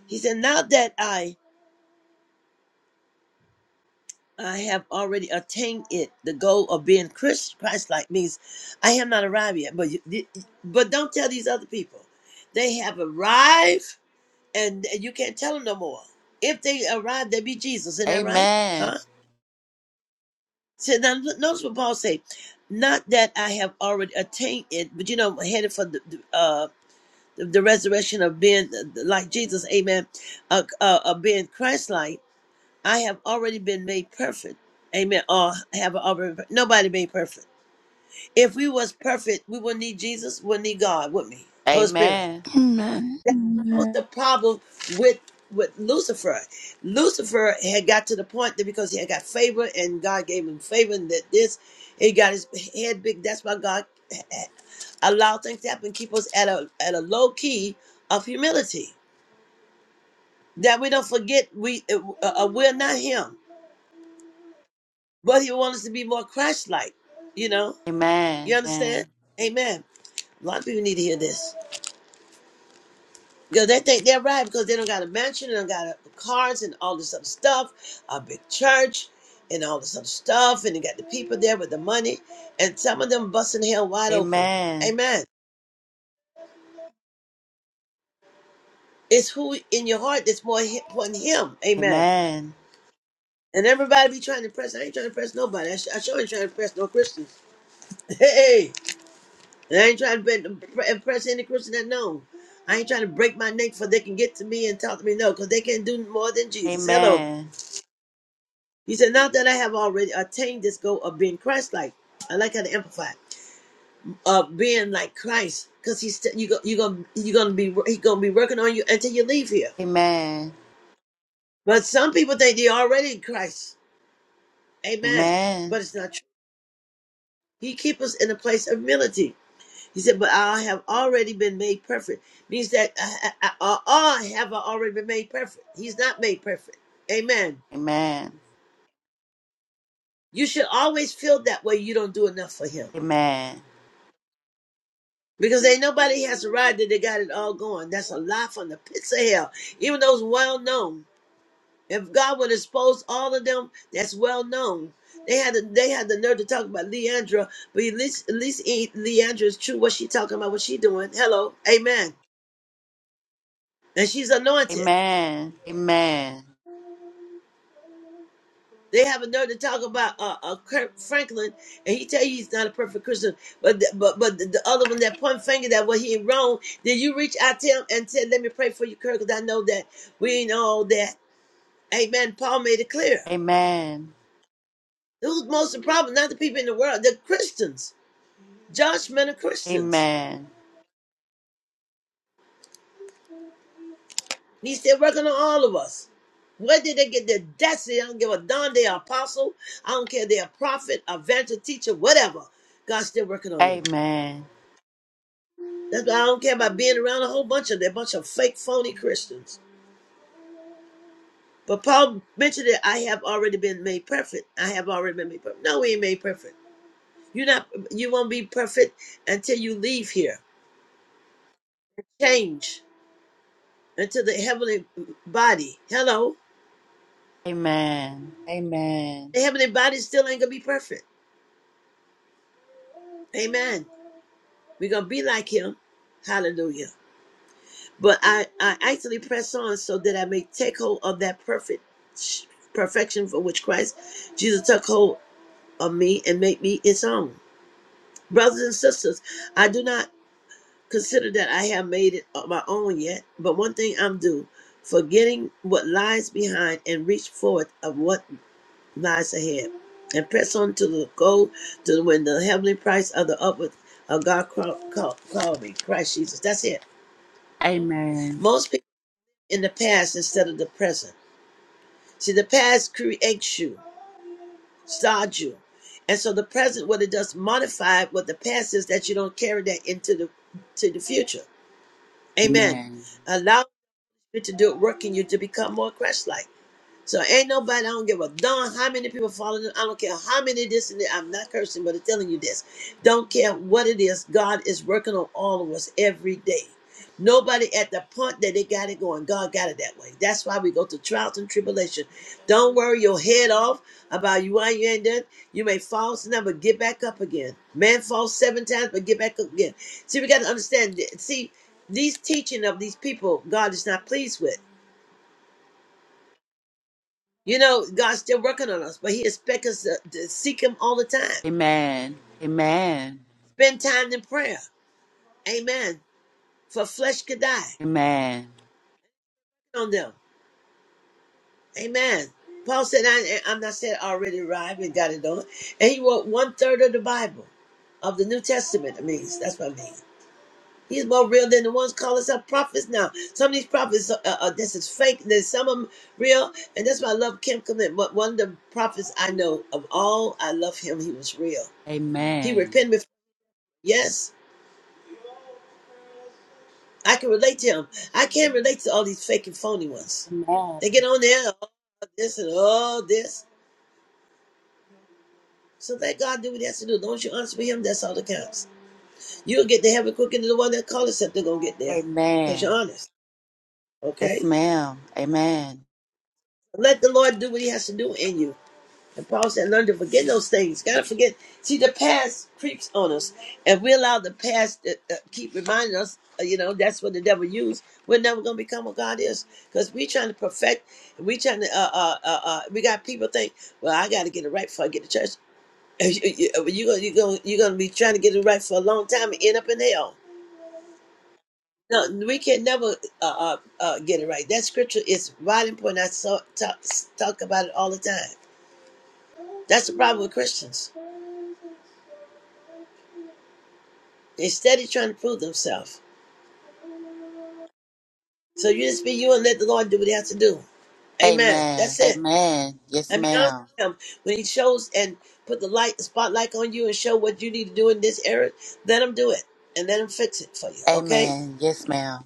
He said, Now that I I have already attained it, the goal of being Christ like means I have not arrived yet. But you, but don't tell these other people. They have arrived and you can't tell them no more. If they arrive, they be Jesus. Isn't that right? Amen. Huh? So now look- notice what Paul say. Not that I have already attained it, but you know, I'm headed for the, the, uh the the resurrection of being uh, like Jesus, amen, uh, uh, of being Christ-like I have already been made perfect. Amen. Or have already nobody made perfect. If we was perfect, we wouldn't need Jesus, wouldn't need God, would me? Holy Spirit. Amen. Amen. That that was Amen. the problem with with Lucifer. Lucifer had got to the point that because he had got favor and God gave him favor and that this he got his head big. That's why God allowed things to happen, keep us at a at a low key of humility. That we don't forget we uh, uh, we're not him. But he wants us to be more Christ like. You know? You understand? Amen. A lot of people need to hear this. Because they think they're right because they don't got a mansion, they don't got a, cars and all this other stuff, a big church and all this other stuff, and they got the people there with the money, and some of them busting hell wide open. Amen. Amen. It's who in your heart that's more hi- important than him. Amen. Amen. Amen. And everybody be trying to press. I ain't trying to press nobody. I, sh- I sure ain't trying to press no Christians. Hey, I ain't trying to be- impress any Christian that know. I ain't trying to break my neck for they can get to me and talk to me. No, because they can't do more than Jesus. Hello. Amen. He said, not that I have already attained this goal of being Christ-like. I like how to amplify. it. Of being like Christ. Because he's st- you go, you gonna you gonna be he's gonna be working on you until you leave here. Amen. Amen. But some people think they're already in Christ. Amen. Amen. But it's not true. He keeps us in a place of humility. He said, "But I have already been made perfect." Means that I, I, I, I have already been made perfect. He's not made perfect. Amen. You should always feel that way. You don't do enough for Him because ain't nobody has arrived that they got it all going. That's a lie from the pits of hell. Even those well known. If God would expose all of them, that's well known. They had the, they had the nerve to talk about Leandra, but at least at least Leandra is true. What she talking about? What she doing? Hello, Amen. And she's Amen. Amen. Amen. anointed. Amen. They have a nerve to talk about uh, uh Kirk Franklin, and he tell you he's not a perfect Christian. But the, but but the, the other one that point finger that what he wrong. Did you reach out to him and said, "Let me pray for you, Kirk"? Because I know that we ain't all that. Amen. Paul made it clear. Who's most of the problem? Not the people in the world. The Christians, judgment of Amen. Christians. Amen. He's still working on all of us. Where did they get their destiny? I don't give a darn. They are apostle. I don't care. They're a prophet, a venture teacher, whatever. God's still working on them. Amen. That's why I don't care about being around a whole bunch of that bunch of fake, phony Christians. But Paul mentioned that I have already been made perfect. I have already been made perfect. No, we ain't made perfect. You're not. You won't be perfect until you leave here. Change into the heavenly body. Hello, Amen. Amen. the heavenly body still ain't gonna be perfect. Amen. We're gonna be like Him. Hallelujah. But I, I actually press on so that I may take hold of that perfect perfection for which Christ Jesus took hold of me and make me its own. Brothers and sisters, I do not consider that I have made it of my own yet, but one thing I'm due, forgetting what lies behind and reach forward of what lies ahead, and press on to the goal to win the heavenly price of the upward of God call, call, call me, Christ Jesus. That's it. Amen. Most people in the past instead of the present. See, the past creates you. Saju. And so the present, what it does modify what the past is that you don't carry that into the to the future. Amen. Amen. Allow it to do it work in you to become more Christ like. So ain't nobody, I don't give a darn how many people follow them. I don't care how many this and that. I'm not cursing, but I'm telling you this. Don't care what it is. God is working on all of us every day. Nobody at the point that they got it going. God got it that way. That's why we go through trials and tribulation. Don't worry your head off about you why you ain't done. You may fall now, but get back up again. Man falls seven times, but get back up again. See, we got to understand. that- See, these teaching of these people, God is not pleased with. You know, God's still working on us, but He expects us to, to seek Him all the time. Amen. Amen. Spend time in prayer. Amen. For flesh could die Amen. on them. Amen. Paul said, I, I'm not said already arrived and got it on. And he wrote one third of the Bible, of the New Testament, I mean. That's what I mean. He's more real than the ones calling themselves prophets now. Some of these prophets, uh, uh, this is fake, There's some of them real. And that's why I love Kim Clement. One one of the prophets I know of all, I love him. He was real. He Amen. repented before, yes. I can relate to him. I can't relate to all these fake and phony ones. They Amen. get on there, all this and all this. So let God do what he has to do. Don't you honest with him, that's all that counts. You'll get to heaven quicker than the one that called us up. They're going to get there because you're Amen. honest. Yes, Okay? ma'am. Amen. Let the Lord do what he has to do in you. And Paul said, learn to forget those things. Gotta forget. See, the past creeps on us. And we allow the past to uh, keep reminding us, uh, you know, that's what the devil used. We're never going to become what God is. Because we trying to perfect. we trying to, uh, uh, uh, uh, we got people think, well, I got to get it right before I get to church. You're going to you gonna, you gonna be trying to get it right for a long time and end up in hell. No, we can never uh, uh, uh, get it right. That scripture is right important. I so, talk, talk about it all the time. That's the problem with Christians Instead of trying to prove themselves. So you just be you and let the Lord do what he has to do. Amen. Amen. That's it. Amen. Yes, And be honest ma'am. with him. When he shows and put the light spotlight on you and show what you need to do in this area, let him do it. And let him fix it for you. Okay? Amen. Yes, ma'am.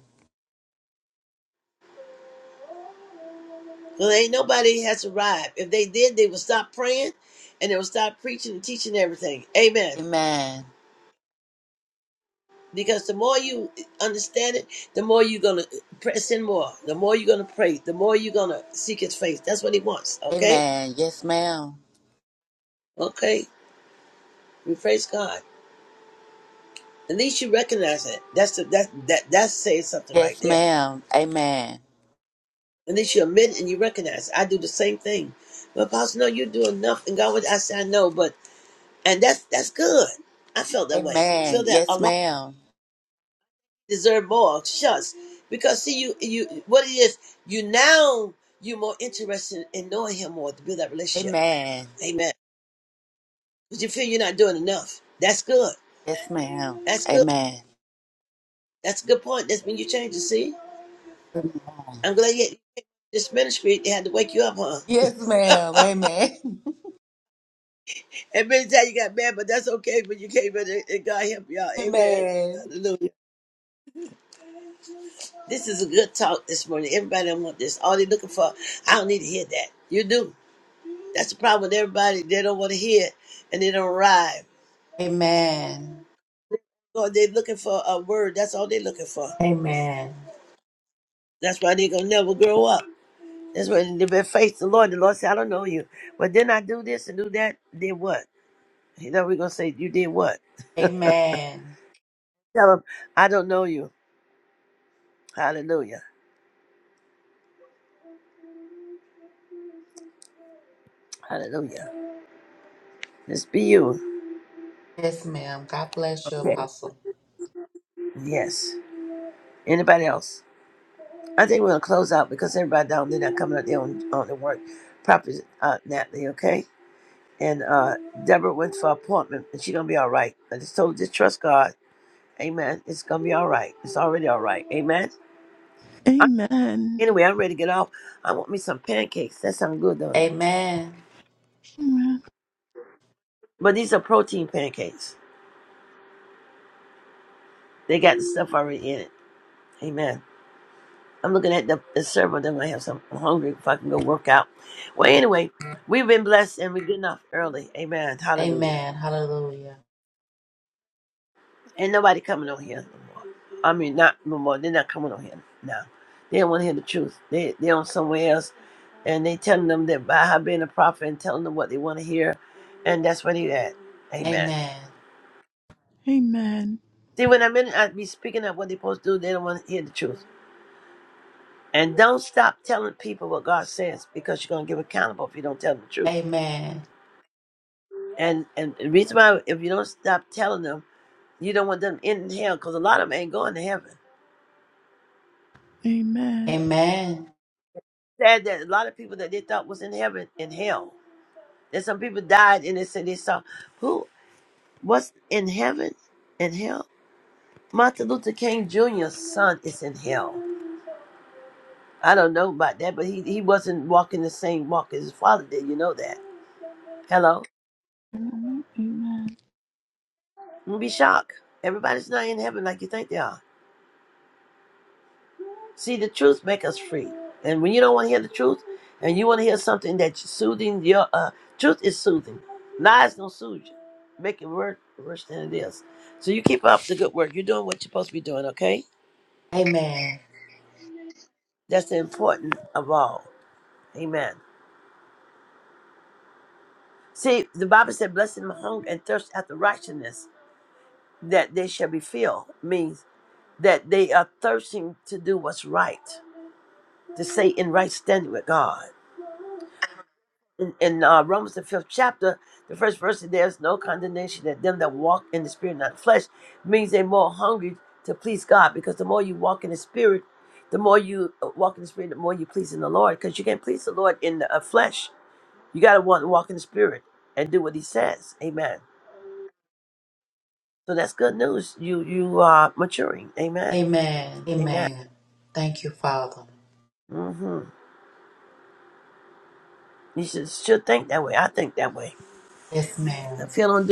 Well ain't nobody has arrived. If they did, they would stop praying and they would stop preaching and teaching everything. Amen. Amen. Because the more you understand it, the more you're gonna press in more, the more you're gonna pray, the more you're gonna seek his face. That's what he wants, okay? Amen. Yes, ma'am. Okay. We praise God. At least you recognize it. That's the, that that that says something right Yes, there. ma'am. Amen. At least you admit and you recognize. It. I do the same thing. But Apostle, no, you do enough. And God would I said, I know, but and that's that's good. I felt that way. I feel Amen. that a Yes, lot ma'am. deserve more. Shucks. Because see you you what it is, you now you're more interested in knowing him more to build that relationship. Amen. Amen. Because you feel you're not doing enough. That's good. Yes, ma'am. That's good. Amen. That's a good point. That's when you change it, see? Amen. I'm glad you had this ministry. They had to wake you up, huh? Yes, ma'am. Amen. And many times you got mad, but that's okay. But you came in and and God help y'all. Amen. Amen. Hallelujah. This is a good talk this morning. Everybody don't want this. All they looking for, I don't need to hear that. You do. That's the problem with everybody. They don't want to hear it, and they don't arrive. Amen. So they're looking for a word. That's all they're looking for. Amen. That's why they're going to never grow up. That's why they've been faith the Lord. The Lord said, I don't know you. But then I do this and do that. Did what? You know, we're going to say, You did what? Amen. Tell them, I don't know you. Hallelujah. Hallelujah. Just be you. Yes, ma'am. God bless you, Okay. Apostle. Yes. Anybody else? I think we're gonna close out because everybody down there not coming out there on, on the work proper uh Natalie, okay? And uh Deborah went for appointment and she's gonna be all right. I just told her just trust God. Amen. It's gonna be all right. It's already all right. Amen. I, Amen. anyway, I'm ready to get off. I want me some pancakes. That sounds good, don't it? Amen. Amen. But these are protein pancakes. They got the stuff already in it. Amen. I'm looking at the, the server. Then I have some. I'm hungry. If I can go work out. Well, anyway, we've been blessed and we're getting off early. Amen. Hallelujah. Amen. Hallelujah. Ain't nobody coming on here no more. I mean, not no more. They're not coming on here now. They don't want to hear the truth. They they're on somewhere else, and they telling them that by her being a prophet and telling them what they want to hear, and that's where they at. Amen. Amen. Amen. Amen. See, when I'm in, I be speaking up what they supposed to do. They don't want to hear the truth. And don't stop telling people what God says because you're gonna give accountable if you don't tell them the truth. Amen. And and the reason why, if you don't stop telling them, you don't want them in hell, because a lot of them ain't going to heaven. Amen. Amen. Sad that a lot of people that they thought was in heaven in hell. That some people died and they said they saw who what's in heaven in hell. Martin Luther King Jr.'s son is in hell. I don't know about that, but he, he wasn't walking the same walk as his father did. You know that. Hello, Amen. do be shocked. Everybody's not in heaven like you think they are. See, the truth make us free. And when you don't want to hear the truth, and you want to hear something that's soothing, your uh, truth is soothing. Lies don't soothe you, make it worse, worse than it is. So you keep up the good work. You're doing what you're supposed to be doing. Okay, Amen. that's the important of all. Amen. See, the Bible said, "Blessed my hunger and thirst after righteousness, that they shall be filled." Means that they are thirsting to do what's right, to stay in right standing with God. in, in uh, Romans the fifth chapter, the first verse, there is no condemnation that them that walk in the spirit, not the flesh, means they're more hungry to please God. Because the more you walk in the spirit, the more you uh, walk in the spirit, the more you please in the Lord. Because you can't please the Lord in the uh, flesh. You got to want to walk in the spirit and do what He says. Amen. So that's good news. You you are maturing. Amen. Amen. Amen. Amen. Thank you, Father. hmm You should should think that way. I think that way. Yes, ma'am. I feel on.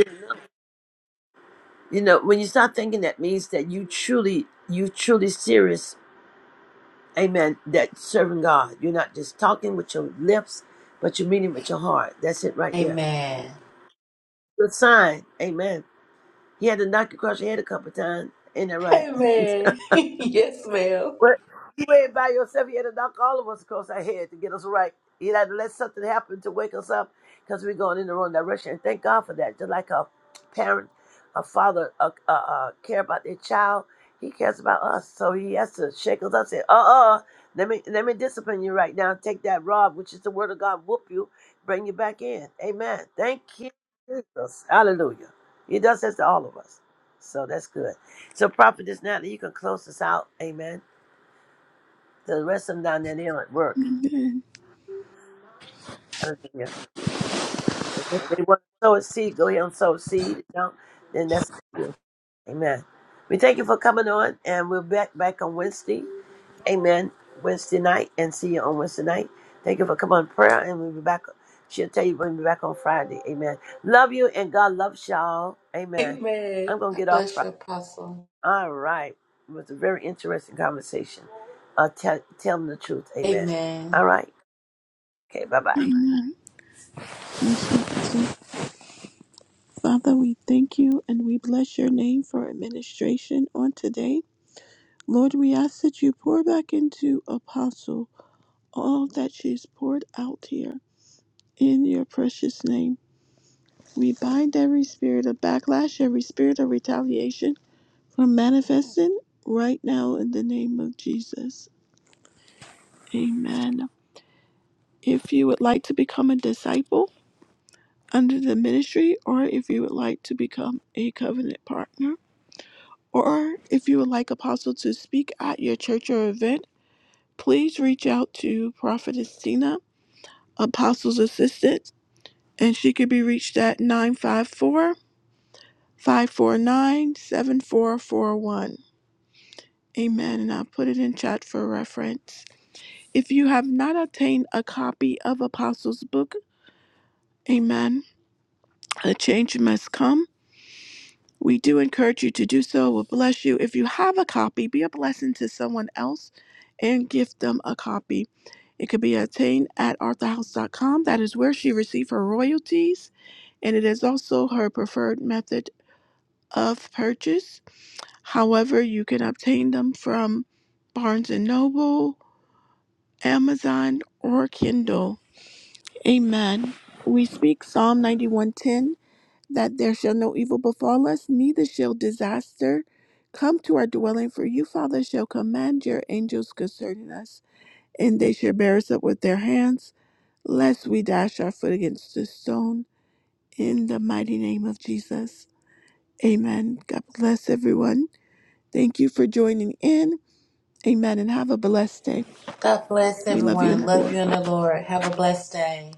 you know when you start thinking that means that you truly you truly serious amen that serving god you're not just talking with your lips but you are it with your heart that's it right there Amen. good sign amen he had to knock across your head a couple of times ain't that right Amen. yes, ma'am. Well, you ain't by yourself. You had to knock all of us across our head to get us right. You had to let something happen to wake us up because we're going in the wrong direction. And thank God for that. Just like a parent, a father uh, uh, uh, care about their child, he cares about us. So he has to shake us up and say, uh-uh, let me, let me discipline you right now. Take that rod, which is the word of God, whoop you, bring you back in. Amen. Thank you, Jesus. Hallelujah. He does this to all of us. So that's good. So, Prophetess Natalie, you can close us out. Amen. The rest of them down there, they don't work. Amen. Hallelujah. And if they want to sow a seed, go ahead and sow a seed. You know, then that's up to you. Amen. We thank you for coming on, and we'll be back, back on Wednesday. Amen. Wednesday night, and see you on Wednesday night. Thank you for coming on prayer, and we'll be back. She'll tell you we'll be back on Friday. Amen. Love you, and God loves y'all. Amen. Amen. I'm going to God get off. bless Fri- you, Apostle. All right. It was a very interesting conversation. Uh, tell, tell them the truth. Amen. Amen. All right. Okay. Bye bye. So, so, Father, we thank you and we bless your name for administration on today. Lord, we ask that you pour back into Apostle all that she's poured out here in your precious name. We bind every spirit of backlash, every spirit of retaliation from manifesting right now in the name of Jesus. Amen. If you would like to become a disciple under the ministry, or if you would like to become a covenant partner, or if you would like Apostle to speak at your church or event, please reach out to Prophetess Tina, Apostle's assistant, and she could be reached at 954 549 7441. Amen. And I'll put it in chat for reference. If you have not obtained a copy of Apostles' Book, Amen, a change must come. We do encourage you to do so. It will bless you. If you have a copy, be a blessing to someone else and gift them a copy. It could be obtained at arthurhouse.com. That is where she received her royalties, and it is also her preferred method of purchase. However, you can obtain them from Barnes& and Noble, Amazon, or Kindle. Amen. We speak Psalm 91:10 that there shall no evil befall us, neither shall disaster come to our dwelling, for you, Father, shall command your angels concerning us, and they shall bear us up with their hands, lest we dash our foot against a stone. In the mighty name of Jesus. Amen. God bless everyone. Thank you for joining in. Amen. And have a blessed day. God bless We love you in everyone. the Love Lord. you in the Lord. Have a blessed day.